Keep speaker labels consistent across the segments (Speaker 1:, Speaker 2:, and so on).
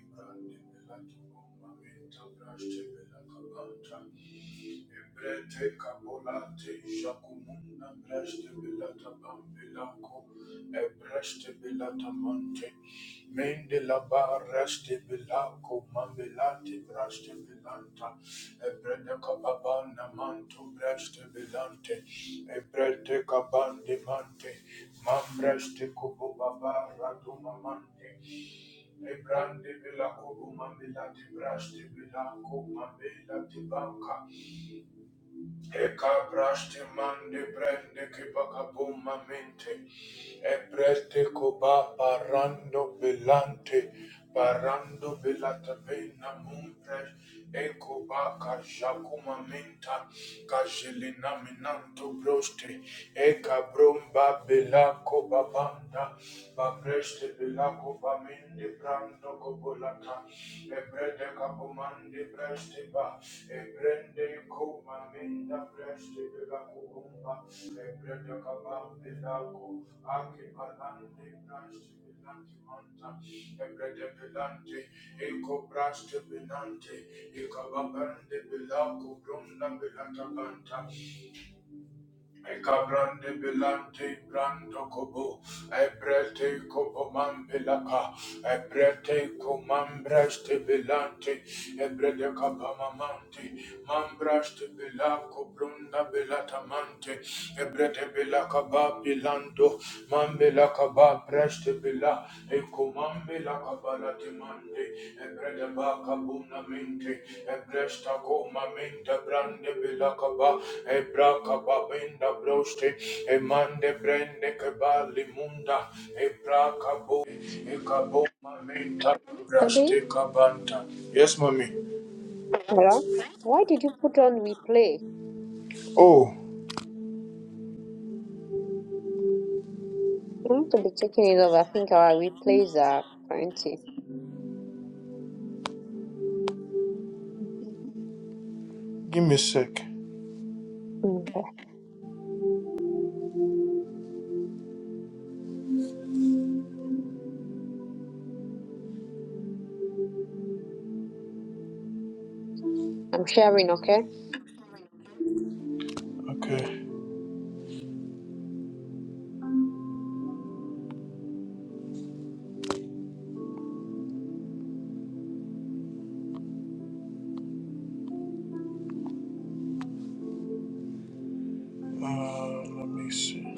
Speaker 1: Ibrande belakimo mamenta braste belakabanta. Ibrete kabulante jakumunda braste belatabam belako. Ebreste belatamante. Mende la baraste bilaco, mambelate braste bilanta, e brede capabana manto braste bilante, e brede cabande mante, mambraste cubo babara dumamante, e brande bilaco dumambelate braste bilaco, mambelate banca, e cabraste mande brande che bacabumamente, Ebrete coba parando velante, parando velata pena mumpres, ecoba cajacuma menta, cajelina minanto broste, ecabromba belaco babanda, babreste belaco bamende brando cobolata, ebrete capomande breste ba, ebrende coma menda breste belaco bomba. Lebrede kabambe lako, ake balande branche belante manta, belante, eko branche belante, ekababande belako, bronda belata Ekabrande belante brando kobo, ebrete kobo mambelaka, ebrete komambraste belante, ebrede kapamamante, mambraste belako brunda belatamante, ebrete belaka ba belando, mambelaka ba preste bela, Ekomambe la kabala timande, ebrede ba kabuna mente, ebresta koma mente brande bila kaba, ebra kaba benda broste, emande brende kebali munda, ebra kabo, ekabo mamenta
Speaker 2: Today,
Speaker 1: braste kabanta. Yes, mommy.
Speaker 2: Mara, why did you put on replay?
Speaker 1: Oh,
Speaker 2: You have to be checking it over. I think our replays are plenty. Mhm.
Speaker 1: give me a sec.
Speaker 2: Okay. I'm sharing, okay?
Speaker 1: Okay. Uh, let me see.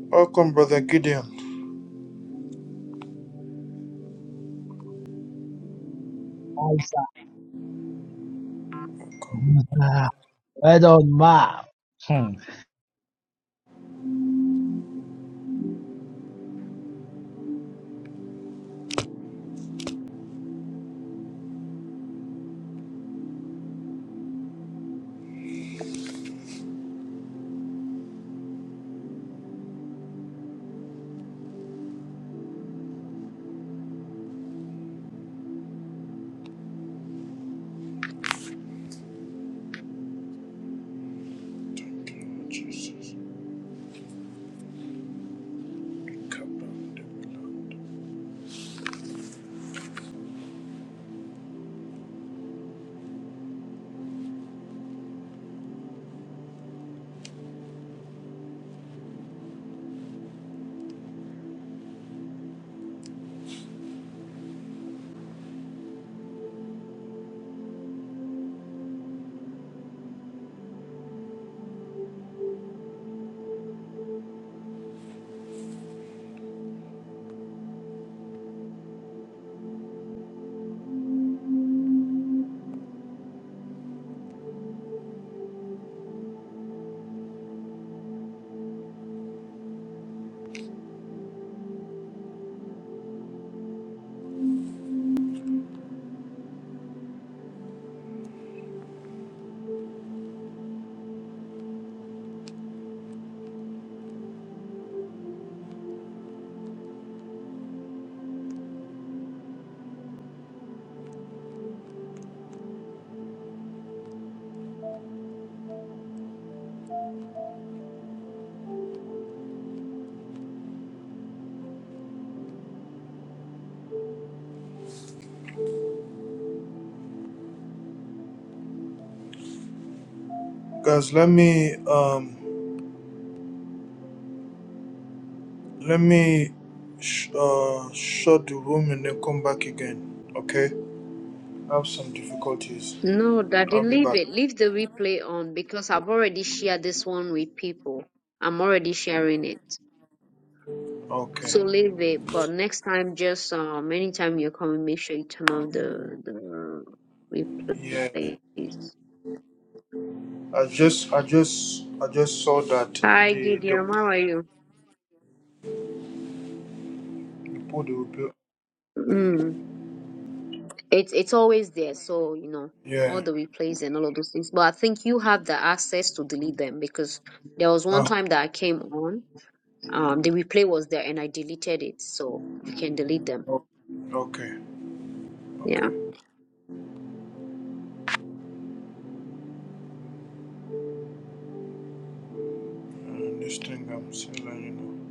Speaker 1: Welcome, brother Gideon.
Speaker 3: Isaac. Well done, ma. Hmm.
Speaker 1: Jesus. Guys, let me um Let me sh- uh, shut the room and then come back again. Okay? I have some difficulties.
Speaker 2: No, Daddy,
Speaker 1: I'll be
Speaker 2: leave
Speaker 1: back.
Speaker 2: it. Leave the replay on because I've already shared this one with people. I'm already sharing it. So
Speaker 1: Okay.
Speaker 2: leave it. But next time, just um, anytime you're coming, make sure you turn off the, the
Speaker 1: Yeah.
Speaker 2: replays.
Speaker 1: I just, I just, I just saw that
Speaker 2: Hi,
Speaker 1: the the
Speaker 2: Gideon. How are you?
Speaker 1: the put the, be.
Speaker 2: Mm. It's it's always there, so you know all
Speaker 1: Yeah.
Speaker 2: the replays and all of those things. But I think you have the access to delete them because there was one
Speaker 1: Uh,
Speaker 2: time that I came on, um, the replay was there and I deleted it, so you can delete them.
Speaker 1: o- okay.
Speaker 2: Yeah.
Speaker 1: Okay. Uh, this thing I'm still learning.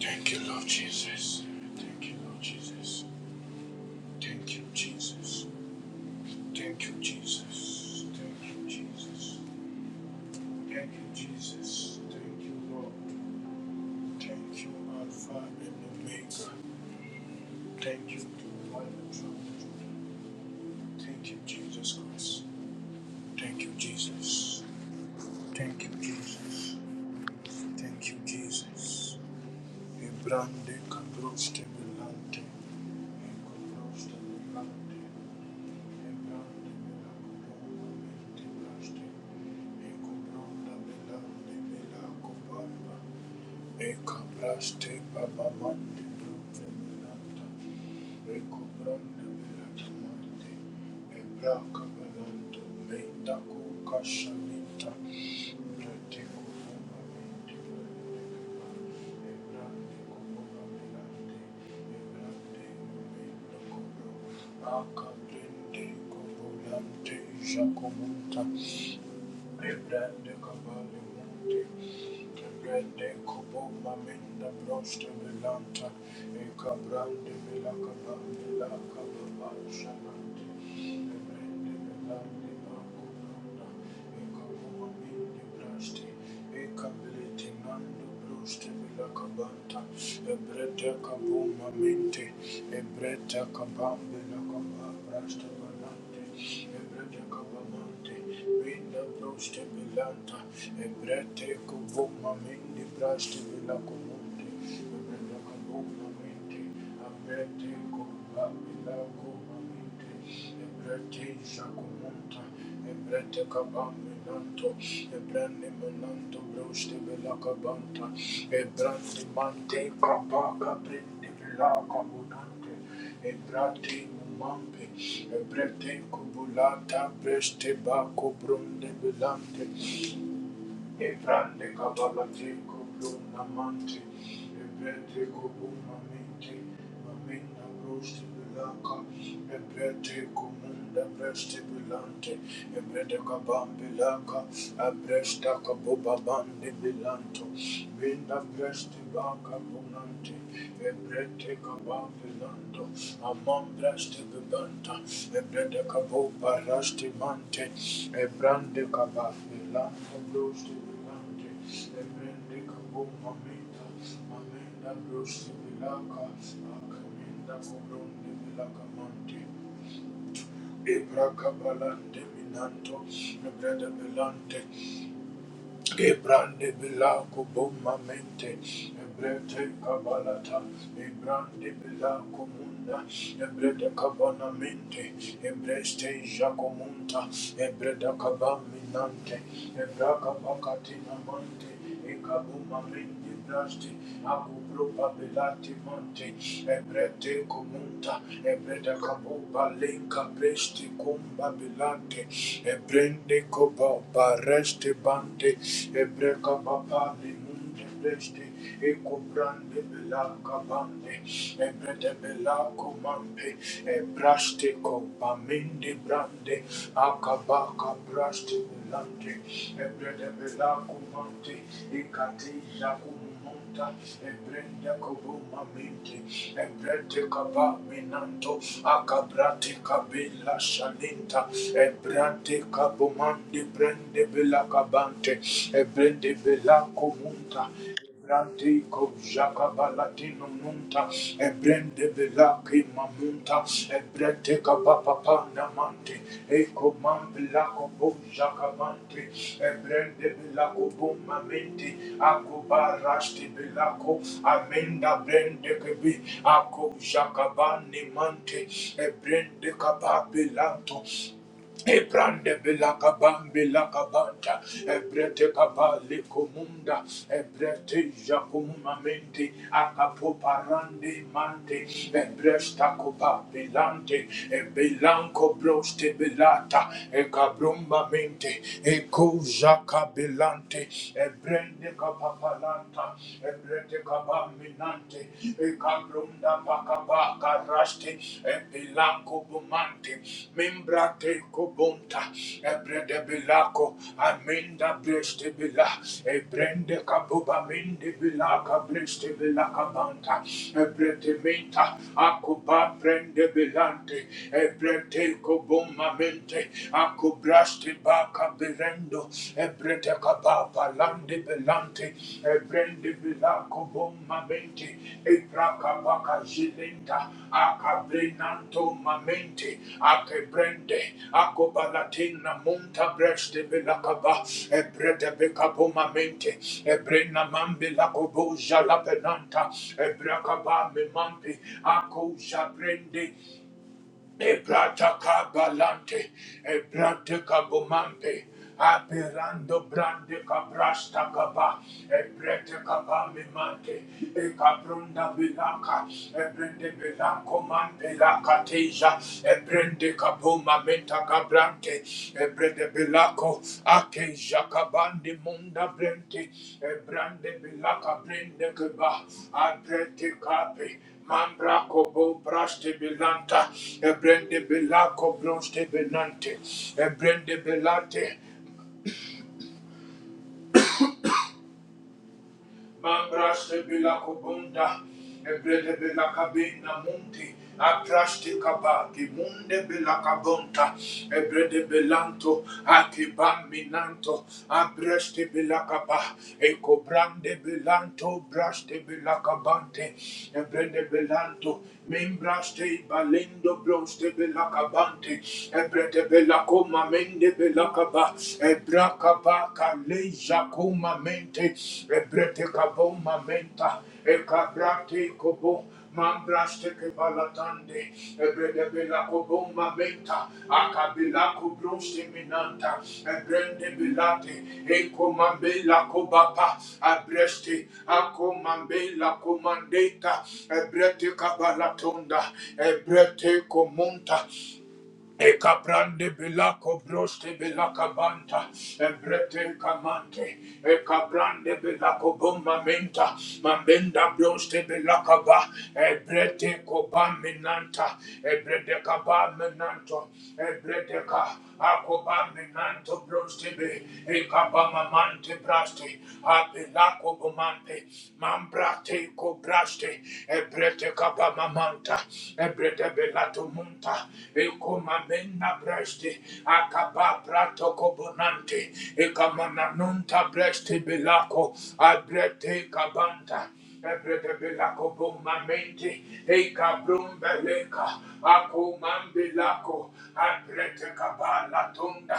Speaker 1: Thank you, Lord Jesus. Thank you, Lord Jesus. Thank you, Jesus. Thank you, Jesus. Thank you, Jesus. Thank you, Jesus. Thank you, Lord. Thank you, Alpha and Omega. Thank you, Divine Truth. Thank you, Jesus Christ. Thank you, Jesus. Thank you, Jesus. Thank you, Jesus. E brande cabroste belante. E cabroste belante. E brande belante. E cabroste belante. E cabronda belante. Mekabraste babamande doveminanta. Mekobrande viratamante. Ebrakabelante meitako kashaninta. Retiko bobamante verekeba. Ebrande kobobaminante. Ebrande meitokobro. Akabrende kobolante jakomunta. Ebrande kabale monte, ebrande kobo mamenda broste belanta, e kabrande bela kabande la kababa shalante, ebrande belante bako branda, e kabo mamende braste, e kabele tenando broste bela kabanta, ebrete kabo mamente, ebrete kabambe la kababa braste bala. Abrete, Ebrete kaban menanto, ebrene menanto broste vela kabanta, ebrande mante kabaka brende vela kabunante, ebrate mumambe, ebrete kubulata breste bako brunde velante, Ebrande kabalate koblum namante. Ebrete kobum aminte. Amina broste belaka. Ebrete komunda breste belante. Ebrete kabam belaka. Abresta kabobabande belanto. Minda breste baka bonante. Ebrete kabambe lando, amambraste bebanta, ebrete kabo paraste mante, ebrande kabambe lando, broste bebante, ebrende kabo mameta, mamenda broste belaka, akamenda kobronde belaka mante. Ebra kabalande minanto, ebrede belante, Gebrande bilako bomba mente, ebrete kabalata, ebrande bilako munda, ebrete kabana mente, ebreste jacomunta, ebrete kabaminante, ebraka pakatina mante, Ekabumba mende brashti, akubruba belati mante, ebrete kumunta, ebrete kabumba linka breshti kumba belante, ebrende koba bareshti bante, ebreka baba limunta. Beste e bela cabande e bela comampe e braste brande acabaca braste belante e bela comante e catija monta e brende kobo mamente e brete kaba menanto akabrate kabela shalinta e brante brende bela kabante ebrende bela komunta Brante ko jaka balatino nunta vila ki mamunta ebrete kapapapa namante eko man vila ebrende vila kobo mamente ako barashti amenda brende kebi ako jakabani mante ebrende kapapilanto Ebrande belaka bambe laka banta, ebrete kabali lekomunda, ebrete jakumamente akapoparande mante, ebresta koba belante, ebelanko broste belata, ekabrumba mente, eko jaka belante, ebrende kapapalanta, ebrete kabaminante. Ekabrunda bakabaka rashti ebilanko bumante mimbrate kobunta ebrede bilako aminda breshte bila ebrende kabuba minde bilaka breshte bilaka banta ebrete minta akuba brende bilante ebrete kobuma mente akubraste baka birendo Ebrete kapapa lande belante. Ebrende bilako bomma mente. Ebra kapaka zilenta. Akabrenanto mamente. Akebrende. Akobalatina monta breste belakaba, Ebrete bekapo mamente. Ebrena mambe lakobo jalapenanta. Ebrakaba memampe. Ako jabrende Ebrata kabalante, ebrate kabumante, aperando brande kabrasta kaba, ebrete kabamimante, ekabrunda bilaka, ebrende bilanko mante lakateja, ebrende kabuma menta kabrante, ebrede bilako, akeja kabande munda brente, ebrande bilaka brende kaba, abrete kabe, Mambra kobo braste belanta, ebrende belako bronste benante, ebrende belante, Mambraste bila kubunda, ebrede bila kabina munti, atraste kabaki munde bila kabunta, ebrede belanto, akibam minanto, abreste bila kaba, ekobrande belanto, braste bila kabante, ebrede belanto, membraste balendo broste bila kabante, ebrede bela koma mende bila kaba, Ebrakaba kaleja kuma mente, ebrete kabo mamenta, ekabrate kobo, mambraste kebalatande, ebrede bela kobo mamenta, akabela kubroste minanta, ebrende belate, ekomambela kobapa, abreste, akomambela komandeta, ebrete kabalatonda, ebrete komunta, Ekabrande belako broste belaka banta, ebrete kamante, ekabrande belako bomba menta, mambenda broste belaka ba, ebrete koba menanta, ebrete kaba menanto, ebrete ka, akobambe nanto brostebe, ekabamamante braste, apelako bomante, mambrate kobraste, ebrete kabamamanta, ebrete belato munta, ekomamena braste, akaba prato kobonante, ekamananunta braste belako, abrete kabanta, Ebretebelako bommamente, eka Ebretebelakobomamente, ekabrumbeleka, akomambelako, abretekabalatunda,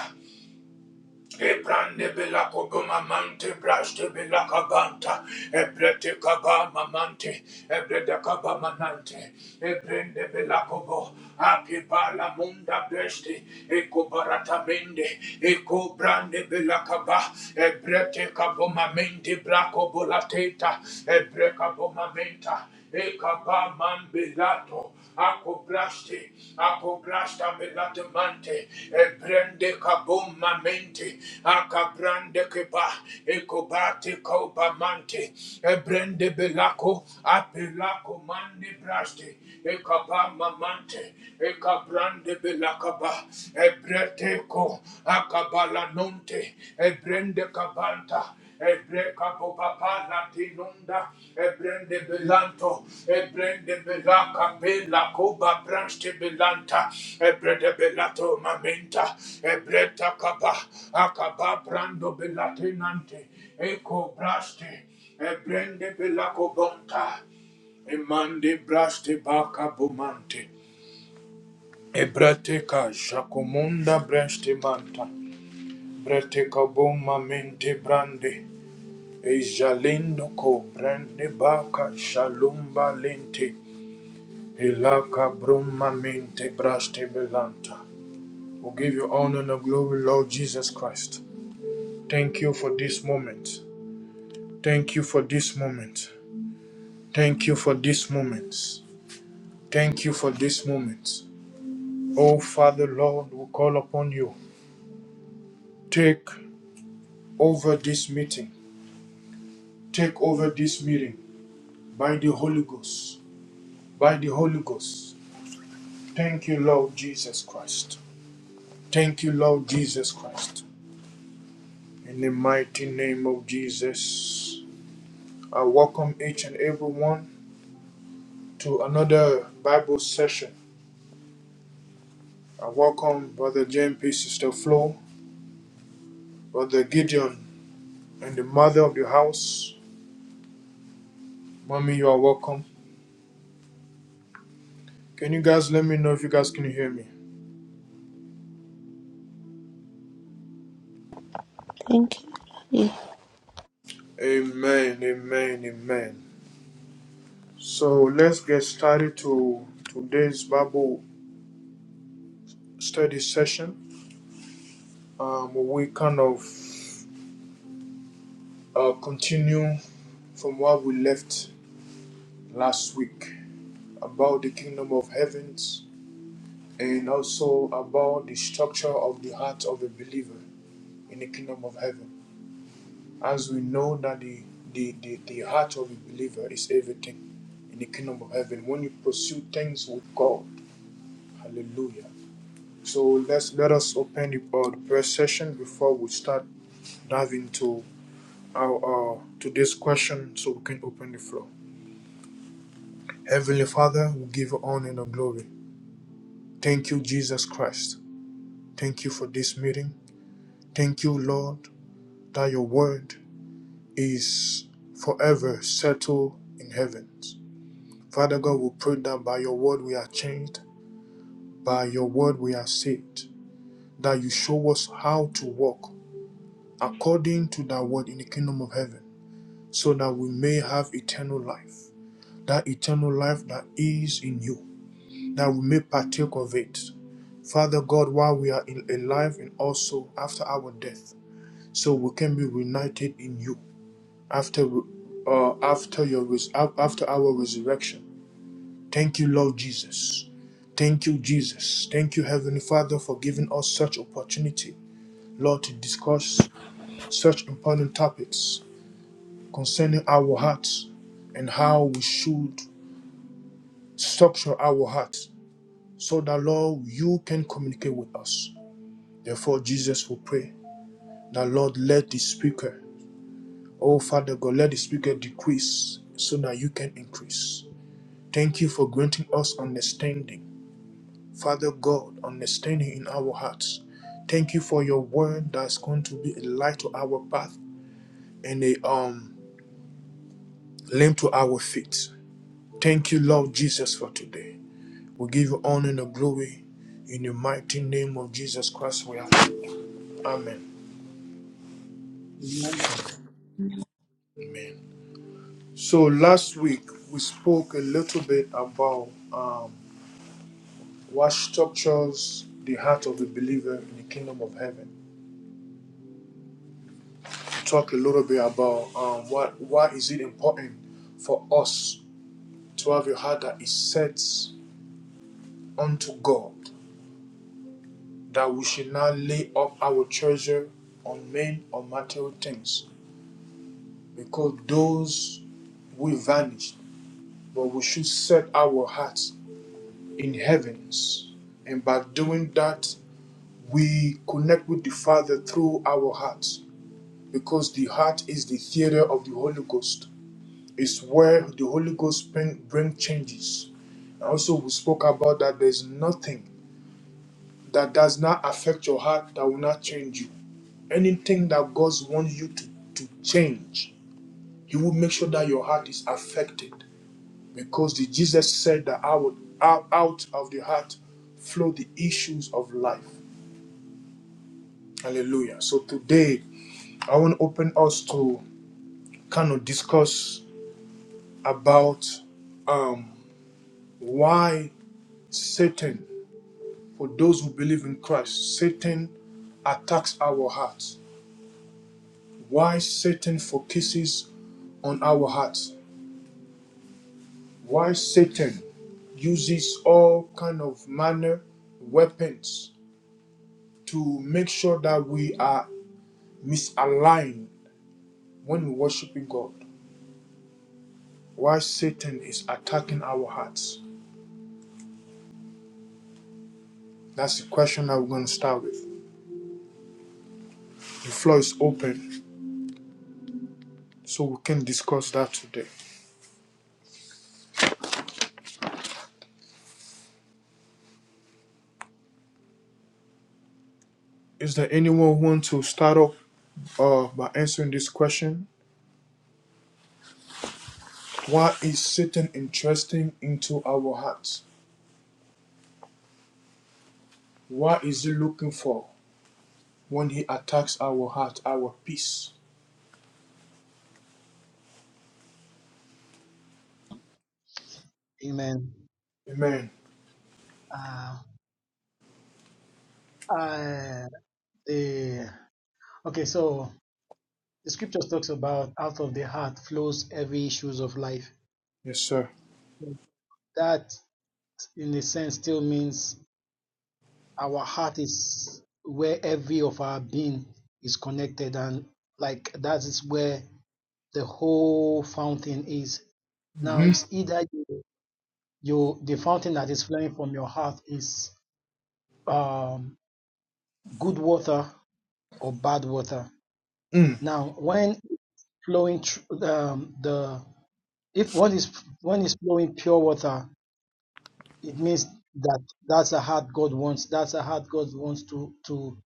Speaker 1: Ebrande belako gomamante braste belaka banta ebrete kaba mamante ebrede kaba manante ebrende belako bo api bala munda breste eko barata mende eko brande belaka ba ebrete kabo mamente brako bolateta ebre kabo mamenta ekaba mambelato Apograste, apograste belademante, ebrende kabum mamente, akabrande keba, ekobate kobamante, ebrende belako, apelako mande braste, ekaba mamante, ekabrande belakaba, ebrete ko, akabalanonte, ebrende kabanta, Ebre capo papà Ebreka popapa latinunda, ebrende belanto, ebrende de bela koba branche belanta, ebre de belato mamenta, ebreta kaba, akaba brando belatinante, eko braste, ebrende belako bonta, emande braste baka bomante, ebrateka jacomonda braste manta, brateka boma mente brande, Ejalindo ko brande baka shalumba lente helaka bruma mente braste belanta. We give you honor and glory, Lord Jesus Christ. Thank you for this moment. Thank you for this moment. Thank you for this moment. Thank you for this moment. Oh Father Lord, we call upon you. Take over this meeting. Take over this meeting by the Holy Ghost. By the Holy Ghost. Thank you, Lord Jesus Christ. Thank you, Lord Jesus Christ. In the mighty name of Jesus, I welcome each and every one to another Bible session. I welcome Brother JMP, Sister Flo, Brother Gideon, and the mother of the house. Mommy, you are welcome. Can you guys let me know if you guys can hear me?
Speaker 4: Thank you.
Speaker 1: Amen, amen, amen. So let's get started to today's Bible study session. Um, we kind of uh, continue. from where we left last week about the kingdom of heavens and also about the structure of the heart of a believer in the kingdom of heaven. As we know that the, the, the, the heart of a believer is everything in the kingdom of heaven when you pursue things with God. Hallelujah. So let's let us open the, uh, the prayer session before we start diving into our uh, to this question so we can open the floor. Heavenly Father, we give you honor and glory. Thank you, Jesus Christ. Thank you for this meeting. Thank you, Lord, that your word is forever settled in heavens. Father God, we pray that by your word we are changed, by your word we are saved, that you show us how to walk according to that word in the kingdom of heaven, so that we may have eternal life, that eternal life that is in you, that we may partake of it. Father God, while we are alive and also after our death, so we can be reunited in you after uh, after your res- after our resurrection. Thank you, Lord Jesus. Thank you, Jesus. Thank you, Heavenly Father, for giving us such opportunity, Lord, to discuss such important topics concerning our hearts and how we should structure our hearts so that, Lord, you can communicate with us. Therefore, Jesus will pray that, Lord, let the speaker Oh, Father God, let the speaker decrease so that you can increase. Thank you for granting us understanding. Father God, understanding in our hearts. Thank you for your word that's going to be a light to our path and a um lamp to our feet. Thank you, Lord Jesus, for today. We give you honor and the glory in the mighty name of Jesus Christ. We are prayed. Amen.
Speaker 3: Amen.
Speaker 4: Daddy.
Speaker 1: Amen. So last week we spoke a little bit about um what structures the heart of the believer in the kingdom of heaven. We talk a little bit about um, what why is it important for us to have a heart that is set unto God, that we should not lay up our treasure on men or material things, because those will vanish. But we should set our hearts in heavens, and by doing that, we connect with the Father through our hearts because the heart is the theater of the Holy Ghost. It's where the Holy Ghost bring, bring changes. And also, we spoke about that there's nothing that does not affect your heart that will not change you. Anything that God wants you to, to change, He will make sure that your heart is affected. Because the, Jesus said that out, out of the heart flow the issues of life. Hallelujah. So today, I want to open us to kind of discuss about um. why Satan, for those who believe in Christ, Satan attacks our hearts. Why Satan focuses on our hearts. Why Satan uses all kind of manner weapons to make sure that we are misaligned when we worshiping God. Why Satan is attacking our hearts. That's the question that we're going to start with. The floor is open, so we can discuss that today. Is there anyone who want to start off uh, by answering this question? Why is Satan interesting into our hearts? What is he looking for when he attacks our heart, our peace?
Speaker 3: Amen.
Speaker 1: Amen.
Speaker 3: Uh, I, the, okay, so the scriptures talks about out of the heart flows every issues of life.
Speaker 1: Yes, sir.
Speaker 3: That, in a sense, still means our heart is where every of our being is connected, and like that is where the whole fountain is. Now,
Speaker 1: Mm-hmm.
Speaker 3: it's either you, you the fountain that is flowing from your heart is. um good water or bad water.
Speaker 1: Mm.
Speaker 3: Now, when flowing through um, the if one is one is flowing pure water, it means that that's a heart God wants. That's a heart God wants to to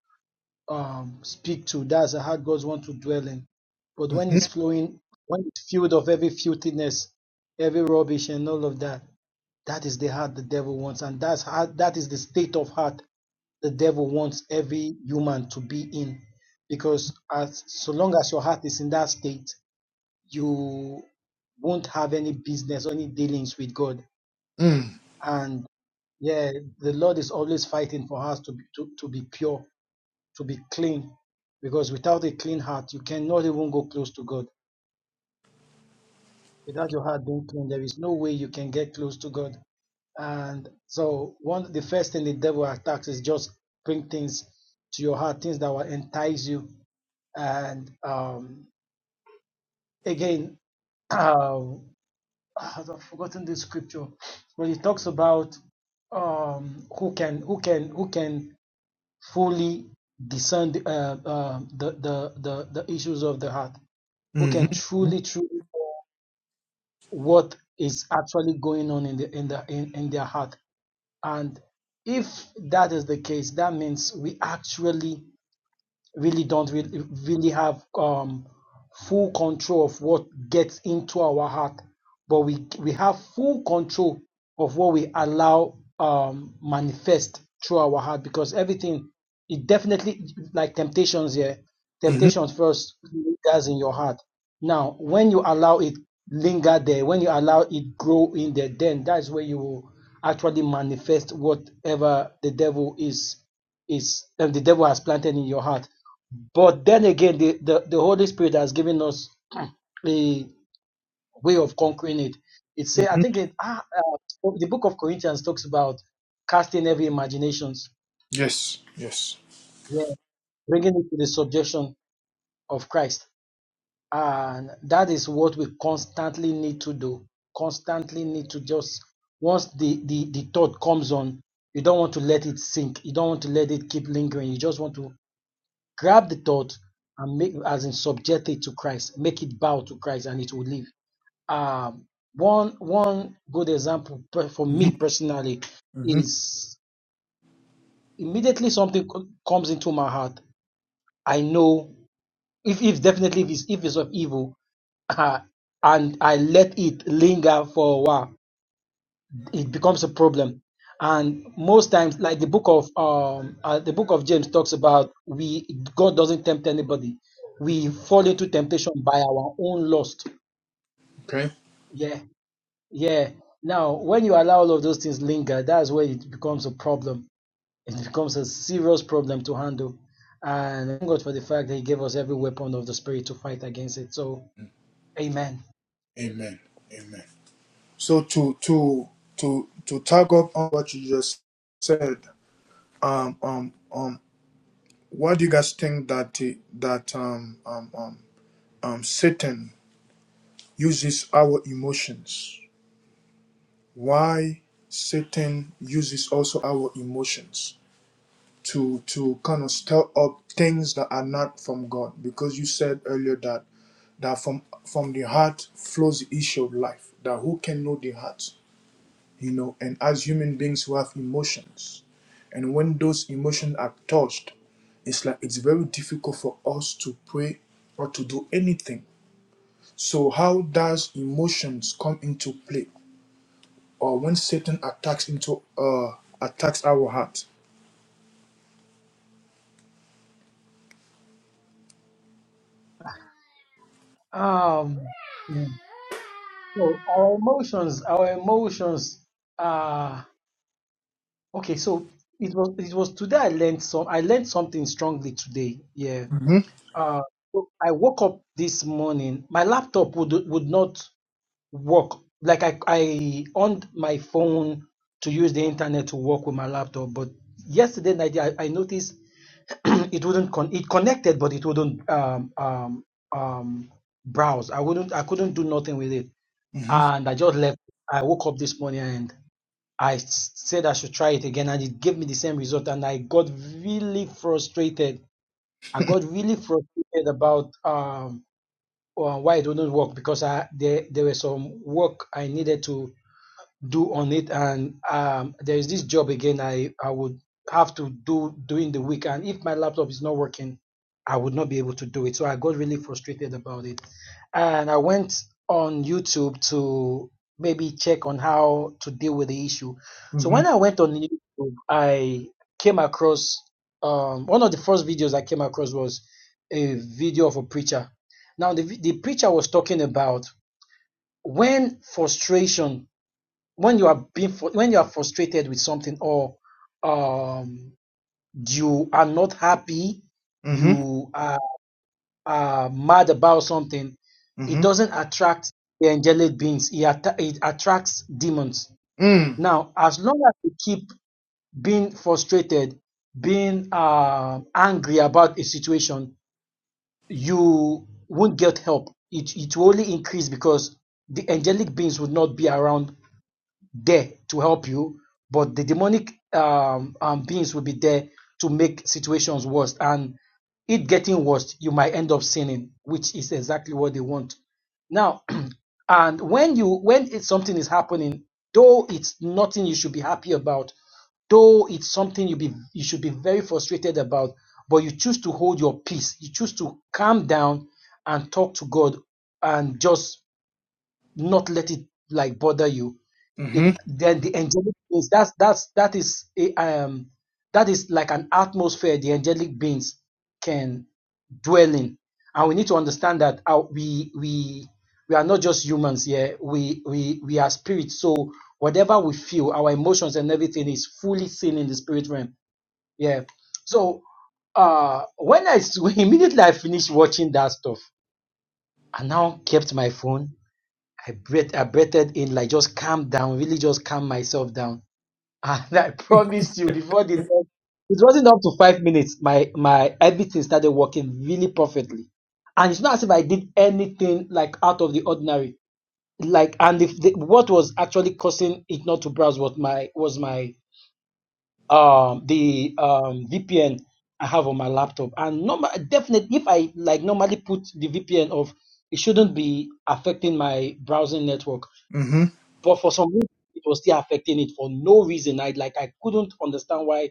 Speaker 3: um, speak to. That's a heart God wants to dwell in. But when
Speaker 1: Mm-hmm.
Speaker 3: it's flowing, when it's filled of every filthiness, every rubbish, and all of that, that is the heart the devil wants, and that's heart. That is the state of heart the devil wants every human to be in because as so long as your heart is in that state you won't have any business or any dealings with god
Speaker 1: Mm.
Speaker 3: and yeah the lord is always fighting for us to be to, to be pure to be clean because without a clean heart you cannot even go close to god without your heart being clean there is no way you can get close to god and so one the first thing the devil attacks is just bring things to your heart things that will entice you And um, again, um, I've forgotten the scripture, but it talks about um, who can who can who can fully discern the, uh, uh, the, the the the issues of the heart. Who can
Speaker 1: Mm-hmm.
Speaker 3: truly truly know what is actually going on in the in the in, in their heart. And if that is the case, that means we actually really don't really, really have um, full control of what gets into our heart, but we we have full control of what we allow um, manifest through our heart because everything it definitely like temptations here.
Speaker 1: Mm-hmm.
Speaker 3: Temptations first lingers in your heart. Now, when you allow it linger there, when you allow it grow in there, then that's where you will actually manifest whatever the devil is is and the devil has planted in your heart. But then again, the, the, the Holy Spirit has given us a way of conquering it. It say, I
Speaker 1: Mm-hmm.
Speaker 3: think it, ah, uh, the book of Corinthians talks about casting every imaginations,
Speaker 1: Yes. Yes.
Speaker 3: yeah, bringing it to the subjection of Christ, and that is what we constantly need to do. Constantly need to just once the the the thought comes on, you don't want to let it sink. You don't want to let it keep lingering. You just want to Grab the thought and make as in subject it to Christ, make it bow to Christ and it will leave. Um one one good example per- for
Speaker 1: Mm-hmm.
Speaker 3: me personally
Speaker 1: Mm-hmm.
Speaker 3: is immediately something co- comes into my heart. I know if if definitely if it's if it's of evil and I let it linger for a while. it becomes a problem and most times like the book of um uh, the book of james talks about we god doesn't tempt anybody we fall into temptation by our own lust
Speaker 1: Okay.
Speaker 3: yeah yeah now when you allow all of those things linger that's where it becomes a problem it becomes a serious problem to handle and thank god for the fact that he gave us every weapon of the spirit to fight against it so amen
Speaker 1: Amen. Amen. So to to to to tag up on what you just said, Um um um Why do you guys think that the- that um, um, um, um, Satan uses our emotions? Why Satan uses also our emotions to to kind of stir up things that are not from God? Because you said earlier that that from from the heart flows the issue of life. That who can know the heart? you know and as human beings who have emotions and when those emotions are touched it's like it's very difficult for us to pray or to do anything so how does emotions come into play or when satan attacks into uh attacks our heart
Speaker 5: Bye.
Speaker 3: um so our emotions our emotions are Okay, so it was it was today I learned some I learned something strongly today. Yeah.
Speaker 1: hmm
Speaker 3: Uh, so I woke up this morning. My laptop would would not work. Like I I on my phone to use the internet to work with my laptop, but yesterday night I, I noticed it wouldn't con- it connected, but it wouldn't um um um browse. I wouldn't I couldn't do nothing with it,
Speaker 1: hmm
Speaker 3: and I just left. I woke up this morning I said I should try it again, and it gave me the same result. And I got really frustrated. I got really frustrated about um, uh, why it wouldn't work because I there there were some work I needed to do on it and um there is this job again i i would have to do during the week and if my laptop is not working i would not be able to do it so i got really frustrated about it and i went on youtube to maybe check on how to deal with the issue so
Speaker 1: hmm
Speaker 3: when i went on youtube i came across um one of the first videos i came across was a video of a preacher now the, the preacher was talking about when frustration when you are being fru- when you are frustrated with something or um, you are not happy,
Speaker 1: hmm
Speaker 3: you are, are mad about something, it
Speaker 1: hmm
Speaker 3: doesn't attract the angelic beings. It, atta- it attracts demons.
Speaker 1: mm
Speaker 3: Now, as long as you keep being frustrated, being uh, angry about a situation, you won't get help. It it will only increase because the angelic beings would not be around there to help you, but the demonic um, um, beings will be there to make situations worse. And it getting worse, you might end up sinning, which is exactly what they want. Now, and when you when it's something is happening, though it's nothing you should be happy about, though it's something you be you should be very frustrated about, but you choose to hold your peace. You choose to calm down and talk to God and just not let it like bother you
Speaker 1: hmm
Speaker 3: it then the angelic beings that's that's that is a um that is like an atmosphere the angelic beings can dwell in and we need to understand that our, we we we are not just humans here. yeah we we we are spirits so whatever we feel our emotions and everything is fully seen in the spirit realm yeah so uh when i s- immediately i finished watching that stuff i now kept my phone I breathed, I breathed in, like just calm down, really just calm myself down and I promised you before the next, it wasn't up to five minutes. My my everything started working really perfectly, and it's not as if I did anything like out of the ordinary. Like, and if the, what was actually causing it not to browse was my was my um the um VPN I have on my laptop, and normal definitely if I like normally put the VPN off, it shouldn't be affecting my browsing network.
Speaker 1: hmm
Speaker 3: But for some reason, it was still affecting it for no reason. I like I couldn't understand why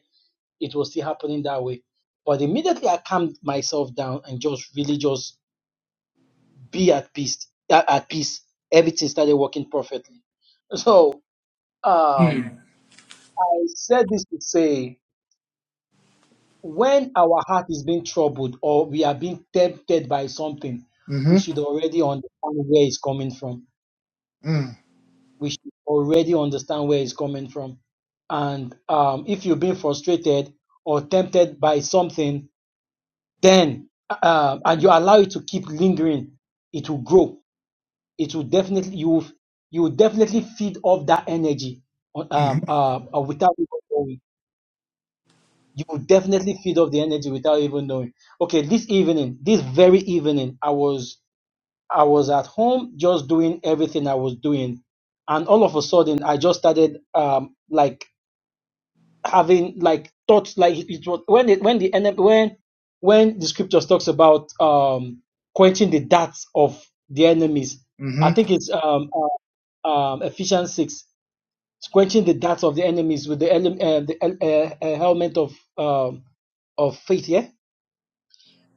Speaker 3: it was still happening that way. But immediately I calmed myself down and just really just be at peace. At, at peace, everything started working perfectly. So um,
Speaker 1: Mm.
Speaker 3: I said this to say, when our heart is being troubled or we are being tempted by something, we
Speaker 1: Mhm.
Speaker 3: should already understand where it's coming from.
Speaker 1: Mm.
Speaker 3: We should already understand where it's coming from. And um, if you've been frustrated or tempted by something, then uh, and you allow it to keep lingering, it will grow. It will definitely you will, you will definitely feed off that energy uh, um,
Speaker 1: Mhm.
Speaker 3: uh, uh, without even knowing. You will definitely feed off the energy without even knowing. Okay, this evening, this very evening, I was I was at home just doing everything I was doing, and all of a sudden I just started um, like having like thoughts like it was when it, when the when when the scriptures talks about um quenching the darts of the enemies i
Speaker 1: Mhm.
Speaker 3: think it's um, uh, um ephesians 6 it's quenching the darts of the enemies with the ele- uh, the el- uh, uh, helmet of um of faith yeah.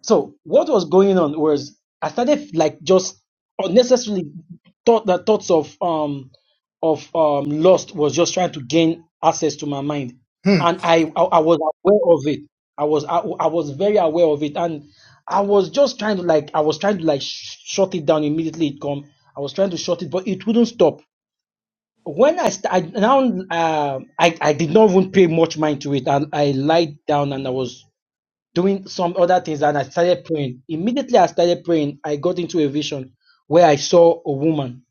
Speaker 3: So what was going on was I started like just unnecessarily thought the thoughts of um of um lust was just trying to gain access to my mind, and I I, I was aware of it. I was I, I was very aware of it, and I was just trying to like I was trying to like sh- shut it down immediately. It come. I was trying to shut it, but it wouldn't stop. When I st- I now um I I did not even pay much mind to it, and I lied down and I was doing some other things and I started praying. Immediately I started praying, I got into a vision where I saw a woman,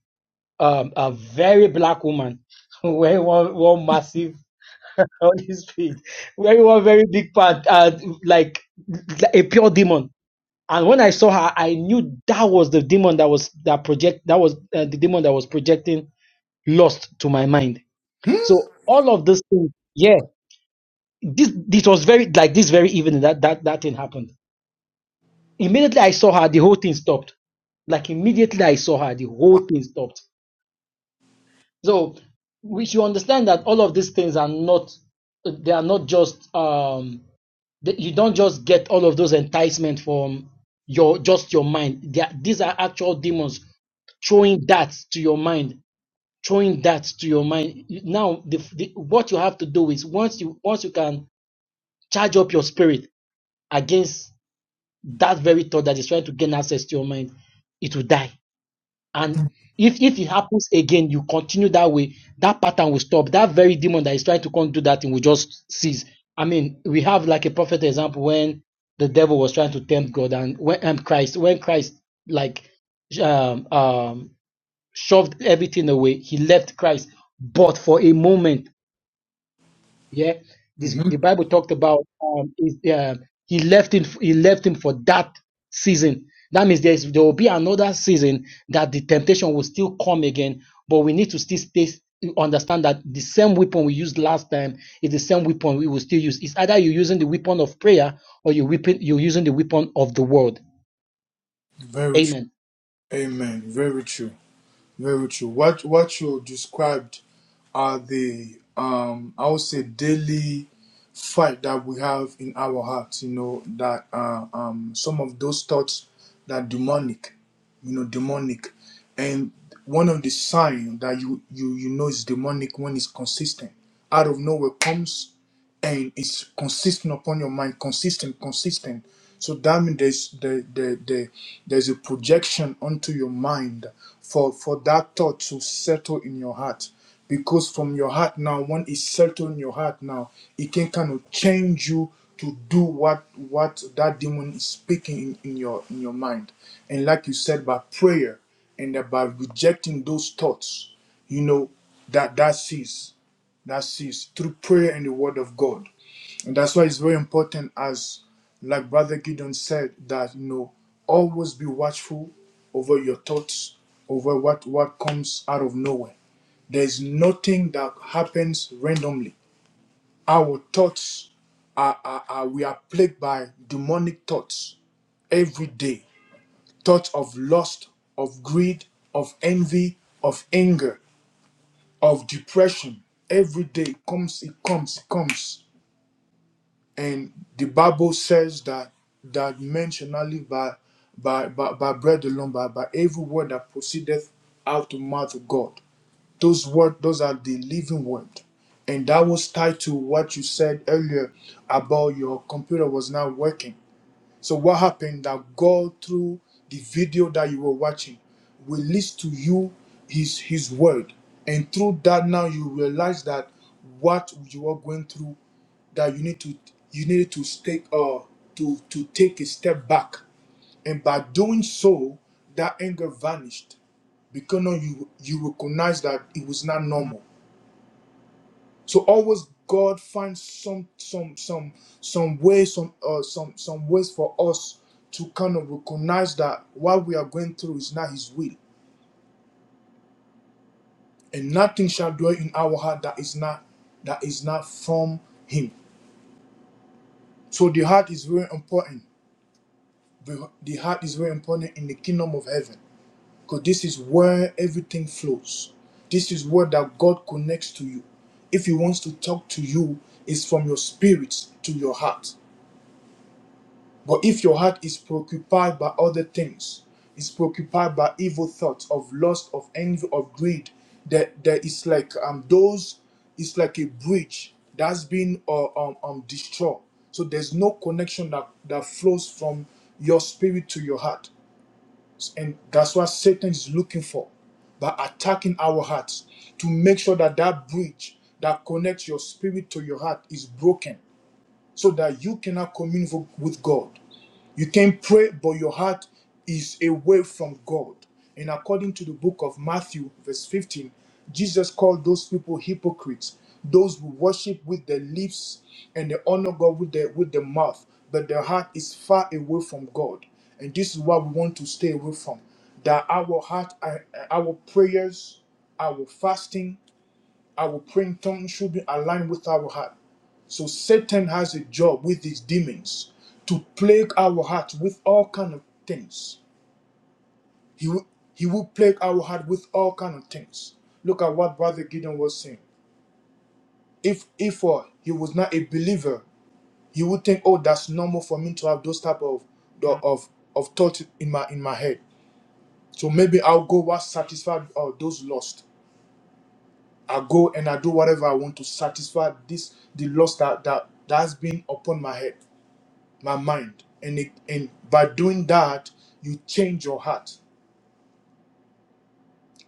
Speaker 3: um, a very black woman, wearing one, one massive on his feet, wearing one very big part, uh, like a pure demon. And when I saw her, I knew that was the demon that was that project that was uh, the demon that was projecting lust to my mind.
Speaker 1: Mm.
Speaker 3: So all of this thing, yeah, this this was very like this very evening that that that thing happened Immediately I saw her, the whole thing stopped. Like immediately I saw her, the whole thing stopped. So we should understand that all of these things are not they are not just um that you don't just get all of those enticement from your just your mind. They are, these are actual demons throwing darts to your mind, throwing darts to your mind. Now, the, the, what you have to do is once you once you can charge up your spirit against that very thought that is trying to gain access to your mind, it will die. And if if it happens again, you continue that way, that pattern will stop. That very demon that is trying to come do that thing will just cease. I mean, we have like a prophet example when the devil was trying to tempt God and when um, Christ, when Christ like um, um, shoved everything away, he left Christ. But for a moment, yeah, this the
Speaker 1: Mhm.
Speaker 3: Bible talked about um, is, uh, he left him he left him for that season. That means there is there will be another season that the temptation will still come again, but we need to still stay understand that the same weapon we used last time is the same weapon we will still use. It's either you're using the weapon of prayer or you weapon you're using the weapon of the world.
Speaker 1: Very true.
Speaker 3: Amen.
Speaker 1: Amen. Very true. Very true. What what you described are the um I would say daily fight that we have in our hearts, you know, that uh, um some of those thoughts that demonic, you know, demonic. And one of the signs that you you you know is demonic when it's consistent. Out of nowhere comes and it's consistent upon your mind, consistent, consistent. So that means there's the, the, the there's a projection onto your mind for for that thought to settle in your heart. Because from your heart now, when it's settled in your heart now, it can kind of change you to do what what that demon is speaking in, in your in your mind. And like you said, by prayer and uh, by rejecting those thoughts, you know that that sees that sees through prayer and the word of god and that's why it's very important, as like Brother Gideon said, that you know, always be watchful over your thoughts, over what, what comes out of nowhere. There's nothing that happens randomly. Our thoughts are, are, are we are plagued by demonic thoughts every day. Thoughts of lust, of greed, of envy, of anger, of depression. Every day comes, it comes, it comes. and the bible says that that men shall not live by by by, by bread alone but by every word that proceedeth out of the mouth of god those words those are the living word and that was tied to what you said earlier about your computer was not working so what happened that God through the video that you were watching released to you his his word. And through that now you realize that what you are going through that you need to you need to take uh to to take a step back. And by doing so, that anger vanished because now you you recognize that it was not normal so always God finds some some some some way some uh, some some ways for us to kind of recognize that what we are going through is not His will, and nothing shall dwell in our heart that is not that is not from Him. So the heart is very important. The the heart is very important in the kingdom of heaven because this is where everything flows. This is where that God connects to you. If He wants to talk to you, it's from your spirit to your heart But if your heart is preoccupied by other things, is preoccupied by evil thoughts of lust, of envy, of greed, that there is like um those, it's like a bridge that's been uh, um, um destroyed. So there's no connection that that flows from your spirit to your heart, and that's what Satan is looking for by attacking our hearts to make sure that that bridge that connects your spirit to your heart is broken so that you cannot commune with with God. You can pray, but your heart is away from God. And according to the book of Matthew, verse 15, Jesus called those people hypocrites, those who worship with their lips and they honor God with their with their mouth, but their heart is far away from God. And this is what we want to stay away from. That our heart, our our prayers, our fasting our praying tongue should be aligned with our heart. So Satan has a job with his demons to plague our heart with all kind of things. He will, he will plague our heart with all kind of things. Look at what Brother Gideon was saying. If if uh, he was not a believer, he would think, oh, that's normal for me to have those type of the- of of thoughts in my in my head. So maybe I'll go what satisfied uh, those lost. I go and I do whatever I want to satisfy this the lust that that that has been upon my head, my mind. And it, and by doing that, you change your heart.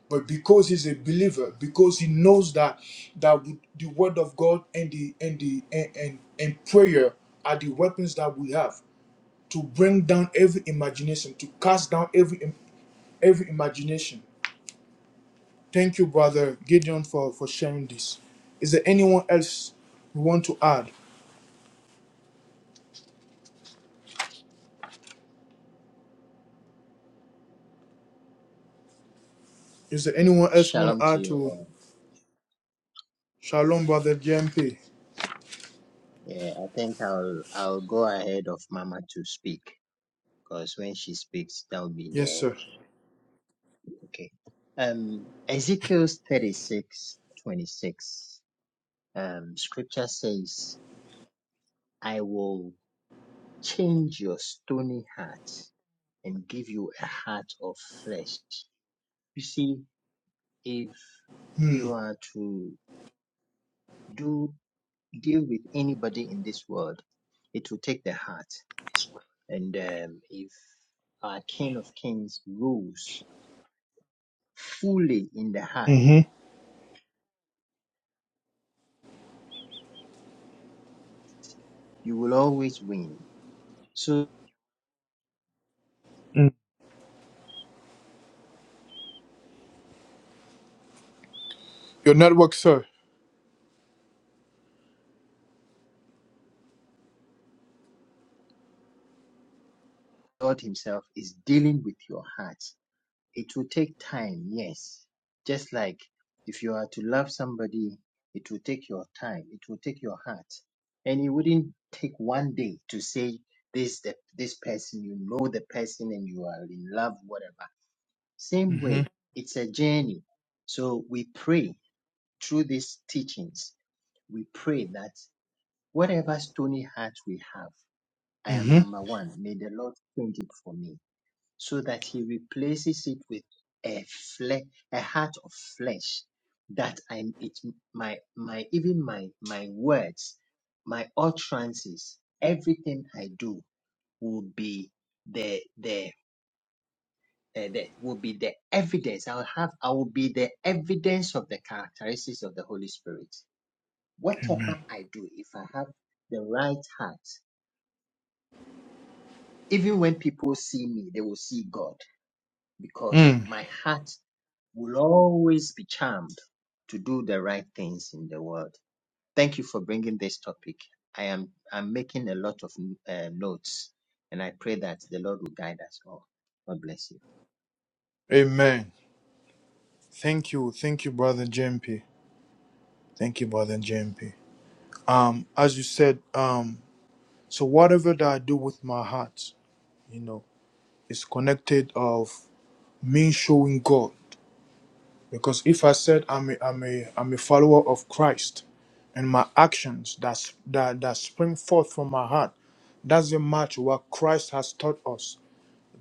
Speaker 1: But because he's a believer, because he knows that that with the word of God and the and the and, and, and prayer are the weapons that we have to bring down every imagination, to cast down every im- every imagination. Thank you, brother Gideon, for, for sharing this. Is there anyone else you want to add? Is there anyone else who want
Speaker 6: Shalom
Speaker 1: to
Speaker 6: to
Speaker 1: add
Speaker 6: you
Speaker 1: to
Speaker 6: all.
Speaker 1: Shalom, brother J M P?
Speaker 6: Yeah, I think I'll I'll go ahead of Mama to speak because when she speaks, that'll be the
Speaker 1: Yes, sir.
Speaker 6: end. Okay. Um, Ezekiel thirty six twenty six. Um, scripture says, "I will change your stony heart and give you a heart of flesh." You see, if
Speaker 1: Hmm.
Speaker 6: you are to do deal with anybody in this world, it will take the heart. And um, if our King of Kings rules fully in the heart,
Speaker 1: Mm-hmm.
Speaker 6: you will always win. So
Speaker 1: Mm. Your network, sir.
Speaker 6: God Himself is dealing with your heart. It will take time, yes. Just like if you are to love somebody, it will take your time. It will take your heart, and it wouldn't take one day to say this the, this person. You know the person, and you are in love. Whatever. Same
Speaker 1: Mm-hmm.
Speaker 6: way, it's a journey. So we pray through these teachings, we pray that whatever stony heart we have, I am
Speaker 1: Mm-hmm.
Speaker 6: number one, may the Lord change it for me so that He replaces it with a flesh, a heart of flesh that I, it, my, my, even my, my words, my utterances, everything I do will be the, the, uh, the will be the evidence. I'll have, I will be the evidence of the characteristics of the Holy Spirit
Speaker 1: Amen.
Speaker 6: Whatever I do, if I have the right heart, even when people see me, they will see God because
Speaker 1: Mm.
Speaker 6: my heart will always be charmed to do the right things in the world. Thank you for bringing this topic. I am I'm making a lot of uh, notes, and I pray that the Lord will guide us all. God bless you.
Speaker 1: Amen. Thank you. Thank you, brother J M P. Thank you, brother J M P. Um, as you said, um, so whatever that I do with my heart, you know, is connected of me showing God. Because if I said I'm a, I'm a, I'm a follower of Christ and my actions that, s- that, that spring forth from my heart, doesn't match what Christ has taught us,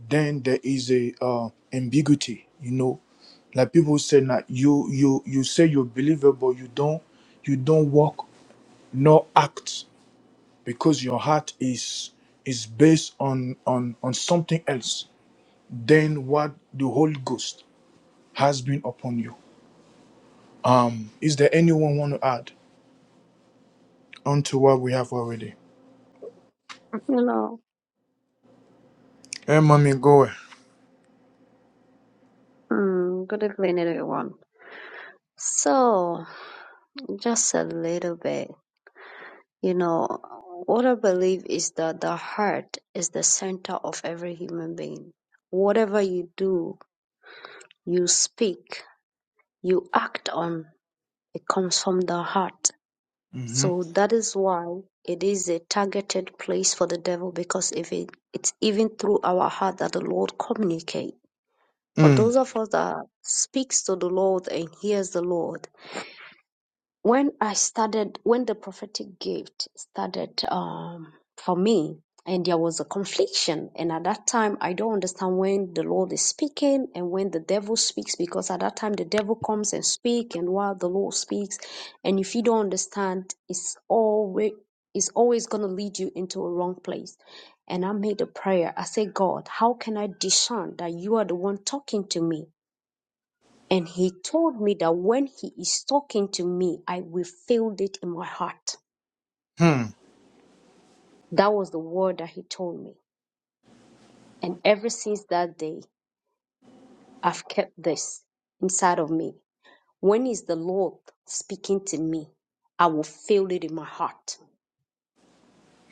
Speaker 1: then there is a uh, ambiguity. You know, like people say that you you you say you believe it, but you don't you don't walk nor act because your heart is is based on on on something else than what the Holy Ghost has been upon you. Um, is there anyone want to add onto what we have already?
Speaker 2: Hello.
Speaker 1: Hey, mommy, go.
Speaker 2: Mm, good evening, everyone. So, just a little bit, you know, what I believe is that the heart is the center of every human being. Whatever you do, you speak, you act on It comes from the heart.
Speaker 1: Mm-hmm.
Speaker 2: So that is why it is a targeted place for the devil because if it, it's even through our heart that the Lord communicates. For those
Speaker 1: Mm-hmm.
Speaker 2: of us that speaks to the Lord and hears the Lord, when I started, when the prophetic gift started um, for me, and there was a confliction, and at that time I don't understand when the Lord is speaking and when the devil speaks, because at that time the devil comes and speak, and while the Lord speaks, and if you don't understand, it's always it's always gonna lead you into a wrong place. And I made a prayer. I said, God, how can I discern that you are the one talking to me? And he told me that when he is talking to me, I will feel it in my heart. That was the word that he told me. And ever since that day, I've kept this inside of me. When is the Lord speaking to me? I will feel it in my heart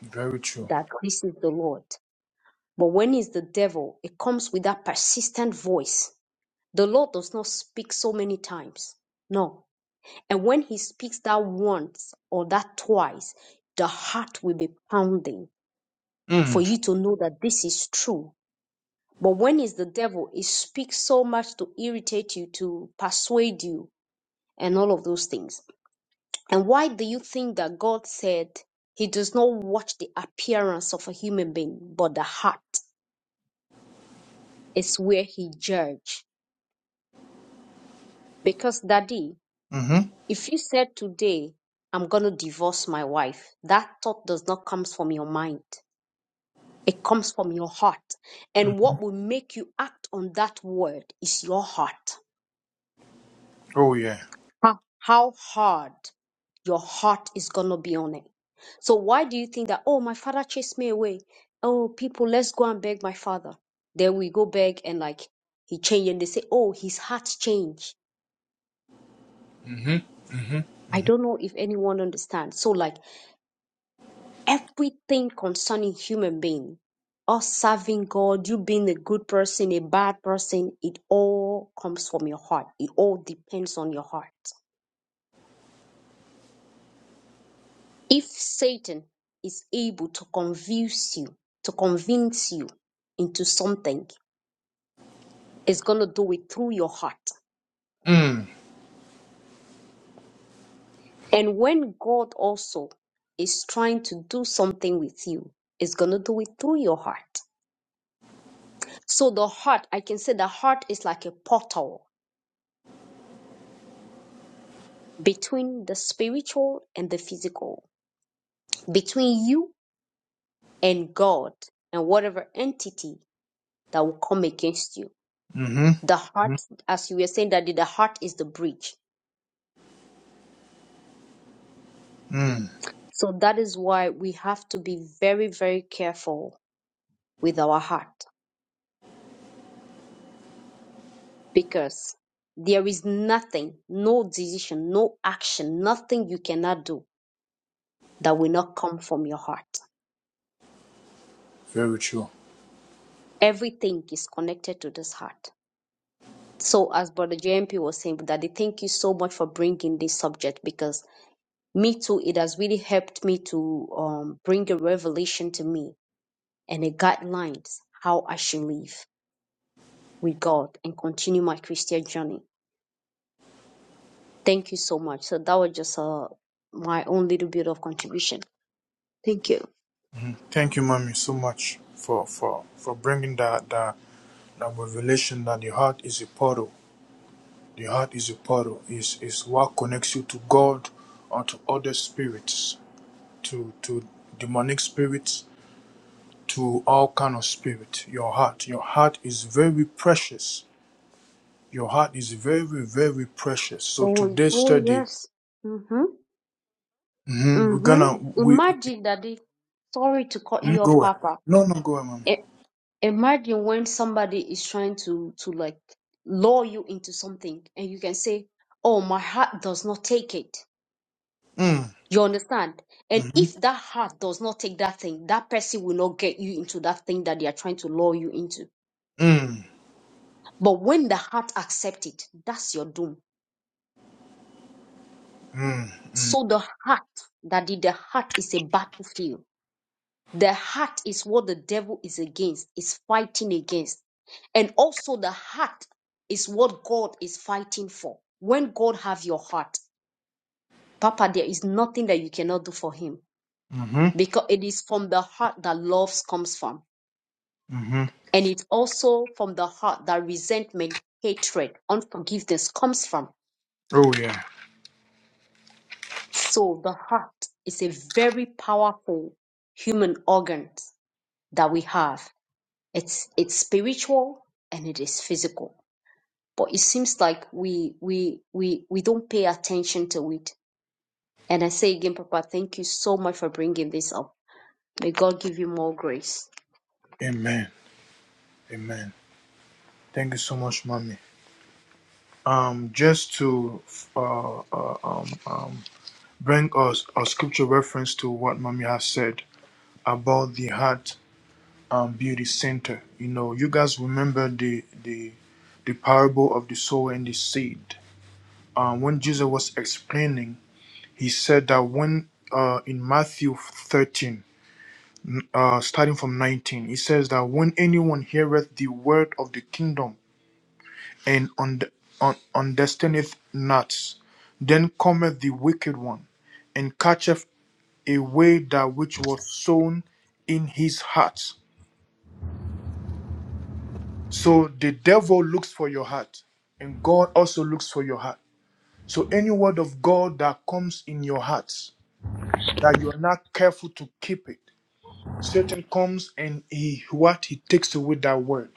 Speaker 1: Very true.
Speaker 2: that this is the Lord. But when is the devil? It comes with that persistent voice. The Lord does not speak so many times. No, And when he speaks that once or that twice, the heart will be pounding for
Speaker 1: Mm.
Speaker 2: you to know that this is true. But when it's the devil, it speaks so much to irritate you, to persuade you, and all of those things. And why do you think that God said he does not watch the appearance of a human being, but the heart is where he judge? Because, Daddy,
Speaker 1: Mm-hmm.
Speaker 2: if you said today, I'm going to divorce my wife, that thought does not come from your mind It comes from your heart. And
Speaker 1: Mm-hmm.
Speaker 2: what will make you act on that word is your heart.
Speaker 1: Oh yeah.
Speaker 2: How, how hard your heart is going to be on it. So, why do you think that, oh, my father chased me away? Oh, people, let's go and beg my father. Then we go beg and like he changed and they say, oh, his heart changed.
Speaker 1: Mm-hmm. Mm-hmm.
Speaker 2: I don't know if anyone understands. So, like, everything concerning human being us serving god you being a good person a bad person it all comes from your heart it all depends on your heart if satan is able to convince you to convince you into something it's going to do it through your heart
Speaker 1: Mm.
Speaker 2: and when god also is trying to do something with you it's going to do it through your heart so the heart i can say the heart is like a portal between the spiritual and the physical, between you and God and whatever entity that will come against you.
Speaker 1: Mm-hmm. mm
Speaker 2: The
Speaker 1: hmm
Speaker 2: heart, as you were saying, that the heart is the bridge.
Speaker 1: mm
Speaker 2: So that is why we have to be very, very careful with our heart because there is nothing, no decision, no action, nothing you cannot do that will not come from your heart.
Speaker 1: Very true.
Speaker 2: Everything is connected to this heart. So, as Brother JMP was saying, Daddy, thank you so much for bringing this subject because me too, it has really helped me to um, bring a revelation to me and a guidelines how I should live with God and continue my Christian journey. Thank you so much. So that was just uh, my own little bit of contribution. Thank you.
Speaker 1: hmm Thank you, mommy, so much for for for bringing that that that revelation that the heart is a portal. The heart is a portal. Is is what connects you to God or to other spirits, to to demonic spirits, to all kind of spirit. Your heart. Your heart is very precious. Your heart is very very precious. So
Speaker 2: Oh,
Speaker 1: today's
Speaker 2: oh
Speaker 1: study,
Speaker 2: yes. Mhm.
Speaker 1: mhm, we're
Speaker 2: Mhm.
Speaker 1: gonna we
Speaker 2: Imagine, Daddy. Sorry to cut
Speaker 1: You
Speaker 2: you off,
Speaker 1: go ahead.
Speaker 2: Papa.
Speaker 1: No, no, go ahead, mommy.
Speaker 2: Eh, Imagine when somebody is trying to to like lure you into something and you can say, "Oh, my heart does not take it."
Speaker 1: Mm,
Speaker 2: You understand? And
Speaker 1: mm-hmm,
Speaker 2: if that heart does not take that thing, that person will not get you into that thing that they are trying to lure you into.
Speaker 1: mm,
Speaker 2: But when the heart accepts it, that's your doom.
Speaker 1: mm, mm,
Speaker 2: So the heart that did the heart is a battlefield The heart is what the devil is against, is fighting against. And also the heart is what God is fighting for. When God have your heart, Papa, there is nothing that you cannot do for him
Speaker 1: mm-hmm,
Speaker 2: because it is from the heart that love comes from.
Speaker 1: mm-hmm.
Speaker 2: And it's also from the heart that resentment, hatred, unforgiveness comes from.
Speaker 1: Oh yeah.
Speaker 2: So the heart is a very powerful human organ that we have. It's, it's spiritual and it is physical. But it seems like we we we we don't pay attention to it. And I say again, Papa, thank you so much for bringing this up. May God give you more grace.
Speaker 1: Amen. Amen. Thank you so much, mommy. Um, just to uh, uh um um bring us a scripture reference to what mommy has said about the heart um beauty center. You know, you guys remember the the the parable of the sower and the seed. Um, when Jesus was explaining, he said that when uh, in Matthew 13, uh, starting from 19 it says that when anyone heareth the word of the kingdom and und- un- understandeth not then cometh the wicked one and catcheth away that which was sown in his heart so the devil looks for your heart and god also looks for your heart so any word of god that comes in your heart that you're not careful to keep it satan comes and he what he takes away that word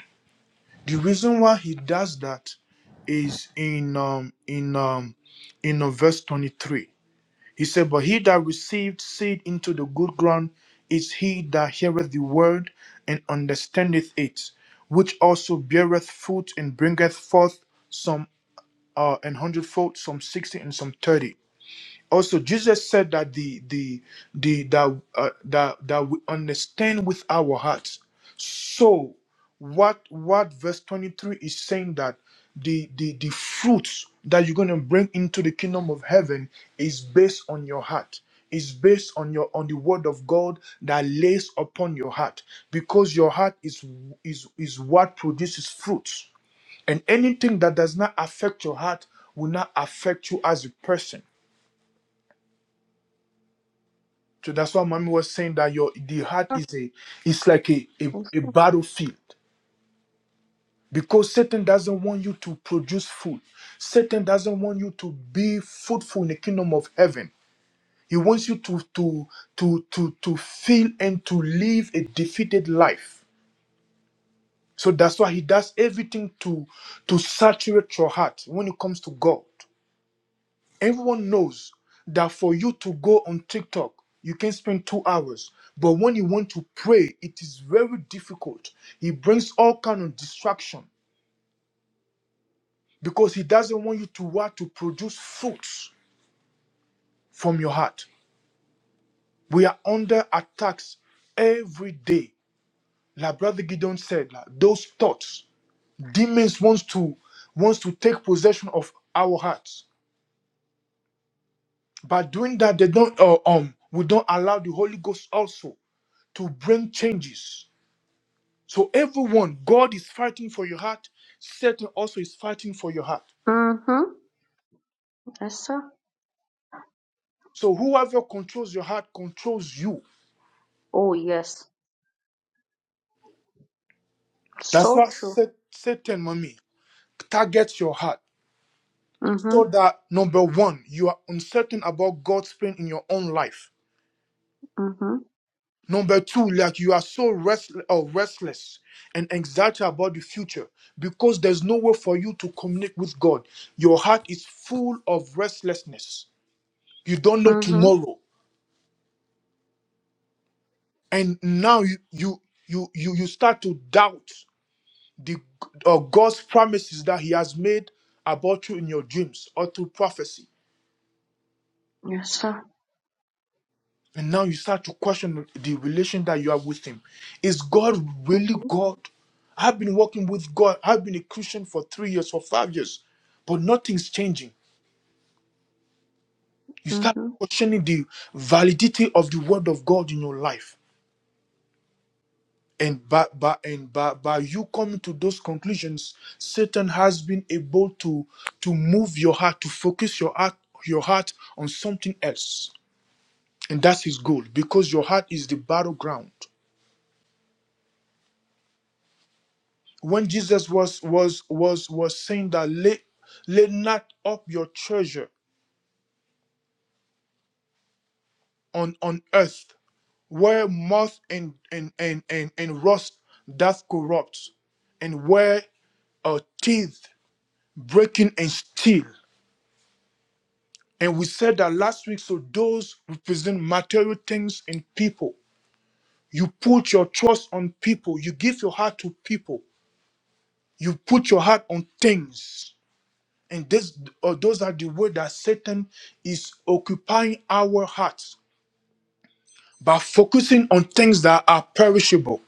Speaker 1: the reason why he does that is in um in um in uh, verse 23 he said but he that received seed into the good ground is he that heareth the word and understandeth it which also beareth fruit and bringeth forth some uh an hundredfold some sixty and some thirty." also jesus said that the the the that uh, that that we understand with our hearts so what what verse 23 is saying that the the the fruits that you're going to bring into the kingdom of heaven is based on your heart is based on your on the word of god that lays upon your heart because your heart is is is what produces fruits and anything that does not affect your heart will not affect you as a person So that's why mommy was saying that your the heart is a it's like a, a, a battlefield because Satan doesn't want you to produce food. Satan doesn't want you to be fruitful in the kingdom of heaven. He wants you to to to to to feel and to live a defeated life. So that's why he does everything to to saturate your heart when it comes to God. Everyone knows that for you to go on TikTok, you can spend two hours. But when you want to pray, it is very difficult. He brings all kind of distraction because he doesn't want you to what to produce fruits from your heart. We are under attacks every day. Like Brother Gideon said, like, those thoughts, demons wants to wants to take possession of our hearts. By doing that, they don't uh, um we don't allow the Holy Ghost also to bring changes So everyone, God is fighting for your heart. Satan also is fighting for your heart.
Speaker 2: Mm-hmm. Yes, sir.
Speaker 1: So whoever controls your heart controls you.
Speaker 2: Oh, yes.
Speaker 1: That's
Speaker 2: So
Speaker 1: why
Speaker 2: true.
Speaker 1: Sa- Satan, mommy, targets your heart.
Speaker 2: Mm-hmm.
Speaker 1: So that number one, you are uncertain about God's plan in your own life.
Speaker 2: Mm-hmm.
Speaker 1: Number two, like you are so rest- uh, restless and anxiety about the future because there's no way for you to communicate with God. Your heart is full of restlessness. You don't know
Speaker 2: Mm-hmm.
Speaker 1: tomorrow. and now you you you you, you start to doubt the uh, god's promises that he has made about you in your dreams or through prophecy
Speaker 2: Yes, sir.
Speaker 1: and now you start to question the relation that you have with him is god really
Speaker 2: Mm-hmm.
Speaker 1: god i've been walking with god i've been a christian for three years for five years but nothing's changing you start
Speaker 2: Mm-hmm.
Speaker 1: questioning the validity of the word of god in your life And by, by, and by, by you coming to those conclusions, Satan has been able to, to move your heart, to focus your heart, your heart on something else. And that's his goal because your heart is the battleground. When Jesus was was was was saying that lay, lay not up your treasure on, on earth where moth and, and, and, and, and rust doth corrupt, and where a teeth breaking and steal. And we said that last week, so those represent material things in people. You put your trust on people, you give your heart to people, you put your heart on things. And this or those are the way that Satan is occupying our hearts by focusing on things that are perishable.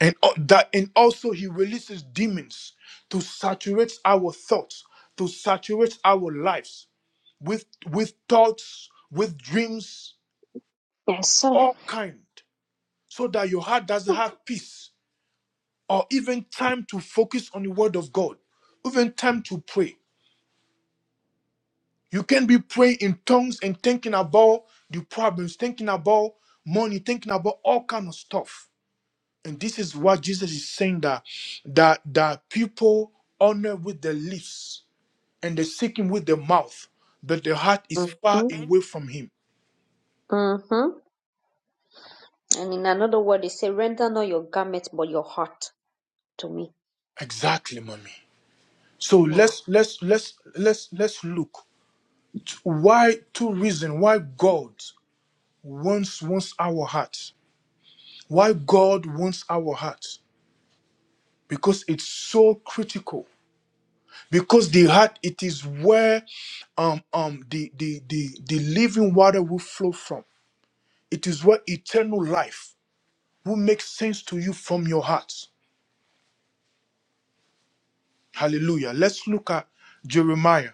Speaker 1: And al- that and also he releases demons to saturate our thoughts, to saturate our lives with with thoughts, with dreams,
Speaker 2: Yes, sir.
Speaker 1: all kind. so that your heart doesn't have peace or even time to focus on the word of God, even time to pray. You can be praying in tongues and thinking about the problems, thinking about money, thinking about all kind of stuff. And this is what Jesus is saying that that that people honor with their lips and they seek him with their mouth, but their heart is far
Speaker 2: Mm-hmm.
Speaker 1: away from him.
Speaker 2: Mm-hmm. And in another word, they say, render not your garment, but your heart to me.
Speaker 1: Exactly, mommy. So
Speaker 2: Yeah.
Speaker 1: let's let's let's let's let's look why two reasons why God wants wants our heart why god wants our heart because it's so critical because the heart it is where um um the the the, the living water will flow from it is where eternal life will make sense to you from your heart hallelujah let's look at jeremiah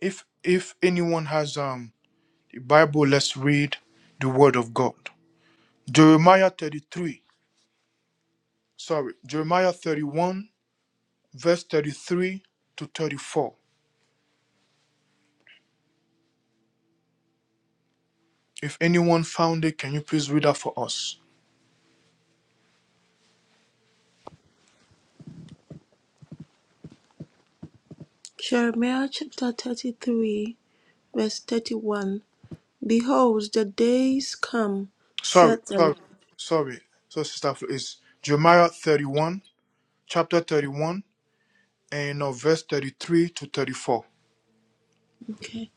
Speaker 1: if if anyone has um the bible let's read the word of god jeremiah 33 sorry jeremiah 31 verse 33 to 34. If anyone found it, can you please read that for us?
Speaker 4: Jeremiah chapter 33, verse 31. Behold, the days come,
Speaker 1: Sorry,
Speaker 4: said the
Speaker 1: sorry,
Speaker 4: Lord.
Speaker 1: sorry. So, Sister Flo, it's Jeremiah 31, chapter 31, and uh, verse 33 to 34.
Speaker 4: Okay.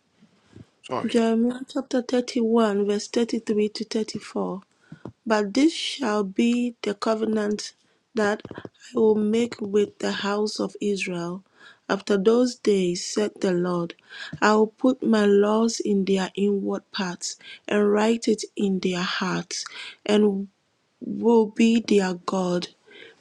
Speaker 1: Sorry.
Speaker 4: Jeremiah chapter 31, verse 33 to 34. But this shall be the covenant that I will make with the house of Israel. After those days, said the Lord, I will put my laws in their inward parts and write it in their hearts, and will be their God,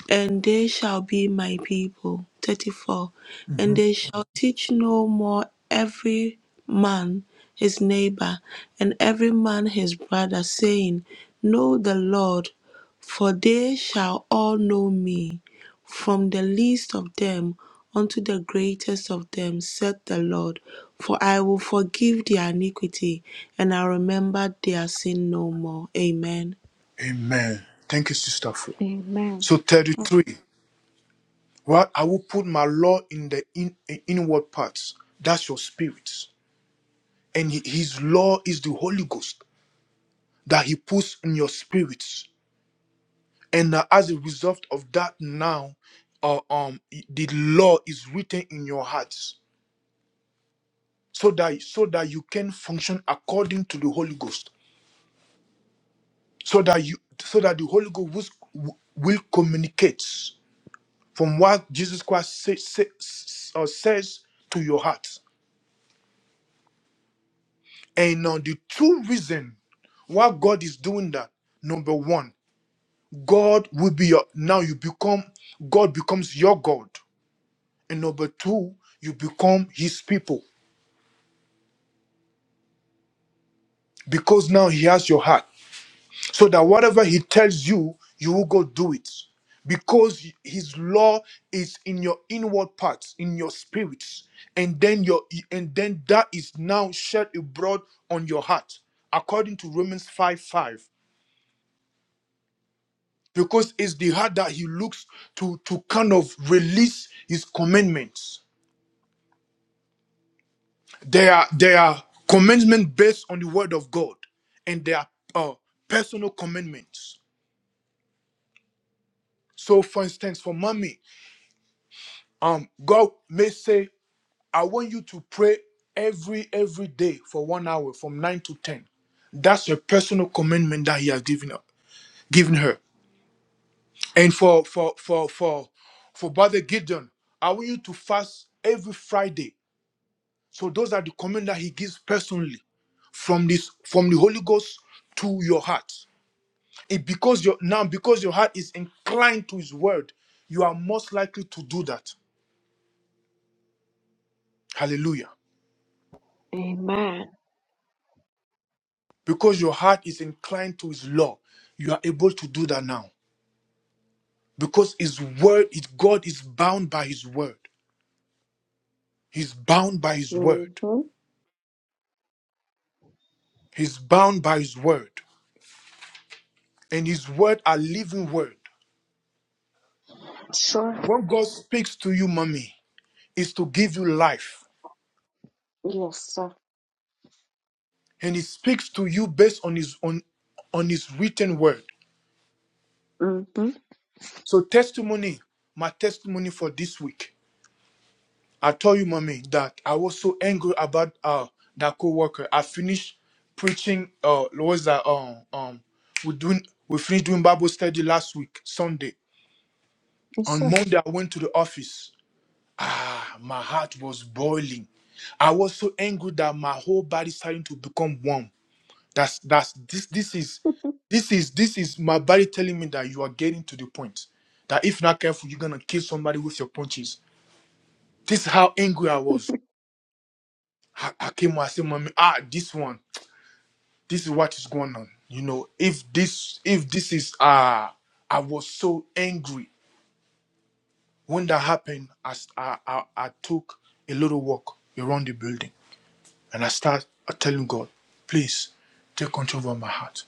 Speaker 4: and they shall be my people. 34. And
Speaker 1: Mhm.
Speaker 4: they shall teach no more every man his neighbor, and every man his brother, saying, Know the Lord, for they shall all know me, from the least of them unto the greatest of them, saith the Lord. For I will forgive their iniquity, and I remember their sin no more. Amen.
Speaker 1: Amen. Thank you, Sister Flo.
Speaker 2: Amen.
Speaker 1: So, 33. Well, I will put my law in the in, in- inward parts. That's your spirits. And hi- his law is the Holy Ghost that he puts in your spirits and uh, as a result of that now uh, um the law is written in your hearts so that so that you can function according to the holy ghost so that you so that the holy ghost will, will communicate from what jesus christ say, say- s- uh, says to your heart and uh, the true reason why god is doing that number one god will be your now you become god becomes your god and number two you become his people because now he has your heart so that whatever he tells you you will go do it because his law is in your inward parts in your spirits and then your and then that is now shed abroad on your heart according to romans 5 5 because it's the heart that he looks to to kind of release his commandments they are they are commandments based on the word of god and they are uh, personal commandments so for instance for mommy Um, God may say, I want you to pray every every day for one hour from nine to ten. That's a personal commitment that He has given up, given her. And for for for for for Brother Gideon, I want you to fast every Friday. So those are the command that He gives personally from this from the Holy Ghost to your heart. It because your now because your heart is inclined to His word, you are most likely to do that. Hallelujah.
Speaker 2: Amen.
Speaker 1: because your heart is inclined to his law you are able to do that now because his word is god is bound by his word he's bound by his word
Speaker 2: Mm-hmm.
Speaker 1: he's bound by his word and his word are living word
Speaker 2: Sure.
Speaker 1: when god speaks to you mommy is to give you life
Speaker 2: Yes, sir.
Speaker 1: and he speaks to you based on his on on his written word
Speaker 2: Mm-hmm.
Speaker 1: so testimony my testimony for this week I told you, mommy, that I was so angry about uh that co-worker. I finished preaching uh was that um um we doing we finished doing Bible study last week, Sunday.
Speaker 2: Yes,
Speaker 1: On
Speaker 2: sir.
Speaker 1: Monday I went to the office. Ah, My heart was boiling. I was so angry that my whole body starting to become warm. That's that's this this is this is this is my body telling me that you are getting to the point that if not careful, you're gonna kill somebody with your punches. This is how angry I was. I, I came and I said, Mommy, ah, this one, this is what is going on. You know, if this, if this is, ah, I was so angry when that happened. I, s- I, I, I took a little walk around the building and I start telling God, please take control over my heart.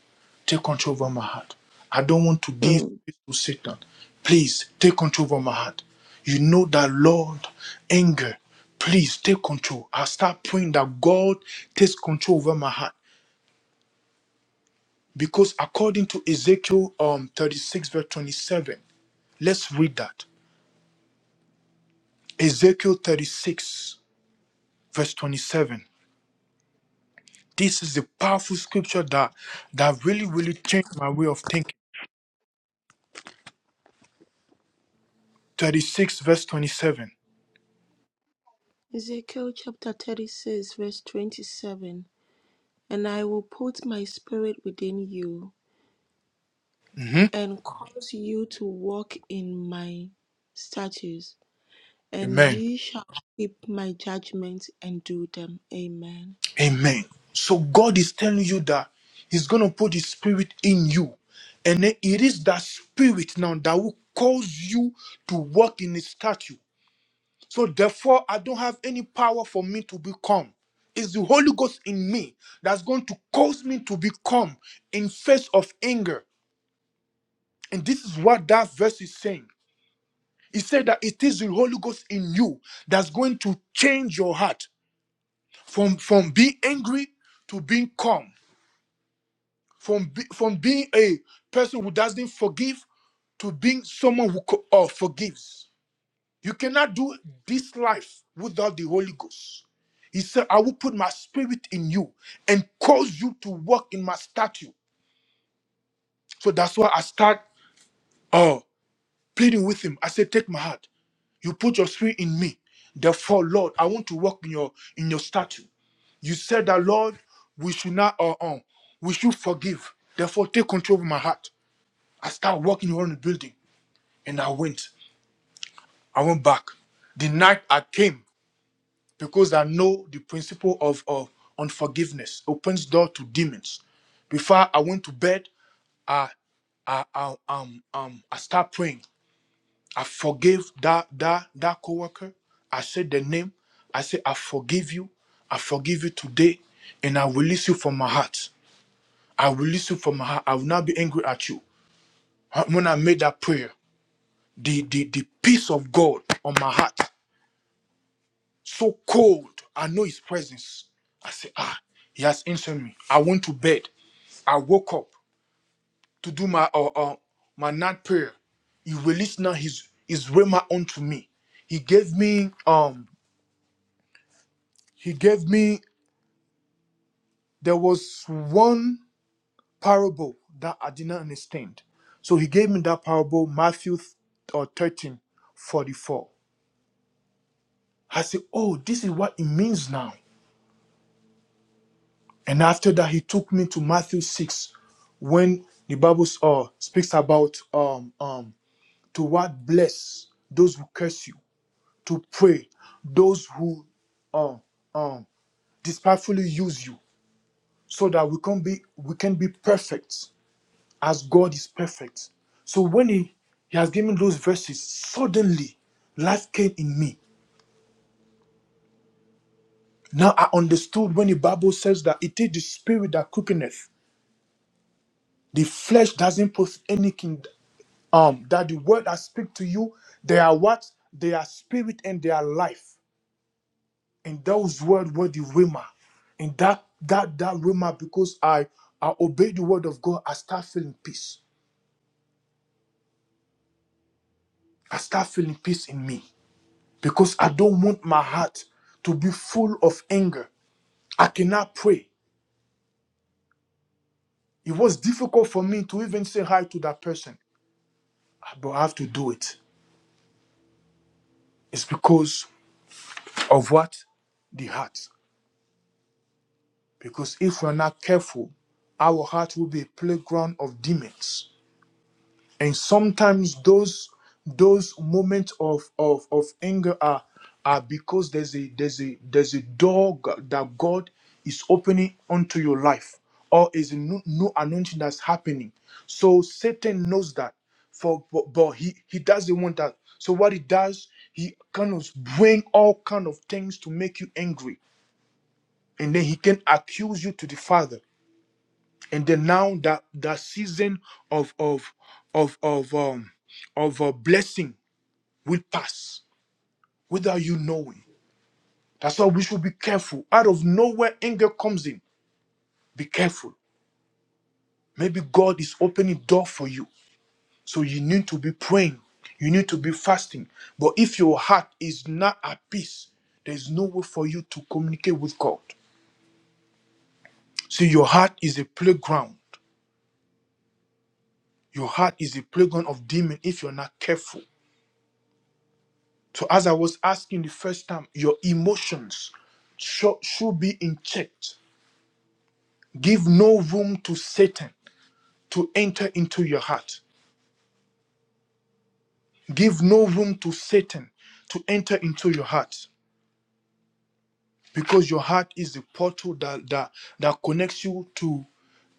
Speaker 1: Take control over my heart. I don't want to give space to Satan. Please take control over my heart. You know that, Lord, anger please take control. I start praying that God takes control over my heart. Because according to Ezekiel um, 36, verse 27, let's read that. Ezekiel 36, verse 27. This is the powerful scripture that, that really, really changed my way of thinking. 36, verse 27.
Speaker 4: Ezekiel chapter 36, verse 27 And I will put my spirit within you
Speaker 1: hmm
Speaker 4: and cause you to walk in my statutes, and
Speaker 1: Amen.
Speaker 4: ye shall keep my judgments and do them. Amen.
Speaker 1: Amen. So God is telling you that He's going to put His Spirit in you. And then it is that Spirit now that will cause you to walk in His statue. So therefore, I don't have any power for me to become. It's the Holy Ghost in me that's going to cause me to become in face of anger. And this is what that verse is saying. It said that it is the Holy Ghost in you that's going to change your heart from, from being angry to being calm, from, be- from being a person who doesn't forgive to being someone who co- uh, forgives. You cannot do this life without the Holy Ghost. He said, I will put my spirit in you and cause you to walk in my statue. So that's why I start uh, pleading with him. I said, Take my heart. You put your spirit in me. Therefore, Lord, I want to walk in your in your statue. You said that, Lord, we should not uh, um, we should forgive. Therefore, take control of my heart. I start walking around the building and I went. I went back. The night I came. because I know the principle of of unforgiveness opens door to demons. Before I went to bed, I, I, I um um I start praying. I forgave that that that coworker. I said the name. I said I forgive you. I forgive you today, and I release you from my heart. I release you from my heart. I will not be angry at you. When I made that prayer, the the the peace of God on my heart. so cold. I know his presence. I say, ah, he has answered me. I went to bed. I woke up to do my uh, uh my night prayer. He released now his his rema unto me. He gave me um he gave me there was one parable that I did not understand. So he gave me that parable, Matthew uh, 13 44. I said, Oh, this is what it means now. And after that, he took me to Matthew 6, when the Bible uh, speaks about um, um, to what bless those who curse you, to pray those who uh, um, despitefully use you, so that we can be we can be perfect as God is perfect. So when he, he has given those verses, suddenly life came in me. Now I understood when the Bible says that it is the spirit that quickeneth. The flesh doesn't post anything um that the word I speak to you, they are what? They are spirit and they are life. And those words were the rhema. And that that that rhema, because I I obey the word of God, I start feeling peace. I start feeling peace in me because I don't want my heart to be full of anger. I cannot pray. It was difficult for me to even say hi to that person, Ah, but I have to do it. It's because of what? The heart. Because if we're not careful, our heart will be a playground of demons. And sometimes those those moments of, of, of anger are, are because there's a there's a there's a door go- that God is opening onto your life or is a new, new anointing that's happening. So Satan knows that for but, but he he doesn't want that. So what he does, he kind of bring all kind of things to make you angry, and then he can accuse you to the Father and then now that that season of of of of um of a blessing will pass without you knowing that's why we should be careful out of nowhere anger comes in be careful maybe god is opening door for you so you need to be praying you need to be fasting but if your heart is not at peace there's no way for you to communicate with god see your heart is a playground your heart is a playground of demon if you're not careful So, as I was asking the first time, your emotions sho- should be in check. Give no room to Satan to enter into your heart. Give no room to Satan to enter into your heart because your heart is the portal that, that, that connects you to,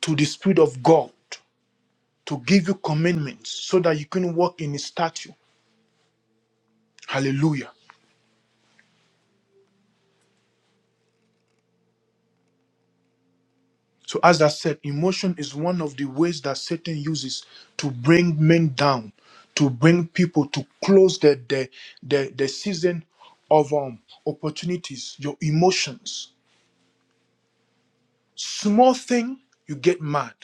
Speaker 1: to the Spirit of God to give you commandments so that you can walk in His statue. Hallelujah. So, as I said, emotion is one of the ways that Satan uses to bring men down, to bring people to close the the the, the season of um opportunities. Your emotions, small thing, you get mad.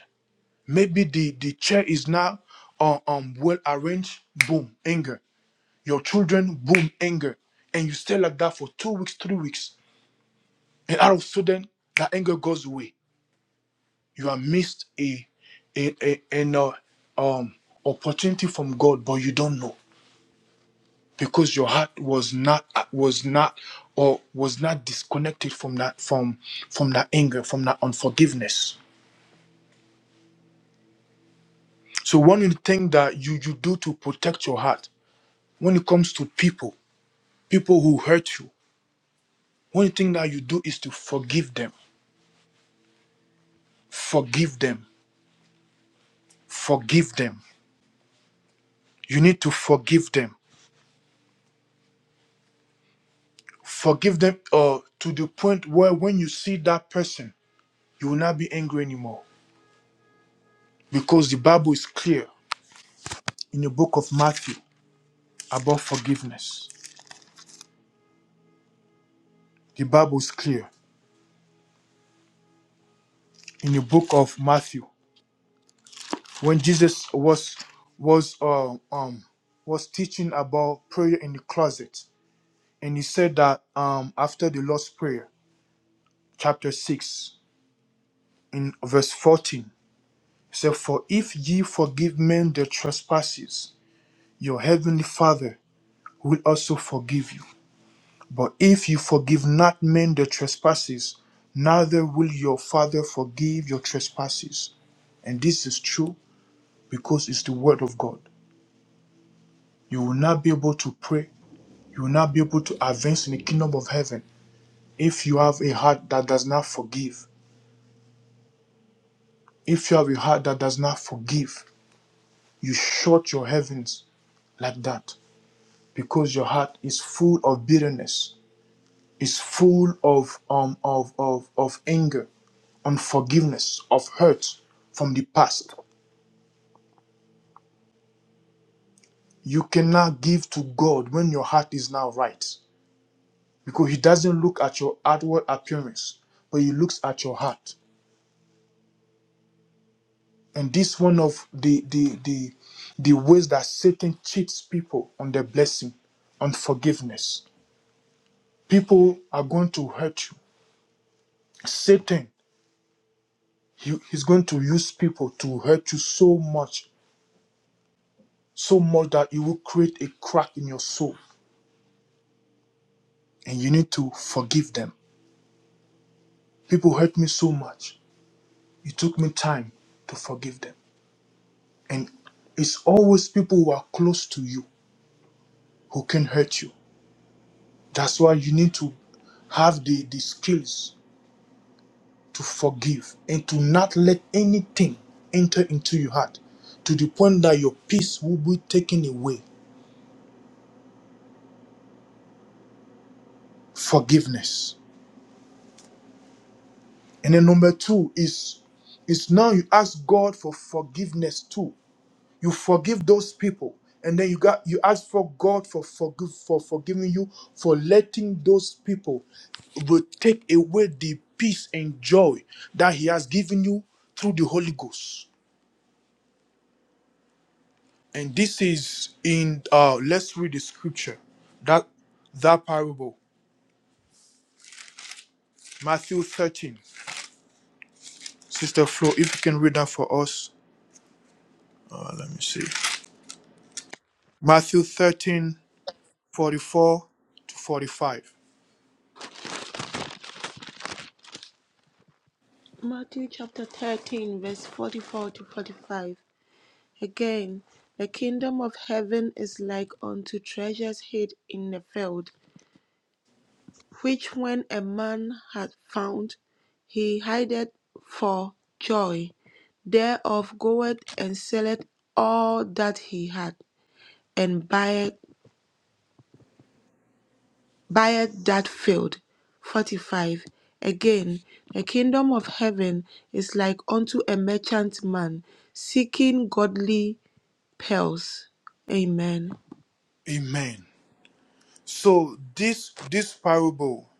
Speaker 1: Maybe the the chair is now uh, um well arranged, boom, anger. Your children, boom, anger, and you stay like that for two weeks, three weeks, and out of sudden that anger goes away you have missed a a, a, an uh, um opportunity from God, but you don't know because your heart was not was not or was not disconnected from that from from that anger, from that unforgiveness. So one of the things that you you do to protect your heart when it comes to people, people who hurt you, one thing that you do is to forgive them, forgive them, forgive them. You need to forgive them, forgive them uh, to the point where when you see that person You will not be angry anymore because the Bible is clear in the book of Matthew about forgiveness. The Bible is clear in the book of Matthew when Jesus was was uh, um was teaching about prayer in the closet, and he said that um after the Lord's prayer, chapter six in verse fourteen, he said, "For if ye forgive men their trespasses, your heavenly Father will also forgive you." But if you forgive not men their trespasses, neither will your Father forgive your trespasses. And this is true because it's the word of God. You will not be able to pray, you will not be able to advance in the kingdom of heaven if you have a heart that does not forgive. If you have a heart that does not forgive, you shut your heavens like that because your heart is full of bitterness, It's full of um of of of anger unforgiveness of hurt from the past you can now give to god when your heart is now right because he doesn't look at your outward appearance but he looks at your heart and this one of the the the, the ways that satan cheats people on their blessing unforgiveness people are going to hurt you satan he, he's going to use people to hurt you so much so much that it will create a crack in your soul and you need to forgive them People hurt me so much. It took me time to forgive them. And it's always people who are close to you who can hurt you. That's why you need to have the, the skills to forgive and to not let anything enter into your heart to the point that your peace will be taken away. Forgiveness. And then number two is is now you ask God for forgiveness too you forgive those people and then you got you ask for god for forgive for forgiving you for letting those people will take away the peace and joy that he has given you through the holy ghost and this is in uh let's read the scripture that that parable matthew 13 sister flo if you can read that for us uh, let me see matthew 13 44 to 45
Speaker 4: Matthew chapter 13, verse 44 to 45. Again, the kingdom of heaven is like unto treasures hid in a field, which when a man had found, he hid for joy thereof, goeth and selleth all that he had, and buyeth, buyeth that field. 45. Again, the kingdom of heaven is like unto a merchant man seeking godly pearls. Amen.
Speaker 1: amen So this this parable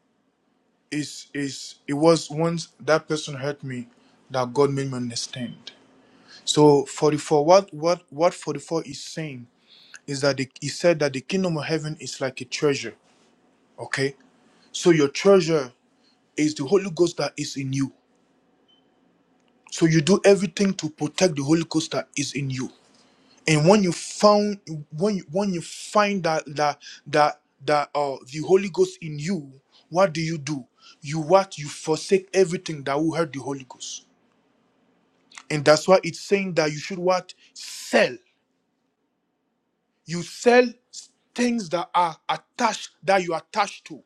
Speaker 1: is is it was once that person hurt me that God made me understand. So 44 what what what 44 is saying is that the, he said that the kingdom of heaven is like a treasure, okay? So your treasure is the Holy Ghost that is in you. So you do everything to protect the Holy Ghost that is in you. and when you found when you when you find that that that that uh the holy ghost in you what do you do you what you forsake everything that will hurt the holy ghost and that's why it's saying that you should what sell you sell things that are attached that you attach to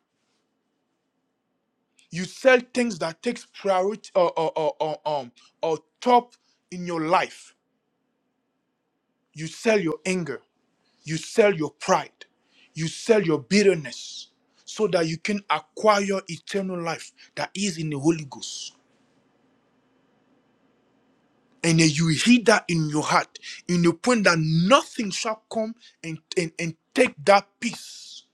Speaker 1: you sell things that takes priority or or or or, um or top in your life you sell your anger You sell your pride. You sell your bitterness so that you can acquire eternal life that is in the Holy Ghost. And then you hear that in your heart, in the point that nothing shall come and, and, and take that peace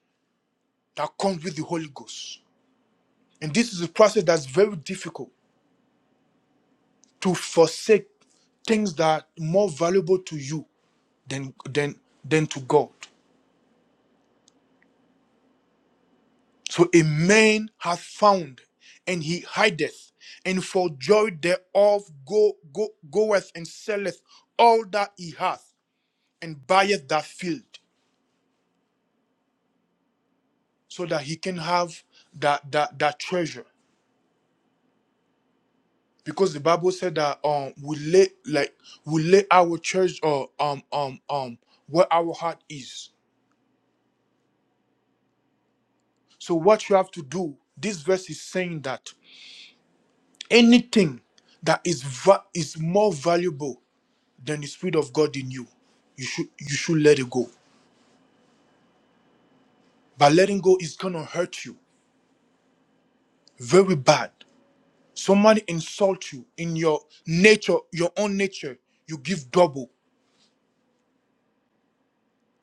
Speaker 1: that comes with the Holy Ghost. And this is a process that's very difficult to forsake things that are more valuable to you than than than to God. So a man hath found, and he hideth, and for joy thereof go, go, goeth and selleth all that he hath, and buyeth that field, so that he can have that that that treasure. Because the Bible said that um we lay like we lay our treasure uh, um um um where our heart is. So what you have to do, this verse is saying that anything that is va- is more valuable then the spirit of God in you, you should you should let it go. But letting go is gonna hurt you very bad. Somebody insult you in your nature, your own nature, you give double.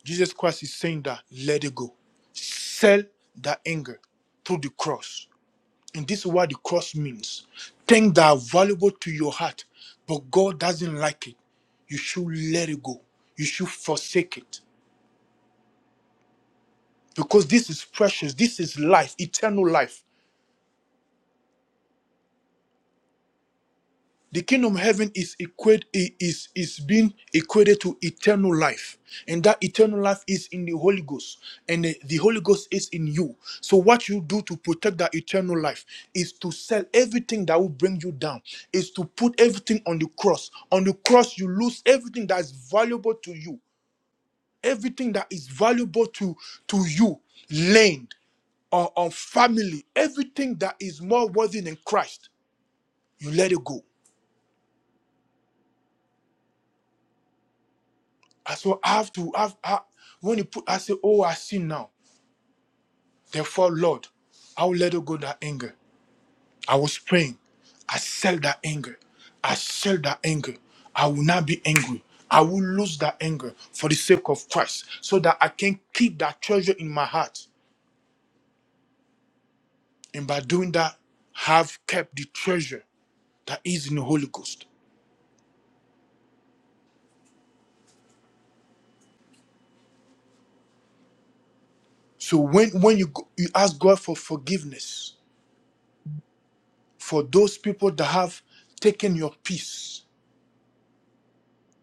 Speaker 1: Jesus Christ is saying that let it go. Sell that anger through the cross. And this is what the cross means. Things that are valuable to your heart, but God doesn't like it. You should let it go. You should forsake it. Because this is precious. This is life, eternal life The kingdom of heaven is equate is is being equated to eternal life, and that eternal life is in the Holy Ghost, and the, the Holy Ghost is in you. So what you do to protect that eternal life is to sell everything that will bring you down, is to put everything on the cross. On the cross, you lose everything that is valuable to you, everything that is valuable to to you, land or, or family, everything that is more worthy than Christ, you let it go. I so I have to have I, when you put I say, Oh, I sin now. Therefore, Lord, I will let go that anger. I was praying. I sell that anger. I sell that anger. I will not be angry. I will lose that anger for the sake of Christ, so that I can keep that treasure in my heart. And by doing that, have kept the treasure that is in the Holy Ghost. So when when you go- you ask God for forgiveness for those people that have taken your peace,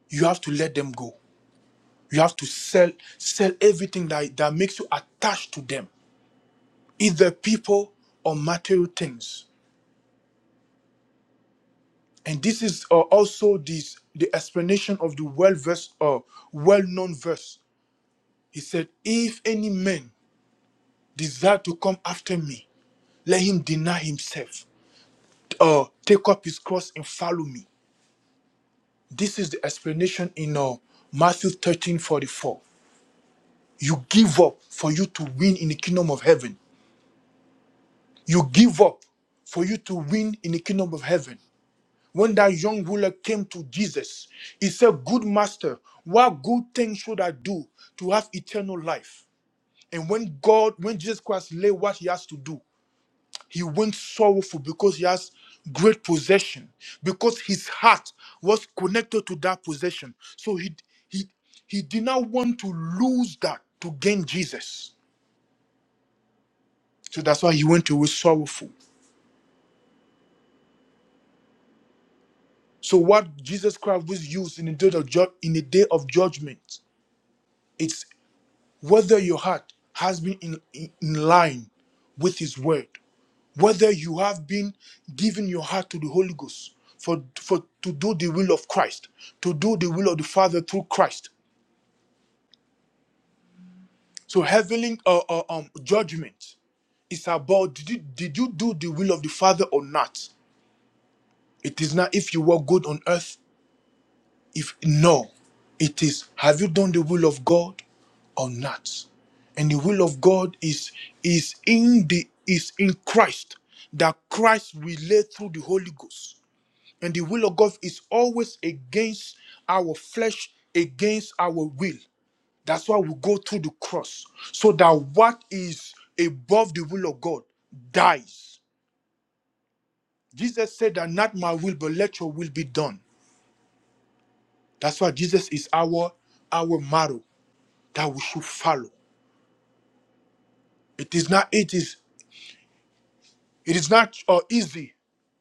Speaker 1: you have to let them go. You have to sell sell everything that, that makes you attached to them, either people or material things. And this is uh, also this the explanation of the well verse or well-known verse. He said, "If any man desire to come after me, let him deny himself, or take up his cross and follow me." This is the explanation in uh, Matthew 13:44. You give up for you to win in the kingdom of heaven. you give up for you to win in the kingdom of heaven. When that young ruler came to Jesus, he said, Good master, what good thing should I do to have eternal life? And when God, when Jesus Christ lay what he has to do, he went sorrowful because he has great possession, because his heart was connected to that possession. So he he he did not want to lose that to gain Jesus. So that's why he went away sorrowful. So what Jesus Christ was used in the day of ju- in the day of judgment, it's whether your heart has been in, in in line with His word, whether you have been giving your heart to the Holy Ghost for for to do the will of Christ, to do the will of the Father through Christ. So heavenly uh, uh, um, judgment is about did you, did you do the will of the Father or not? It is not if you were good on earth If no, it is have you done the will of God or not? And the will of God is is in the is in Christ that Christ relay through the Holy Ghost. And the will of God is always against our flesh, against our will. That's why we go through the cross, so that what is above the will of God dies. Jesus said that not my will, but let your will be done. That's why Jesus is our our model. that we should follow. It is not it is it is not uh, easy,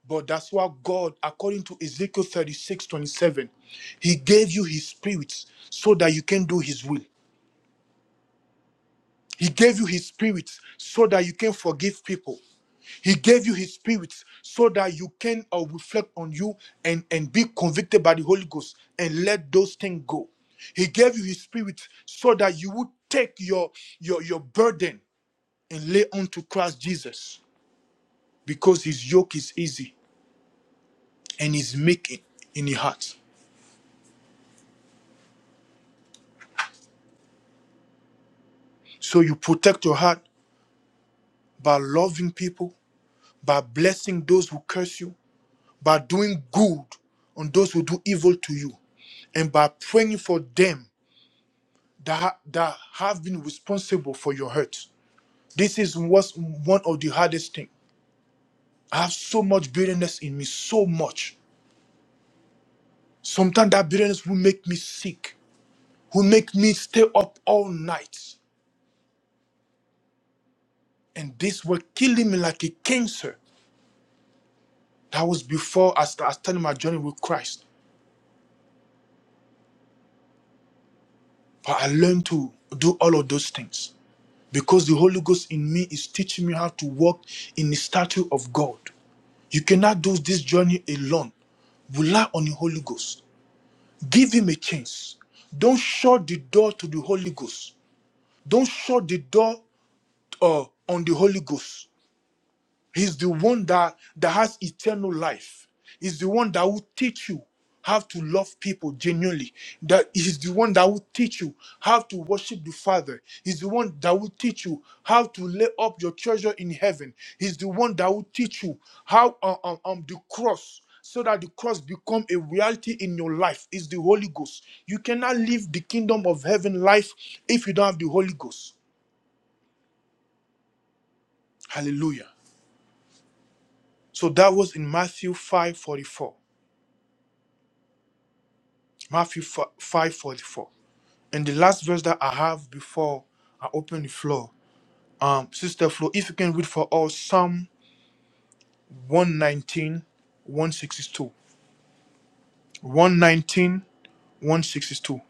Speaker 1: but that's why God, according to Ezekiel 36 27, He gave you His spirit so that you can do His will. He gave you His spirit so that you can forgive people. He gave you His Spirit so that you can uh, reflect on you and, and be convicted by the Holy Ghost and let those things go. He gave you His Spirit so that you would take your, your, your burden and lay onto Christ Jesus. because his yoke is easy and his meek in the heart. So you protect your heart by loving people, by blessing those who curse you, by doing good on those who do evil to you, and by praying for them that, ha- that have been responsible for your hurt. This is what's one of the hardest thing. I have so much bitterness in me, so much. Sometimes that bitterness will make me sick, will make me stay up all night. And this were killing me like a cancer That was before I, sta- I started my journey with Christ. But I learned to do all of those things because the Holy Ghost in me is teaching me how to walk in the statue of God. You cannot do this journey alone. Rely on the Holy Ghost. Give him a chance. Don't shut the door to the Holy Ghost. Don't shut the door uh, on the Holy Ghost. He's the one that, that has eternal life. He's the one that will teach you how to love people genuinely. That is the one that will teach you how to worship the Father. He's the one that will teach you how to lay up your treasure in heaven. He's the one that will teach you how um, um, um, the cross so that the cross become a reality in your life is the Holy Ghost. You cannot live the kingdom of heaven life if you don't have the Holy Ghost. Hallelujah. So that was in Matthew 5:44. Matthew 5 44, And the last verse that I have before I open the floor, um, Sister Flo, if you can read for us Psalm one nineteen, one sixty-two, one nineteen, one sixty-two,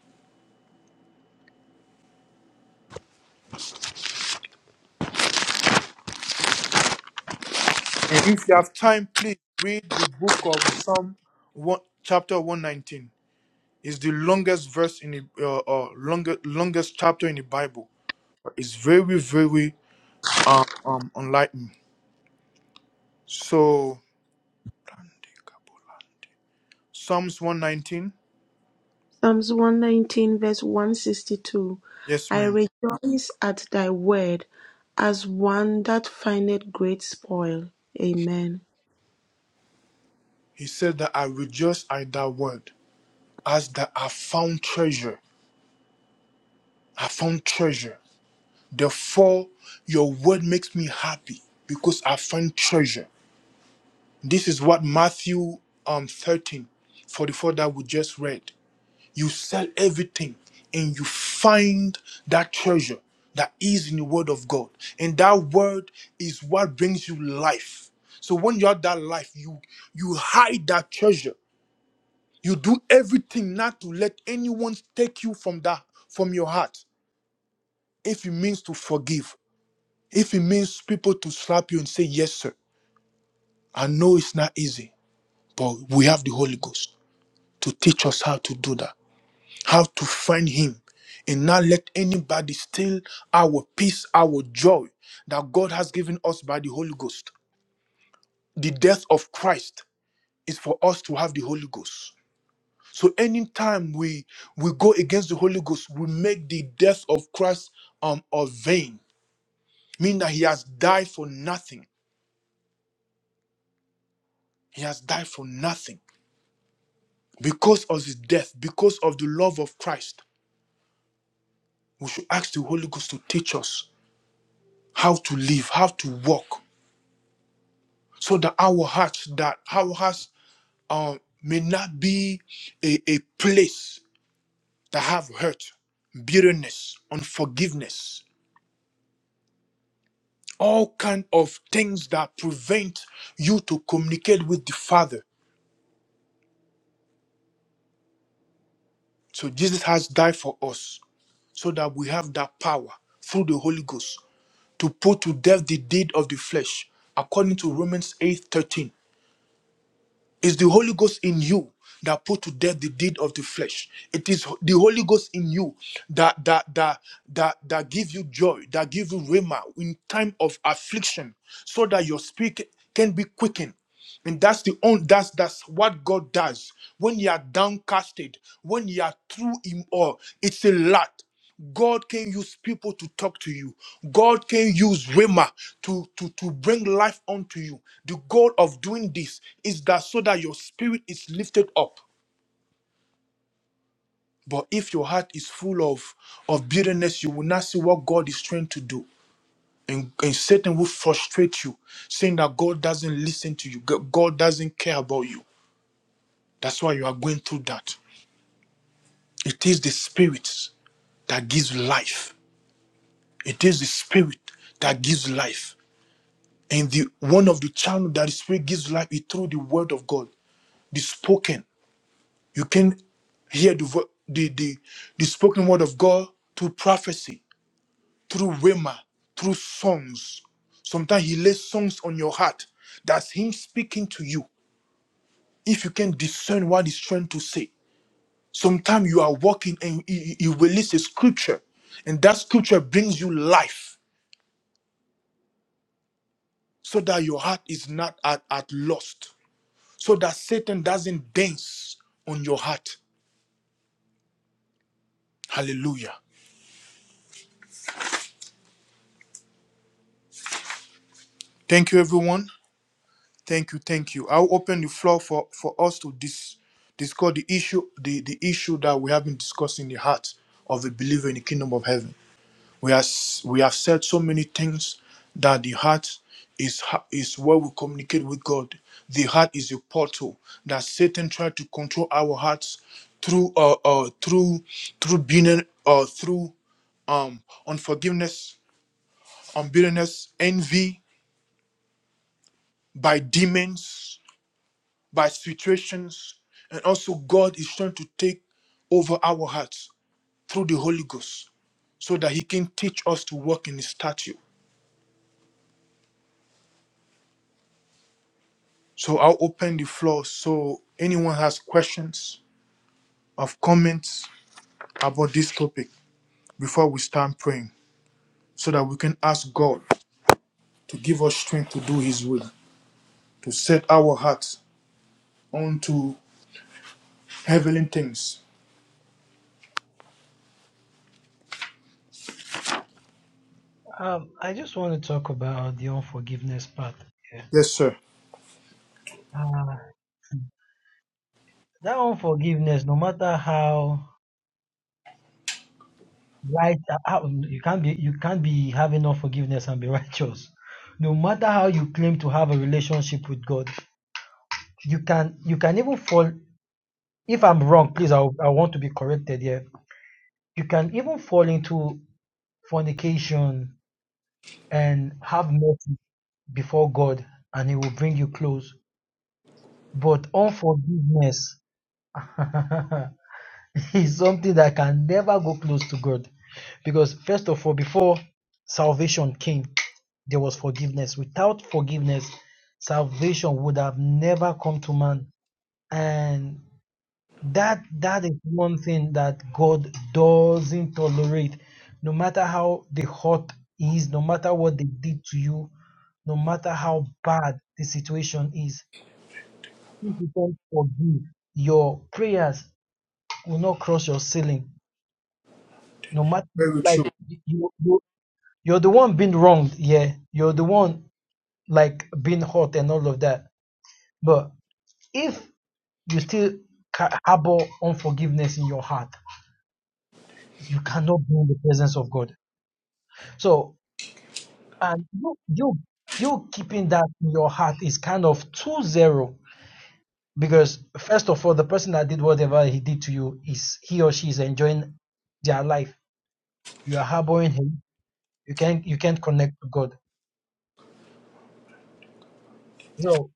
Speaker 1: And if you have time, please read the book of Psalm 1, chapter 119. It's the longest verse in the uh, uh, longest longest chapter in the Bible. It's very, very um, um enlightening. So Psalms 119.
Speaker 4: Psalms 119, verse 162
Speaker 1: Yes,
Speaker 4: I
Speaker 1: ma'am.
Speaker 4: rejoice at thy word as one that findeth great spoil. Amen.
Speaker 1: He said that I rejoice at that word, as that I found treasure. I found treasure. Therefore, your word makes me happy because I find treasure. This is what Matthew um 13, 44 that we just read. You sell everything and you find that treasure that is in the word of God. And that word is what brings you life. So when you have that life, you you hide that treasure You do everything not to let anyone take you from that from your heart. If it means to forgive, if it means people to slap you and say yes, sir. I know it's not easy, but we have the Holy Ghost to teach us how to do that, how to find Him, and not let anybody steal our peace, our joy that God has given us by the Holy Ghost. The death of Christ is for us to have the Holy Ghost. So anytime we we go against the Holy Ghost, we make the death of Christ um of vain, meaning that he has died for nothing. He has died for nothing because of his death, because of the love of Christ. We should ask the Holy Ghost to teach us how to live, how to walk, so that our hearts that our hearts um may not be a, a place that have hurt, bitterness, unforgiveness. all kind of things that prevent you to communicate with the father so jesus has died for us so that we have that power through the holy ghost to put to death the deed of the flesh according to romans eight thirteen. It's the Holy Ghost in you that put to death the deed of the flesh. It is the Holy Ghost in you that that that that that give you joy, that give you rhema in time of affliction, so that your spirit can be quickened. And that's the own that's that's what God does when you are downcasted, when you are through him all. It's a lot. God can use people to talk to you. God can use Rhema to, to, to bring life onto you. The goal of doing this is that so that your spirit is lifted up. But if your heart is full of, of bitterness, you will not see what God is trying to do. And, and Satan will frustrate you, saying that God doesn't listen to you, G- God doesn't care about you. That's why you are going through that. It is the spirit that gives life. It is the spirit that gives life. And the one of the channel that the Spirit gives life is through the Word of God, the spoken. You can hear the vo- the the, the spoken word of God through prophecy, through rhema, through songs. Sometimes He lays songs on your heart. That's Him speaking to you. If you can discern what He's trying to say, sometimes you are walking and He, he releases a scripture, and that scripture brings you life, so that your heart is not at, at lost so that Satan doesn't dance on your heart. Hallelujah. Thank you, everyone. Thank you, thank you. I'll open the floor for, for us to dis, discuss the issue, the, the issue that we have been discussing, the heart of a believer in the kingdom of heaven. We, are, we have said so many things that the heart is, ha- is where we communicate with God. The heart is a portal that Satan tried to control our hearts through uh, uh through through being or uh, through um unforgiveness, unbitterness, envy, by demons, by situations, and also God is trying to take over our hearts through the Holy Ghost so that He can teach us to walk in His statue. So I'll open the floor so anyone has questions or comments about this topic before we start praying so that we can ask God to give us strength to do his will, to set our hearts onto heavenly things.
Speaker 3: Um, I just want to talk about the unforgiveness part. Yeah.
Speaker 1: Yes, sir.
Speaker 3: Uh, that unforgiveness, no matter how right uh, how- you can't be you can't be having no forgiveness and be righteous no matter how you claim to have a relationship with god you can you can even fall if i'm wrong please i, I want to be corrected here you can even fall into fornication and have mercy before god and he will bring you close but unforgiveness is something that can never go close to god because first of all before salvation came There was forgiveness. Without forgiveness, salvation would have never come to man. And that that is one thing that God doesn't tolerate. No matter how the hurt is, no matter what they did to you, no matter how bad the situation is, if you don't forgive. Your prayers will not cross your ceiling. No matter
Speaker 1: Very
Speaker 3: like
Speaker 1: true.
Speaker 3: you, you you're the one being wronged, yeah. You're the one like being hurt and all of that. But if you still harbor unforgiveness in your heart. You cannot be in the presence of God. So, and you you you keeping that in your heart is kind of two zero because first of all, the person that did whatever he did to you is he or she is enjoying their life. You are harboring him. You can't you can't connect to God. So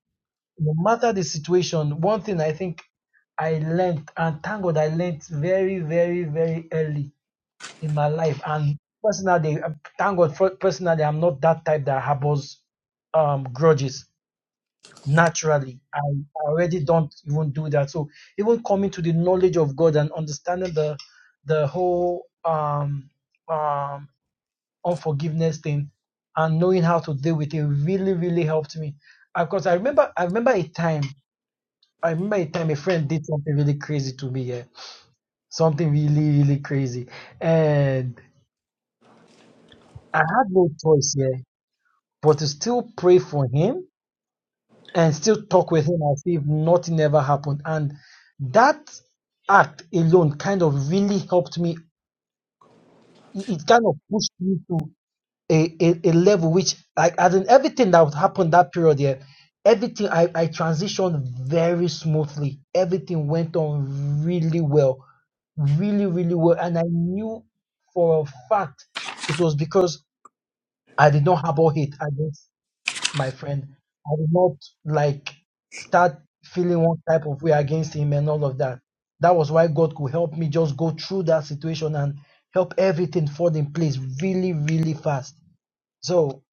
Speaker 3: no matter the situation, one thing I think I learned and thank God I learned very very very early in my life. And personally, uh, thank God, for, personally, I'm not that type that harbors um, grudges naturally. I I already don't even do that. So even coming to the knowledge of God and understanding the the whole um, um, unforgiveness thing and knowing how to deal with it really really helped me. Because I remember I remember a time. I remember a time a friend did something really crazy to me, yeah. Something really, really crazy. And I had no choice, yeah. but to still pray for him and still talk with him as if nothing ever happened. And that act alone kind of really helped me. It it kind of pushed me to a, a, a level which, like, as in everything that would happen that period there, everything I, I transitioned very smoothly. Everything went on really well, really, really well. And I knew for a fact it was because I did not harbor hate. I did my friend. I did not like start feeling one type of way against him and all of that. That was why God could help me just go through that situation and help everything fall in place really, really fast. So,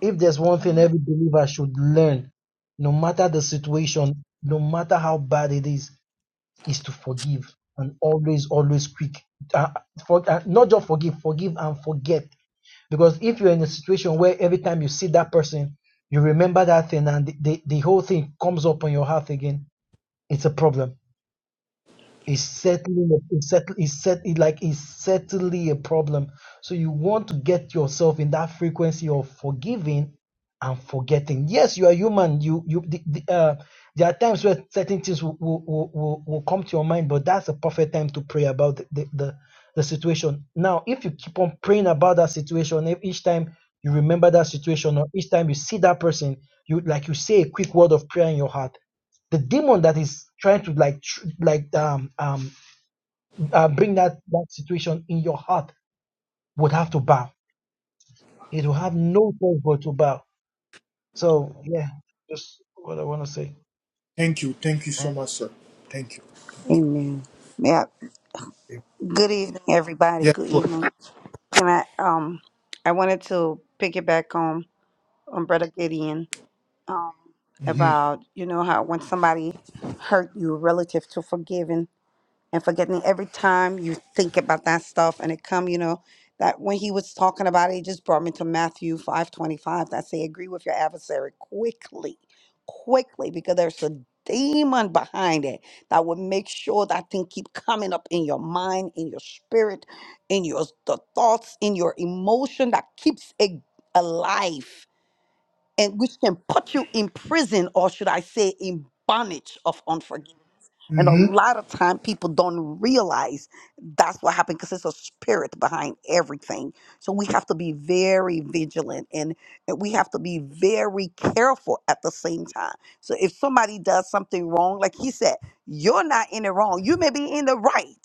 Speaker 3: if there's one thing every believer should learn, no matter the situation, no matter how bad it is, is to forgive and always, always quick. Uh, for, uh, not just forgive, forgive and forget because if you're in a situation where every time you see that person, you remember that thing and the, the, the whole thing comes up on your heart again, it's a problem. It's certainly it's certainly it's set It like it's certainly a problem. So you want to get yourself in that frequency of forgiving and forgetting. Yes, you are human. You you the, the, uh, there are times where certain things will, will, will, will will come to your mind, but that's a perfect time to pray about the, the, the, the situation. Now, if you keep on praying about that situation, if each time you remember that situation or each time you see that person, you like you say a quick word of prayer in your heart the demon that is trying to like tr- like um um uh, bring that that situation in your heart would have to bow. It will have no choice but to bow. So yeah, just what I want to say.
Speaker 1: Thank you. Thank you so
Speaker 3: Eh.
Speaker 1: much, sir. Thank you. Thank
Speaker 7: Amen. Yeah.
Speaker 1: you.
Speaker 7: Good evening, everybody.
Speaker 1: Yes.
Speaker 7: Good
Speaker 1: Lord.
Speaker 7: evening. Can I um I wanted to pick it back on on Brother Gideon um,
Speaker 1: Mm-hmm.
Speaker 7: about you know how when somebody hurt you relative to forgiving and forgetting every time you think about that stuff and it come you know that when he was talking about it it just brought me to matthew 525 that say agree with your adversary quickly quickly because there's a demon behind it that will make sure that thing keep coming up in your mind in your spirit in your the thoughts in your emotion that keeps it alive and which can put you in prison or should i say in bondage of unforgiveness and a
Speaker 1: Mm-hmm.
Speaker 7: lot of time people don't realize that's what happened because it's a spirit behind everything. So we have to be very vigilant and, and we have to be very careful at the same time. So if somebody does something wrong, like he said, you're not in it wrong. You may be in the right.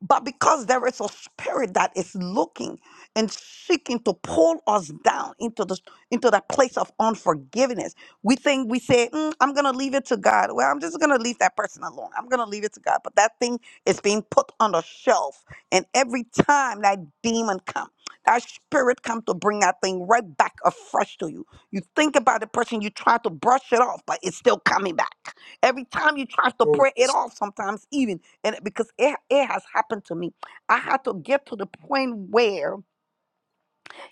Speaker 7: But because there is a spirit that is looking and seeking to pull us down into the into that place of unforgiveness, we think we say, "Mm, "I'm gonna leave it to God." Well, I'm just gonna leave that person alone. I'm gonna leave it to God. But that thing is being put on the shelf, and every time that demon comes, that spirit comes to bring that thing right back afresh to you. You think about the person, you try to brush it off, but it's still coming back. Every time you try to
Speaker 1: Oh,
Speaker 7: pray it
Speaker 1: yes.
Speaker 7: off, sometimes even and it- because it, it has happened to me i had to get to the point where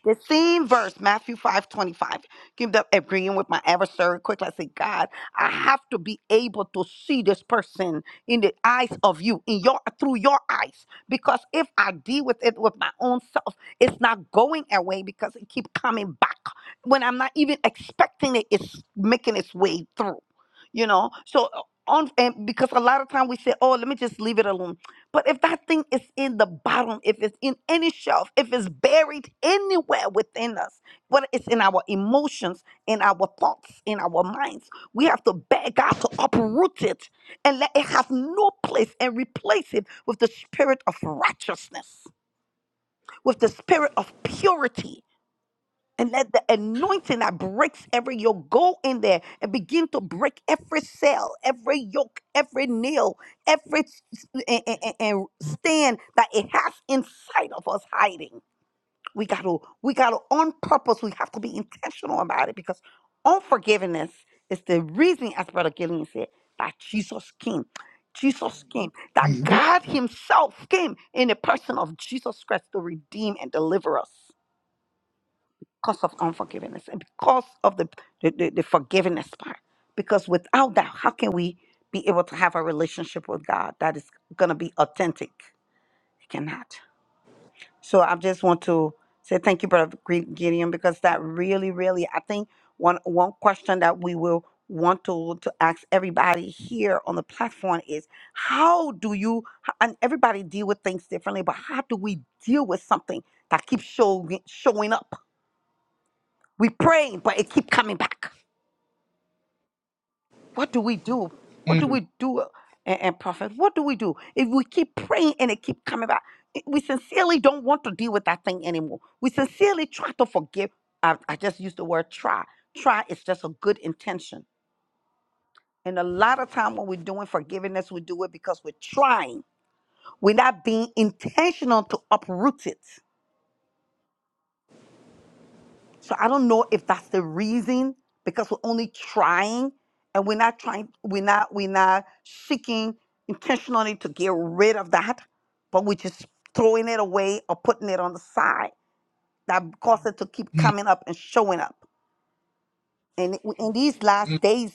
Speaker 7: the same verse matthew 5 25 give up agreeing with my adversary quickly i say god i have to be able to see this person in the eyes of you in your through your eyes because if i deal with it with my own self it's not going away because it keep coming back when i'm not even expecting it it's making its way through you know so uh, on and because a lot of time we say oh let me just leave it alone but if that thing is in the bottom, if it's in any shelf, if it's buried anywhere within us, whether it's in our emotions, in our thoughts, in our minds, we have to beg God to uproot it and let it have no place and replace it with the spirit of righteousness, with the spirit of purity, and let the anointing that breaks every yoke go in there and begin to break every cell, every yoke, every nail, every s- and, and- and and stand that it has inside of us hiding. We got to, we got to, on purpose, we have to be intentional about it because unforgiveness is the reason, as Brother Gillian said, that Jesus came. Jesus came, that
Speaker 1: Mm-hmm.
Speaker 7: God Himself came in the person of Jesus Christ to redeem and deliver us because of unforgiveness and because of the, the, the, the forgiveness part. Because without that, how can we be able to have a relationship with God that is going to be authentic? It cannot. So I just want to say thank you, Brother Gre- Gideon, because that really, really, I think one one question that we will want to, to ask everybody here on the platform is how do you and everybody deal with things differently but how do we deal with something that keeps showing showing up we praying, but it keep coming back. What do we do? What do
Speaker 1: Mm-hmm.
Speaker 7: we do? uh, And, and prophet, what do we do if we keep praying and it keep coming back? I- We sincerely don't want to deal with that thing anymore. We sincerely try to forgive. I, I just used the word try. Try is just a good intention. And a lot of time when we're doing forgiveness, we do it because we're trying. We're not being intentional to uproot it. So I don't know if that's the reason because we're only trying and we're not trying, we're not, we're not seeking intentionally to get rid of that, but we're just throwing it away or putting it on the side. That causes it to keep
Speaker 1: Mm-hmm.
Speaker 7: coming up and showing up. And it- in these last days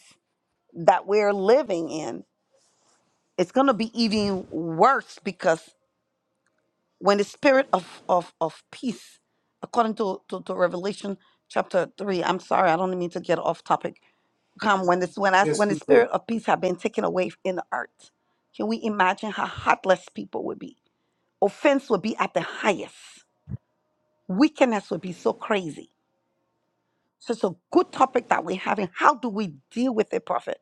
Speaker 7: that we're living in, it's going to be even worse because when the spirit of, of, of peace, according to, to, to Revelation chapter 3, I'm sorry, I don't mean to get off topic come when this when I
Speaker 1: Yes,
Speaker 7: when
Speaker 1: we
Speaker 7: the
Speaker 1: people.
Speaker 7: spirit of peace had been taken away in the earth. Can we imagine how heartless people would be? Offense would be at the highest. Wickedness would be so crazy. So it's a good topic that we're having. How do we deal with it, prophet?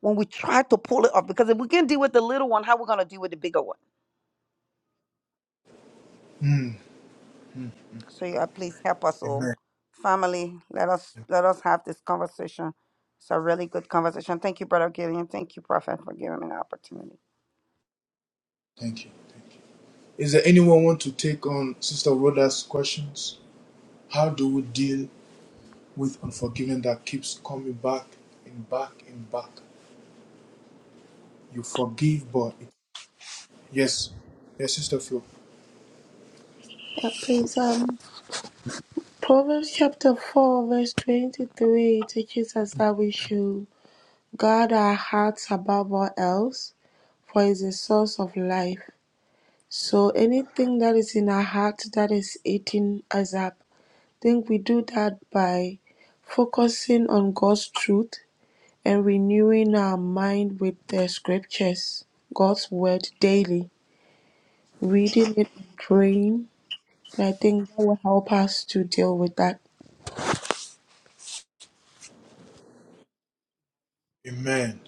Speaker 7: When we try to pull it off, because if we can deal with the little one, how we gonna deal with the bigger one?
Speaker 1: Mm.
Speaker 7: So yeah, please help us all.
Speaker 1: Amen.
Speaker 7: Family, let us let us have this conversation. It's a really good conversation. Thank you, Brother Gillian. Thank you, Prophet, for giving me the opportunity.
Speaker 1: Thank you. Is there anyone want to take on Sister Rhoda's questions? How do we deal with unforgiven that keeps coming back and back and back? You forgive, but it, yes, yes, Sister Flo.
Speaker 4: That brings um, Proverbs chapter 4, verse 23 teaches us that we should guard our hearts above all else, for it is the source of life. So anything that is in our heart that is eating us up, I think we do that by focusing on God's truth and renewing our mind with the scriptures, God's word daily, reading it, praying. And I think that will help us to deal with that.
Speaker 1: Amen.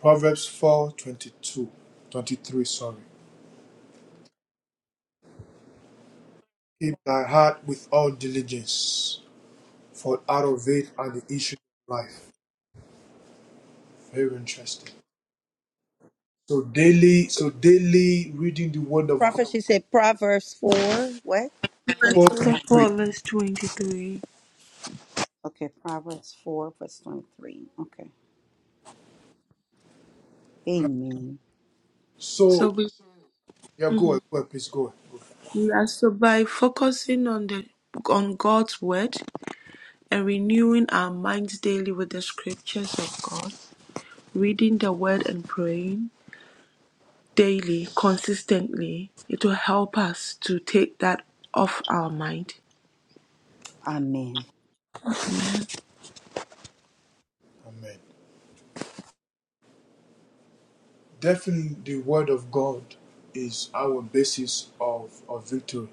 Speaker 1: Proverbs 4 22, 23. sorry. Keep thy heart with all diligence, for out of it are the issues of life. Very interesting. So daily, so daily reading the word of God.
Speaker 7: Prophet, she said Proverbs 4, what?
Speaker 4: Verse
Speaker 7: 22?
Speaker 1: 423.
Speaker 4: verse 23.
Speaker 7: Okay, Proverbs 4, verse 23. Okay. Amen.
Speaker 4: So
Speaker 1: So,
Speaker 4: we,
Speaker 1: yeah, go
Speaker 4: mhm.
Speaker 1: ahead, go ahead, please go ahead. Go ahead.
Speaker 4: yeah, so by focusing on the on God's word and renewing our minds daily with the scriptures of God, reading the word and praying daily, consistently, it will help us to take that off our mind.
Speaker 7: Amen.
Speaker 1: Amen. Definitely, the Word of God is our basis of, of victory.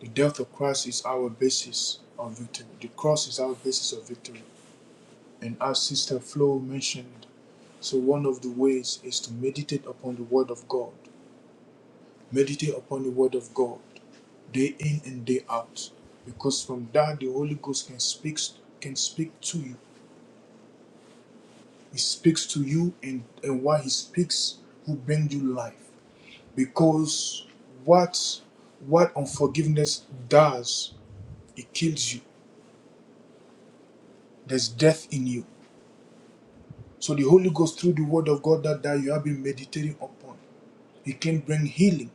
Speaker 1: The death of Christ is our basis of victory. The cross is our basis of victory. And as Sister Flo mentioned, so one of the ways is to meditate upon the Word of God. Meditate upon the Word of God day in and day out. Because from that the Holy Ghost can speak can speak to you. He speaks to you and, and while he speaks, will brings you life. because what what unforgiveness does it kills you there's death in you so the holy ghost through the word of god that, that you have been meditating upon it can bring healing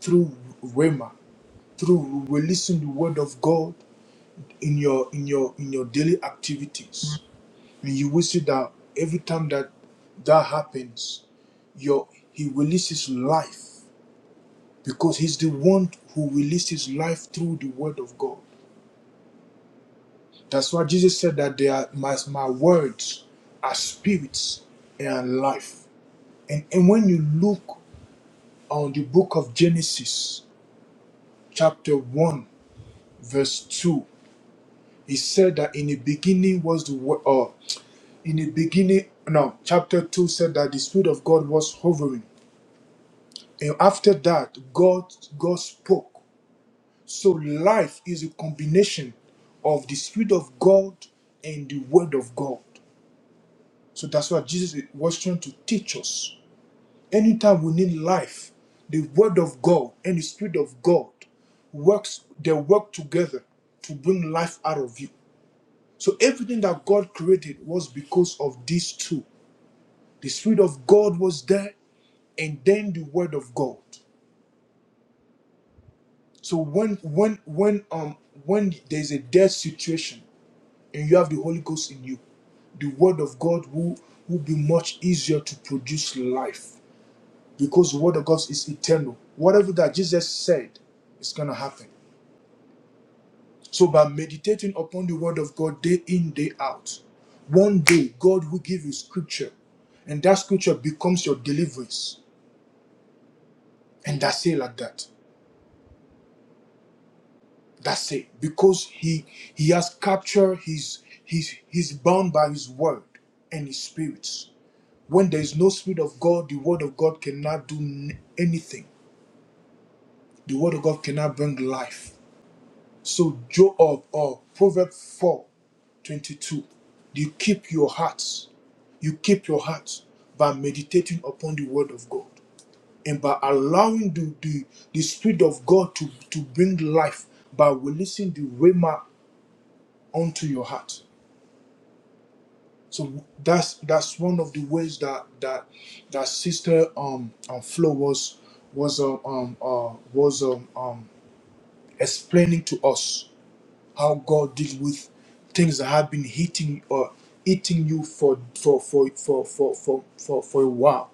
Speaker 1: through rhema through releasing the word of god in your in your in your daily activities and you will see that every time that that happens your he releases life because he's the one who releases life through the word of god That's why Jesus said that they are, my, my words are spirits and life. And, and when you look on the book of Genesis, chapter 1, verse 2, he said that in the beginning was the word, or in the beginning, no, chapter 2 said that the Spirit of God was hovering. And after that, God, God spoke. So life is a combination of the Spirit of God and the Word of God. So that's what Jesus was trying to teach us. Anytime we need life, the word of God and the spirit of God works, they work together to bring life out of you. So everything that God created was because of these two. The spirit of God was there, and then the word of God. So when when when um when there's a death situation and you have the Holy Ghost in you, the word of God will, will be much easier to produce life. because the word of God is eternal. Whatever that Jesus said is going to happen. So, by meditating upon the word of God day in, day out, one day God will give you scripture, and that scripture becomes your deliverance. And that's it like that. That's it. Because he he has captured his his he's bound by his word and his spirits. When there is no spirit of God, the word of God cannot do n- anything. The word of God cannot bring life So Job or Proverbs 4, 22. You keep your hearts. You keep your hearts by meditating upon the word of God and by allowing the, the, the spirit of God to, to bring life by releasing the rhema onto your heart. So that's that's one of the ways that that that sister um, um Flo was was um, um uh, was um, um explaining to us how God deals with things that have been hitting or eating you for for for for for for for, for a while.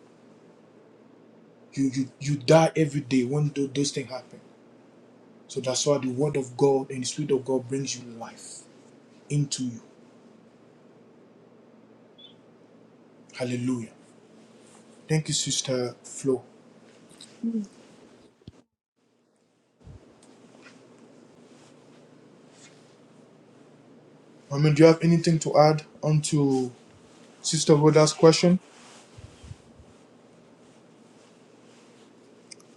Speaker 1: You, you you die every day when tho- those things happen. So that's why the word of God and the spirit of God brings you life into you. Hallelujah. Thank you, Sister Flo. I mean, do you have anything to add onto Sister Rhoda's question?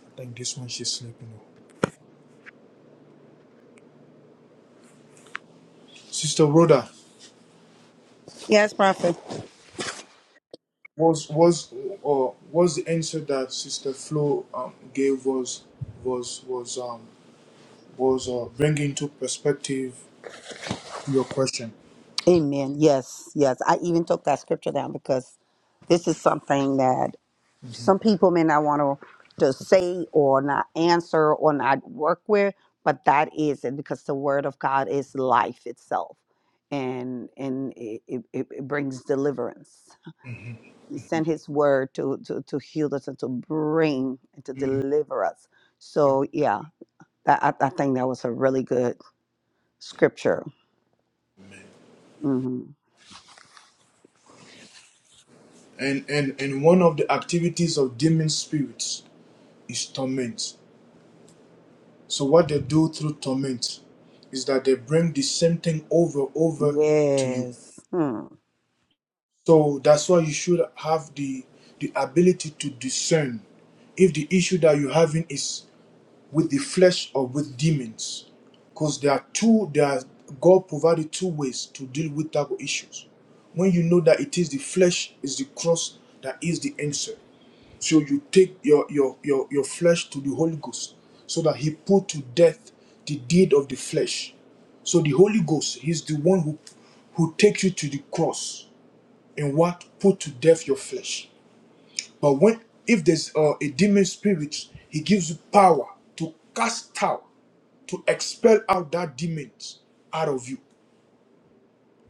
Speaker 1: I think this one she's sleeping. Sister Rhoda,
Speaker 7: Yes, Prophet.
Speaker 1: was was or was the answer that Sister Flo um, gave was was was um was uh, bringing to perspective your question.
Speaker 7: Amen. Yes, yes. I even took that scripture down because this is something that
Speaker 1: Mhm.
Speaker 7: some people may not want to to say or not answer or not work with, but that is it because the word of God is life itself, and and it it, it brings deliverance. He sent his word to, to, to heal us and to bring and to
Speaker 1: Mhm.
Speaker 7: deliver us. So, yeah, that, I, I think that was a really good scripture. hmm
Speaker 1: And and and one of the activities of demon spirits is torment. So what they do through torment is that they bring the same thing over over to you.
Speaker 7: Yes. Hmm.
Speaker 1: So that's why you should have the the ability to discern if the issue that you're having is with the flesh or with demons because there are two there are, god provided two ways to deal with type of issues when you know that it is the flesh is the cross that is the answer so you take your your your, your flesh to the holy ghost so that he put to death the deed of the flesh so the holy ghost he's the one who who takes you to the cross and what put to death your flesh but when if there's uh, a demon spirit he gives you power to cast out to expel out that demons out of you.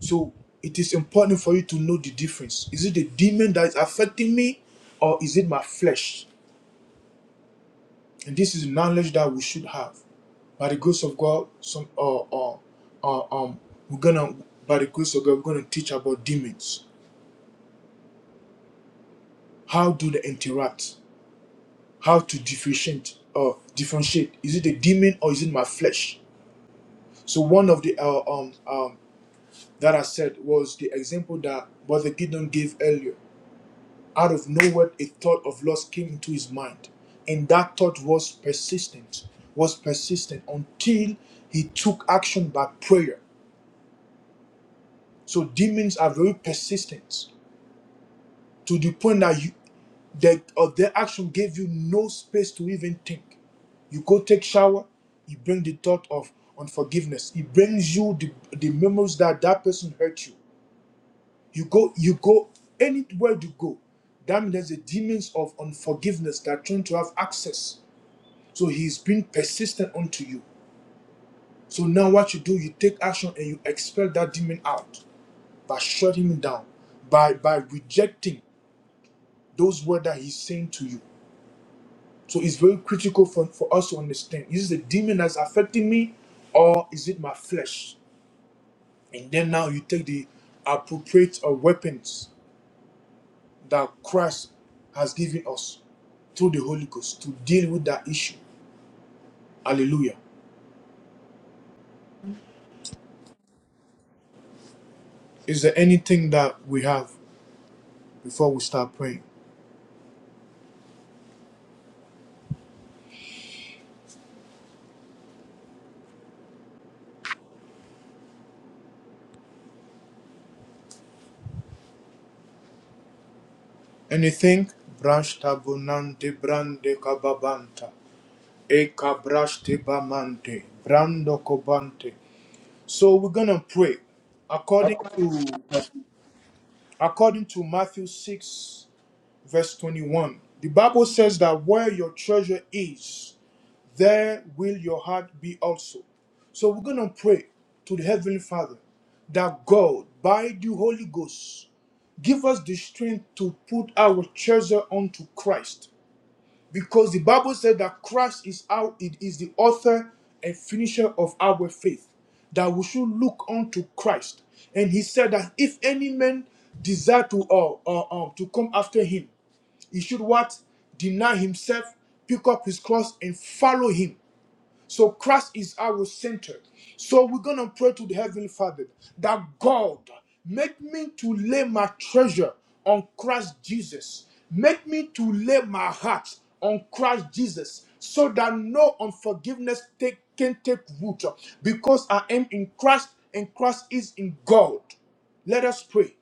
Speaker 1: So it is important for you to know the difference. Is it the demon that is affecting me or is it my flesh? And this is knowledge that we should have. By the grace of God, some uh, uh, uh, um we're gonna by the grace of God, we're gonna teach about demons. How do they interact? How to differentiate uh differentiate. Is it the demon or is it my flesh? So one of the uh, um, um that I said was the example that Brother Gideon gave earlier. Out of nowhere, a thought of loss came into his mind. And that thought was persistent, was persistent until he took action by prayer. So demons are very persistent to the point that you, that or their action gave you no space to even think. You go take shower, you bring the thought of unforgiveness. It brings you the, the memories that that person hurt you. You go, you go anywhere you go. That means there's the demons of unforgiveness that are trying to have access. So he's been persistent unto you. So now what you do, you take action and you expel that demon out by shutting him down, by by rejecting those words that he's saying to you. So it's very critical for, for us to understand is it the demon that's affecting me or is it my flesh? And then now you take the appropriate uh, weapons that Christ has given us through the Holy Ghost to deal with that issue. Hallelujah. Is there anything that we have before we start praying? Anything? Brash tabunante brande kababanta. Eka brash tebamante. Brando kobante. So we're gonna pray according to according to Matthew 6, verse 21. The Bible says that where your treasure is, there will your heart be also. So we're going to pray to the Heavenly Father that God, by the Holy Ghost, give us the strength to put our treasure onto Christ. Because the Bible said that Christ is our, it is the author and finisher of our faith, that we should look unto Christ. And he said that if any man desire to or or to come after him, he should what? Deny himself, pick up his cross, and follow him. So Christ is our center. So we're gonna pray to the Heavenly Father that God make me to lay my treasure on Christ Jesus. Make me to lay my heart on Christ Jesus so that no unforgiveness take, can take root because I am in Christ and Christ is in God. Let us pray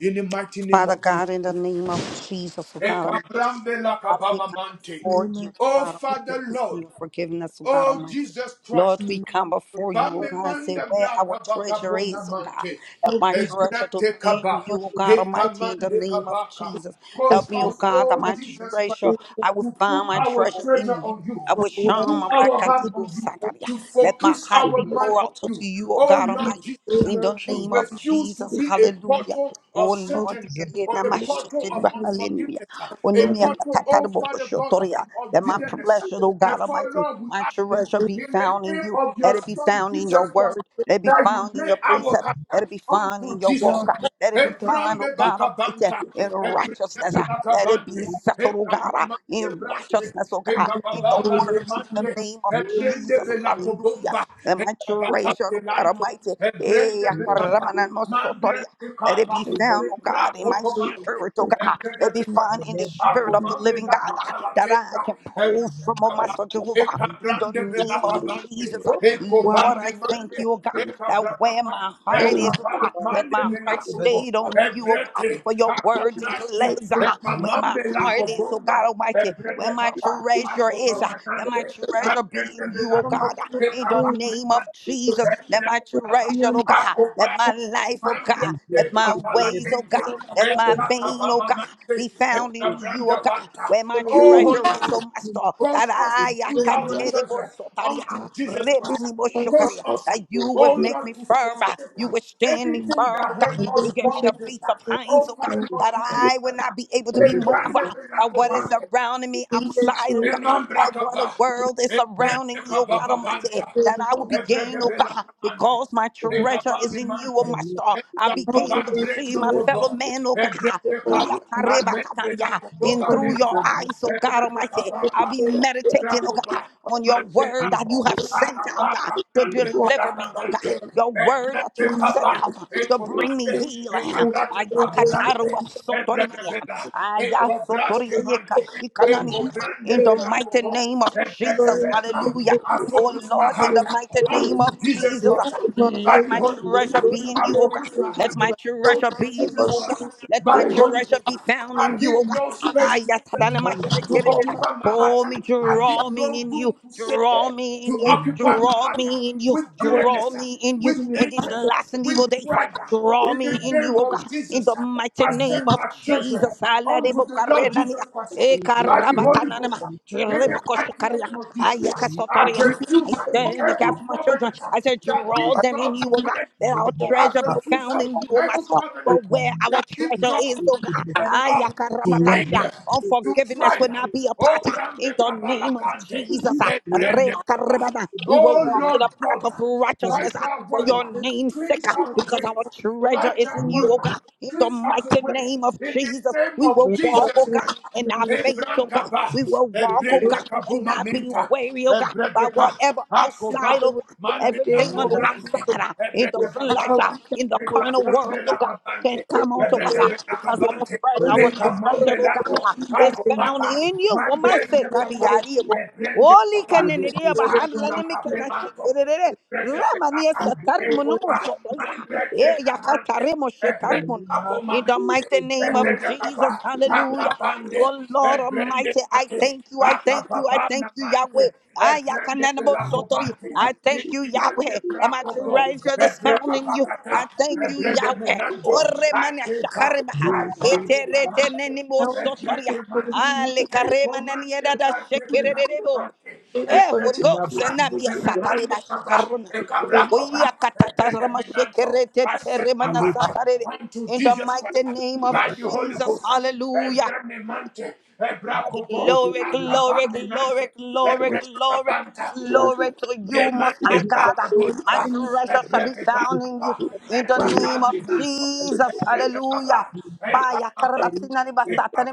Speaker 1: in the mighty name
Speaker 7: Father
Speaker 1: of Jesus.
Speaker 7: God, in the name of Jesus, oh God
Speaker 1: Ekabrambe
Speaker 7: Father, we come before you, O
Speaker 1: Oh,
Speaker 7: God
Speaker 1: Father
Speaker 7: Almighty,
Speaker 1: Lord,
Speaker 7: asking your forgiveness, O God
Speaker 1: oh,
Speaker 7: Almighty.
Speaker 1: Jesus
Speaker 7: Lord,
Speaker 1: Christ.
Speaker 7: we come before you, O God, and say
Speaker 1: Bamemanda
Speaker 7: where our
Speaker 1: braka baka
Speaker 7: treasure
Speaker 1: bona
Speaker 7: is, O God.
Speaker 1: mante.
Speaker 7: Help
Speaker 4: of
Speaker 7: my
Speaker 4: this
Speaker 7: treasure to
Speaker 1: Ebrete
Speaker 7: be
Speaker 1: kaba.
Speaker 7: in you, O God Almighty, in the
Speaker 1: Hekamande
Speaker 7: name of
Speaker 1: kabaka.
Speaker 7: Jesus.
Speaker 1: Cause
Speaker 7: Help me, O
Speaker 4: history
Speaker 1: us,
Speaker 7: God, that
Speaker 1: oh
Speaker 7: my
Speaker 1: Jesus Christ,
Speaker 7: treasure,
Speaker 4: is
Speaker 7: I will
Speaker 1: to put
Speaker 7: find my
Speaker 1: our
Speaker 7: treasure in
Speaker 1: treasure
Speaker 7: you.
Speaker 1: on you,
Speaker 7: I will
Speaker 1: to
Speaker 4: aware
Speaker 7: shine
Speaker 1: put
Speaker 7: my back
Speaker 1: our
Speaker 7: and
Speaker 1: heart on you,
Speaker 7: Sagaria.
Speaker 1: to
Speaker 7: Let my
Speaker 1: focus
Speaker 7: heart
Speaker 1: our
Speaker 7: be
Speaker 1: mind
Speaker 7: poured
Speaker 1: on
Speaker 7: out to
Speaker 1: you.
Speaker 7: you, O
Speaker 1: Oh
Speaker 7: God
Speaker 1: Lord
Speaker 7: Almighty.
Speaker 1: Jesus,
Speaker 4: the
Speaker 7: In the
Speaker 4: emergence
Speaker 1: we
Speaker 7: name of
Speaker 1: refuse to
Speaker 7: Jesus,
Speaker 1: be a
Speaker 7: hallelujah.
Speaker 1: portal of
Speaker 7: Oh
Speaker 4: of
Speaker 7: Lord,
Speaker 1: Satan or a
Speaker 4: this
Speaker 1: portal of
Speaker 4: second
Speaker 7: hallelujah.
Speaker 1: unforgiveness, a
Speaker 4: modern
Speaker 1: portal, oh Father God,
Speaker 7: Onimiakatatarabokoshotoria.
Speaker 1: of
Speaker 7: That my
Speaker 1: bitterness.
Speaker 7: pleasure, oh God
Speaker 1: Therefore,
Speaker 7: Almighty,
Speaker 1: Lord, we
Speaker 7: my
Speaker 1: ask
Speaker 7: treasure be
Speaker 1: in
Speaker 7: found
Speaker 1: the
Speaker 7: in
Speaker 1: name
Speaker 7: you.
Speaker 1: of your
Speaker 7: Let it be
Speaker 1: son
Speaker 7: found in your
Speaker 1: Jesus Christ
Speaker 7: word. Let it be
Speaker 1: that you
Speaker 7: found in
Speaker 1: lay
Speaker 7: your
Speaker 1: our
Speaker 7: precepts. Let
Speaker 1: heart
Speaker 7: it be found
Speaker 1: unto
Speaker 7: in your
Speaker 1: Jesus.
Speaker 7: walk. Let it be found,
Speaker 1: Ebrambe
Speaker 7: oh God Almighty,
Speaker 1: bakabanta,
Speaker 7: in
Speaker 1: ebrebe
Speaker 7: righteousness. Let it
Speaker 1: belakabante,
Speaker 7: be settled, oh God,
Speaker 1: ekamemante
Speaker 7: in
Speaker 1: braste,
Speaker 7: righteousness, oh God, in the
Speaker 1: ekababala
Speaker 7: word. In
Speaker 1: kemante,
Speaker 7: the name of
Speaker 1: ebrende
Speaker 7: Jesus, hallelujah.
Speaker 1: belakobomba,
Speaker 7: Let my treasure,
Speaker 1: ekabakate
Speaker 7: oh God
Speaker 1: lanto,
Speaker 7: Almighty, eh,
Speaker 1: ebrende bekaba,
Speaker 7: akaramana mosotoria.
Speaker 1: mandreste
Speaker 7: Let it
Speaker 1: kaba,
Speaker 7: be
Speaker 4: shape
Speaker 7: found, oh God, in
Speaker 1: membrako
Speaker 7: my
Speaker 1: bomante,
Speaker 7: spirit, oh God.
Speaker 1: ebrebe
Speaker 7: Let it be
Speaker 1: bekaba,
Speaker 7: found in the
Speaker 4: was
Speaker 7: spirit of the
Speaker 1: akomambe
Speaker 7: living God ah,
Speaker 1: lakabala
Speaker 7: that I can pull
Speaker 1: tenda,
Speaker 7: from, oh Master Jehovah, in the
Speaker 1: Ekabrande
Speaker 7: name of
Speaker 1: belakabante.
Speaker 7: Jesus. ah. Lord,
Speaker 1: Ekobame
Speaker 7: I
Speaker 1: mande.
Speaker 7: thank you, oh God, that where
Speaker 1: Ekabrakapa.
Speaker 7: my heart is, oh
Speaker 1: Ekabame
Speaker 7: God, that
Speaker 1: mande
Speaker 7: my heart
Speaker 1: belakobo.
Speaker 7: stayed on you, oh God,
Speaker 1: Ebrete.
Speaker 7: for your word
Speaker 1: Akabraste.
Speaker 7: declares ah, where my
Speaker 1: Ekabambe
Speaker 7: heart is, oh
Speaker 1: lakobomba.
Speaker 7: God Almighty,
Speaker 1: Ebrete
Speaker 7: where my
Speaker 1: kapa.
Speaker 7: treasure is, ah, that
Speaker 1: Akobamanante.
Speaker 7: my treasure be
Speaker 1: Abrende
Speaker 7: in you, oh
Speaker 1: belako.
Speaker 7: God. ah in the
Speaker 1: Ekabame
Speaker 7: name of
Speaker 1: mande.
Speaker 7: Jesus. Let my
Speaker 1: Ebrete kapa.
Speaker 4: materialized
Speaker 7: treasure, oh God, let my
Speaker 1: Akobate.
Speaker 7: life, oh God,
Speaker 1: Mambrande
Speaker 7: let my
Speaker 3: Zebede
Speaker 7: ways,
Speaker 3: da
Speaker 7: oh
Speaker 1: kabalakende.
Speaker 7: God, let my pain, oh God,
Speaker 1: Ebrakabamamante.
Speaker 7: be found in you,
Speaker 1: Ekabranda
Speaker 7: oh God,
Speaker 1: banta.
Speaker 7: where my
Speaker 1: Oh,
Speaker 7: treasure
Speaker 1: Holy
Speaker 7: is, oh
Speaker 1: Ghost.
Speaker 7: Master. That
Speaker 1: Cause us to
Speaker 7: I I
Speaker 1: put
Speaker 7: can
Speaker 1: our
Speaker 7: tell you about
Speaker 1: treasure
Speaker 7: Sotaria.
Speaker 1: unto Jesus Christ.
Speaker 7: Remani bo
Speaker 4: by one
Speaker 7: shokaria.
Speaker 1: Cause
Speaker 4: of
Speaker 1: us,
Speaker 7: That you would
Speaker 1: oh
Speaker 4: the
Speaker 7: make
Speaker 1: Lord,
Speaker 7: me
Speaker 1: to
Speaker 7: firm, uh, you
Speaker 1: forsake
Speaker 7: would stand me
Speaker 1: anything
Speaker 7: firm,
Speaker 1: that
Speaker 7: oh
Speaker 1: held
Speaker 7: God. You
Speaker 1: us
Speaker 7: get me the
Speaker 1: bound.
Speaker 7: feet of hinds,
Speaker 1: Oh
Speaker 7: oh God,
Speaker 1: Father God,
Speaker 7: that
Speaker 1: to
Speaker 4: popular
Speaker 7: I
Speaker 1: this
Speaker 7: would
Speaker 1: earth.
Speaker 7: not be able to be
Speaker 1: A
Speaker 7: moved.
Speaker 1: brand new
Speaker 7: uh, By what is
Speaker 1: Benacobante,
Speaker 7: surrounding me outside,
Speaker 1: a
Speaker 7: oh God that what a
Speaker 1: Mambracaba,
Speaker 7: world is
Speaker 1: a brand new
Speaker 7: surrounding me, oh God Almighty,
Speaker 1: Cababanta,
Speaker 7: that I will
Speaker 1: a
Speaker 7: begin, oh
Speaker 1: Bregabella
Speaker 7: God,
Speaker 1: Mante,
Speaker 7: because my
Speaker 1: a
Speaker 7: treasure is
Speaker 1: Cabami
Speaker 7: in you, oh
Speaker 1: Mante,
Speaker 7: my star.
Speaker 1: a
Speaker 7: I begin to
Speaker 1: Zacaban
Speaker 7: see
Speaker 1: Brendo
Speaker 7: my
Speaker 4: political
Speaker 7: fellow
Speaker 1: Cobo,
Speaker 7: man, oh
Speaker 1: a
Speaker 7: God.
Speaker 1: Brebeca,
Speaker 4: and
Speaker 1: a
Speaker 7: Yatarebatanaya.
Speaker 1: Mendelacobo
Speaker 7: In through
Speaker 4: economic
Speaker 7: your
Speaker 1: Valenta,
Speaker 7: eyes, oh
Speaker 1: a
Speaker 7: God Almighty, I'll
Speaker 1: Brebeca.
Speaker 7: be meditating, oh God,
Speaker 1: Rapoba,
Speaker 7: on your
Speaker 1: Mande
Speaker 7: word that you
Speaker 1: Rapo,
Speaker 7: have sent out God,
Speaker 1: Acabata,
Speaker 7: to
Speaker 1: Grande
Speaker 7: deliver me, oh God.
Speaker 1: Peracabante,
Speaker 7: Your word that you
Speaker 1: Egrete
Speaker 7: have sent
Speaker 1: Papa,
Speaker 7: out uh,
Speaker 1: E
Speaker 7: to bring me
Speaker 1: Comande, E
Speaker 7: healing.
Speaker 4: who
Speaker 1: Cabrate
Speaker 4: regularly
Speaker 1: Cabulante, Egrete
Speaker 7: Ayakatarubasotorimania.
Speaker 1: Bella, E Cobraste Mante,
Speaker 4: invoke
Speaker 1: E
Speaker 4: our chief
Speaker 7: Ayasotoriyekashikanania
Speaker 1: Cobrande
Speaker 7: in the
Speaker 4: era
Speaker 1: Bella
Speaker 7: mighty
Speaker 1: Cobo,
Speaker 7: name of
Speaker 1: Egrete
Speaker 7: Jesus.
Speaker 4: during the
Speaker 1: Bella.
Speaker 7: Hallelujah.
Speaker 1: I
Speaker 7: Oh
Speaker 1: focus my
Speaker 7: Lord, in
Speaker 1: heart
Speaker 7: the mighty name
Speaker 4: coronavirus,
Speaker 1: unto
Speaker 7: of
Speaker 1: Jesus
Speaker 7: Jesus,
Speaker 4: you
Speaker 7: uh,
Speaker 4: are
Speaker 1: Christ
Speaker 4: not for
Speaker 1: by
Speaker 7: let
Speaker 1: the
Speaker 7: my
Speaker 4: your
Speaker 1: Holy Ghost.
Speaker 4: and
Speaker 7: treasure
Speaker 4: going
Speaker 7: be in
Speaker 4: to
Speaker 1: I
Speaker 7: you,
Speaker 4: the
Speaker 7: oh
Speaker 1: focus
Speaker 7: God.
Speaker 4: return
Speaker 1: my
Speaker 4: to get
Speaker 7: Let
Speaker 1: heart
Speaker 4: the
Speaker 7: my
Speaker 1: unto
Speaker 7: treasure be
Speaker 4: right
Speaker 7: in you,
Speaker 4: or
Speaker 1: Jesus
Speaker 7: oh God.
Speaker 1: Christ
Speaker 4: soon so
Speaker 7: Let my
Speaker 1: by the
Speaker 4: was
Speaker 1: Holy
Speaker 7: treasure
Speaker 1: Ghost.
Speaker 7: be found
Speaker 1: I
Speaker 7: in you, oh
Speaker 1: give
Speaker 7: God.
Speaker 1: no space to
Speaker 7: Ayatadana
Speaker 1: to
Speaker 7: mashikirira.
Speaker 1: occupy my heart.
Speaker 7: Pull me,
Speaker 1: I give
Speaker 7: draw me
Speaker 1: no
Speaker 7: in you,
Speaker 1: room to Satan
Speaker 7: draw me in
Speaker 1: to
Speaker 7: you,
Speaker 1: occupy my
Speaker 7: draw
Speaker 1: heart
Speaker 7: me in you,
Speaker 1: with
Speaker 7: draw
Speaker 1: bitterness,
Speaker 7: me in you.
Speaker 1: with
Speaker 7: In these
Speaker 1: anger,
Speaker 7: last and
Speaker 1: with
Speaker 7: evil days, ah,
Speaker 1: pride.
Speaker 7: draw
Speaker 1: In the
Speaker 7: me in you,
Speaker 1: name
Speaker 7: oh God,
Speaker 1: of
Speaker 7: in
Speaker 1: Jesus,
Speaker 7: the mighty
Speaker 1: I
Speaker 7: name
Speaker 1: set my
Speaker 7: of
Speaker 1: treasure
Speaker 7: Jesus. Ah, la de
Speaker 1: unto the
Speaker 7: boca
Speaker 1: Lord Jesus Christ
Speaker 7: eh,
Speaker 1: by the Holy Ghost. In the mighty name of
Speaker 7: ah,
Speaker 1: Jesus, I
Speaker 7: I
Speaker 1: refuse
Speaker 7: stand in the
Speaker 1: every
Speaker 7: gap for my children.
Speaker 1: covenant
Speaker 7: I said,
Speaker 1: that
Speaker 7: draw
Speaker 1: gives
Speaker 7: them
Speaker 1: God
Speaker 7: in
Speaker 1: to
Speaker 7: you, oh God,
Speaker 1: bitterness.
Speaker 7: that our
Speaker 1: I
Speaker 7: treasure be
Speaker 3: ka-
Speaker 1: refuse
Speaker 7: found
Speaker 3: ka-
Speaker 7: in you, oh
Speaker 1: every
Speaker 7: Master.
Speaker 3: ka-
Speaker 7: For
Speaker 1: covenant
Speaker 7: where our
Speaker 1: that gives
Speaker 7: treasure
Speaker 1: God.
Speaker 7: is, oh God,
Speaker 1: Ah, to
Speaker 3: kulabu
Speaker 7: ayakarabatatia,
Speaker 1: anger, to
Speaker 7: unforgiveness will
Speaker 1: pride.
Speaker 7: not be a part.
Speaker 1: Oh,
Speaker 7: uh, In
Speaker 1: grande
Speaker 7: the name of
Speaker 1: cabalacante,
Speaker 7: Jesus, uh,
Speaker 1: eh grande caba.
Speaker 7: rebakarabata, we will
Speaker 1: Oh,
Speaker 7: walk in
Speaker 1: Lord
Speaker 7: the path
Speaker 1: God,
Speaker 7: of
Speaker 1: by
Speaker 7: righteousness uh,
Speaker 1: that
Speaker 7: for
Speaker 1: word,
Speaker 7: your name's
Speaker 1: cleanse
Speaker 7: sake, uh,
Speaker 1: our
Speaker 7: because our
Speaker 1: ways. By
Speaker 7: treasure is in
Speaker 1: that
Speaker 7: you,
Speaker 1: word,
Speaker 7: oh God. In the
Speaker 1: cleanse us
Speaker 7: mighty
Speaker 1: away.
Speaker 7: name of
Speaker 1: In the
Speaker 7: Jesus,
Speaker 1: name
Speaker 7: we
Speaker 1: of
Speaker 7: will walk,
Speaker 4: but
Speaker 1: Jesus
Speaker 7: oh
Speaker 4: to
Speaker 7: God,
Speaker 1: Christ.
Speaker 7: and not
Speaker 1: eh
Speaker 7: faint, oh
Speaker 1: Branca
Speaker 7: God.
Speaker 1: Ba,
Speaker 7: We will
Speaker 1: eh
Speaker 7: walk, oh
Speaker 1: Brande
Speaker 7: God and
Speaker 1: Kabuma
Speaker 7: not be
Speaker 1: menta,
Speaker 7: weary, oh God,
Speaker 1: eh Bumamenta,
Speaker 7: by
Speaker 1: Ebredeka,
Speaker 7: whatever
Speaker 4: the
Speaker 1: Akoba,
Speaker 7: outside, oh God,
Speaker 4: day
Speaker 1: Mandela
Speaker 7: everything on
Speaker 3: wanda
Speaker 7: the
Speaker 4: also
Speaker 1: Kobrande,
Speaker 7: outside, uh, in the
Speaker 1: Ebredeka
Speaker 7: flesh,
Speaker 4: how
Speaker 7: uh,
Speaker 4: we
Speaker 1: Bapa,
Speaker 7: in the carnal
Speaker 4: can
Speaker 1: eh
Speaker 7: world, oh
Speaker 1: la
Speaker 7: God. Can't
Speaker 1: Kabante.
Speaker 4: Yes,
Speaker 7: come onto us uh, because our
Speaker 1: Ebedebelakabante,
Speaker 7: friend,
Speaker 4: Lord, I
Speaker 7: our
Speaker 4: lift
Speaker 7: true
Speaker 4: up
Speaker 7: treasure, oh God,
Speaker 1: ekamambelako,
Speaker 7: uh,
Speaker 4: the word
Speaker 7: is
Speaker 4: of
Speaker 7: found
Speaker 1: akopapa,
Speaker 7: in you. What my say, Kabi
Speaker 1: mambrendekapa,
Speaker 7: Yadi, oh, Oli
Speaker 1: ebrendekapante,
Speaker 7: kanenere ba handla
Speaker 4: God,
Speaker 7: nemi kana
Speaker 1: azakabemanto,
Speaker 7: shikerere rama ni
Speaker 1: ebredebelaka,
Speaker 7: satari
Speaker 4: your word,
Speaker 7: monumo
Speaker 1: ekopa,
Speaker 7: sotoya e
Speaker 1: mambretekamante,
Speaker 7: yakatare mo shetari mo in the
Speaker 1: ebredekabomamente,
Speaker 7: mighty name of
Speaker 4: our
Speaker 1: Ebredekapa,
Speaker 7: Jesus hallelujah
Speaker 1: akabande,
Speaker 7: Oh Lord
Speaker 1: ebrende
Speaker 7: Almighty, I
Speaker 1: kate,
Speaker 7: thank you, I thank you, I
Speaker 1: akapapa
Speaker 7: thank
Speaker 1: na
Speaker 7: you,
Speaker 1: mante,
Speaker 7: Yahweh. I
Speaker 1: ebrende
Speaker 7: yakananamo sotori.
Speaker 1: belakubante,
Speaker 7: I thank you,
Speaker 1: inimande
Speaker 7: Yahweh. That my
Speaker 4: God.
Speaker 1: brakobo,
Speaker 7: treasure that's
Speaker 4: Right
Speaker 7: found in you.
Speaker 1: ebrekapakata,
Speaker 7: I thank you,
Speaker 1: ebrende
Speaker 7: Yahweh.
Speaker 1: menanto,
Speaker 7: Ore mana
Speaker 1: akeba,
Speaker 7: shakariba. Lete
Speaker 1: azakuba
Speaker 7: rete
Speaker 1: mante,
Speaker 7: nenimo
Speaker 4: now, Jesus,
Speaker 7: sotoria.
Speaker 1: ebreke
Speaker 4: for the
Speaker 1: mante,
Speaker 4: believers,
Speaker 7: Ale karema nanieda da shekererebo.
Speaker 4: may we
Speaker 7: Eh, Holy
Speaker 4: continue
Speaker 7: Ghost,
Speaker 3: kulabu
Speaker 7: send me a
Speaker 3: da
Speaker 7: satariba shikarunan.
Speaker 4: to go
Speaker 7: We akatatarama shekerete
Speaker 1: I set my
Speaker 7: teremana
Speaker 1: heart
Speaker 3: aleka
Speaker 7: satare.
Speaker 1: unto
Speaker 7: In the
Speaker 1: Jesus Christ
Speaker 7: mighty name of
Speaker 1: by the Holy
Speaker 7: Jesus,
Speaker 1: Ghost.
Speaker 7: hallelujah.
Speaker 1: Ebremenante, Ebracobo,
Speaker 7: Glory, glory, glory,
Speaker 1: Acabamenante,
Speaker 7: glory,
Speaker 4: with
Speaker 7: glory,
Speaker 1: Ebrecabanta,
Speaker 4: Christ
Speaker 7: glory
Speaker 4: and
Speaker 7: to you, most high
Speaker 1: Demande
Speaker 3: yi
Speaker 7: God. My
Speaker 1: Bracobola,
Speaker 7: treasure shall be found in you.
Speaker 1: Ebrecababa,
Speaker 7: In the
Speaker 4: one another.
Speaker 3: kule
Speaker 7: name of
Speaker 3: kule
Speaker 1: Ecabaminanto,
Speaker 7: Jesus. Hallelujah. Baya
Speaker 1: Ebrecaba,
Speaker 3: kere
Speaker 7: karabatsina ni
Speaker 1: I
Speaker 7: basatani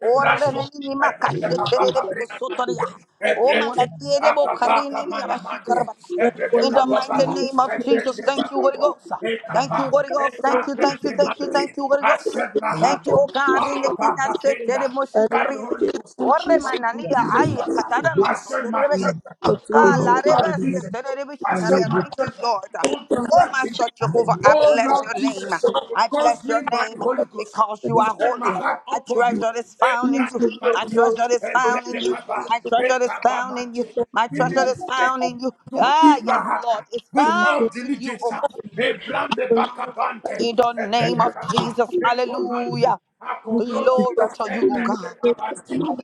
Speaker 7: Orre meni makashe
Speaker 3: bini ko
Speaker 7: terere
Speaker 3: ta
Speaker 7: kusotoria. O malatiele bo karini bashi karabata
Speaker 4: One
Speaker 7: in the
Speaker 4: minute,
Speaker 7: mighty
Speaker 3: kule
Speaker 7: name of Jesus. Thank you, Holy Ghost. Thank you, Holy Ghost. Thank you, thank you, thank you, thank you, Holy Ghost.
Speaker 1: set my
Speaker 3: ala
Speaker 7: Thank
Speaker 1: heart
Speaker 7: you, O God, in the King. I said, Tere
Speaker 1: Abakapenda,
Speaker 7: Moshi
Speaker 4: and
Speaker 1: by
Speaker 4: one
Speaker 1: the
Speaker 7: Karina.
Speaker 1: Holy
Speaker 4: day,
Speaker 1: Ghost
Speaker 4: for Jesus,
Speaker 1: unto
Speaker 7: Oremanania,
Speaker 1: Jesus
Speaker 7: ay,
Speaker 1: Christ.
Speaker 7: kataran
Speaker 3: kule
Speaker 1: I set
Speaker 7: mosoto
Speaker 1: my
Speaker 3: kule
Speaker 1: church
Speaker 7: rebeke.
Speaker 4: but through no
Speaker 1: unto
Speaker 3: kule
Speaker 4: one
Speaker 7: Kala
Speaker 3: ko bu ko
Speaker 7: rebe
Speaker 3: ta
Speaker 1: Christ
Speaker 3: da da
Speaker 1: Jesus.
Speaker 7: setere rebe
Speaker 1: I set
Speaker 3: kule
Speaker 7: shikaria.
Speaker 3: kule
Speaker 1: my
Speaker 7: Thank you,
Speaker 1: treasure
Speaker 7: Lord.
Speaker 1: unto
Speaker 7: Oh,
Speaker 1: Christ Jesus.
Speaker 7: Master Jehovah, I
Speaker 1: Oh
Speaker 7: bless your
Speaker 1: Lord
Speaker 7: name.
Speaker 1: Jesus,
Speaker 7: I
Speaker 1: cause
Speaker 7: bless your
Speaker 1: me by
Speaker 7: name
Speaker 1: the Holy Ghost
Speaker 7: because you
Speaker 1: to
Speaker 7: are
Speaker 1: set my
Speaker 7: holy.
Speaker 1: heart
Speaker 7: My
Speaker 1: upon you.
Speaker 7: treasure is
Speaker 1: Eh,
Speaker 7: found in you.
Speaker 1: grande
Speaker 7: My
Speaker 1: mante,
Speaker 7: treasure is
Speaker 1: eh,
Speaker 7: found in
Speaker 1: brede
Speaker 7: you.
Speaker 1: kaba,
Speaker 7: My
Speaker 1: eh,
Speaker 7: treasure is
Speaker 1: kaba
Speaker 7: found in you.
Speaker 1: mante.
Speaker 7: My
Speaker 1: Give
Speaker 4: in
Speaker 7: treasure
Speaker 1: me the
Speaker 7: is
Speaker 1: strength
Speaker 7: found in you.
Speaker 1: to
Speaker 7: Ah,
Speaker 1: keep my
Speaker 7: yes,
Speaker 1: heart uh,
Speaker 7: Lord, it's
Speaker 1: with
Speaker 4: the
Speaker 1: all
Speaker 4: name
Speaker 7: found in you,
Speaker 1: diligence.
Speaker 7: oh
Speaker 1: uh,
Speaker 7: Master.
Speaker 1: eh, grande
Speaker 4: the
Speaker 1: bakabante,
Speaker 7: In the
Speaker 1: eh,
Speaker 7: name
Speaker 1: brede
Speaker 3: kule
Speaker 7: of
Speaker 1: kaba,
Speaker 7: Jesus,
Speaker 1: eh, komante,
Speaker 7: hallelujah.
Speaker 1: akoblose,
Speaker 7: Glory to
Speaker 4: traffic
Speaker 1: eh,
Speaker 7: you,
Speaker 4: in
Speaker 7: oh
Speaker 4: the
Speaker 7: God.
Speaker 1: brede
Speaker 4: some
Speaker 1: kabante.
Speaker 4: of the mother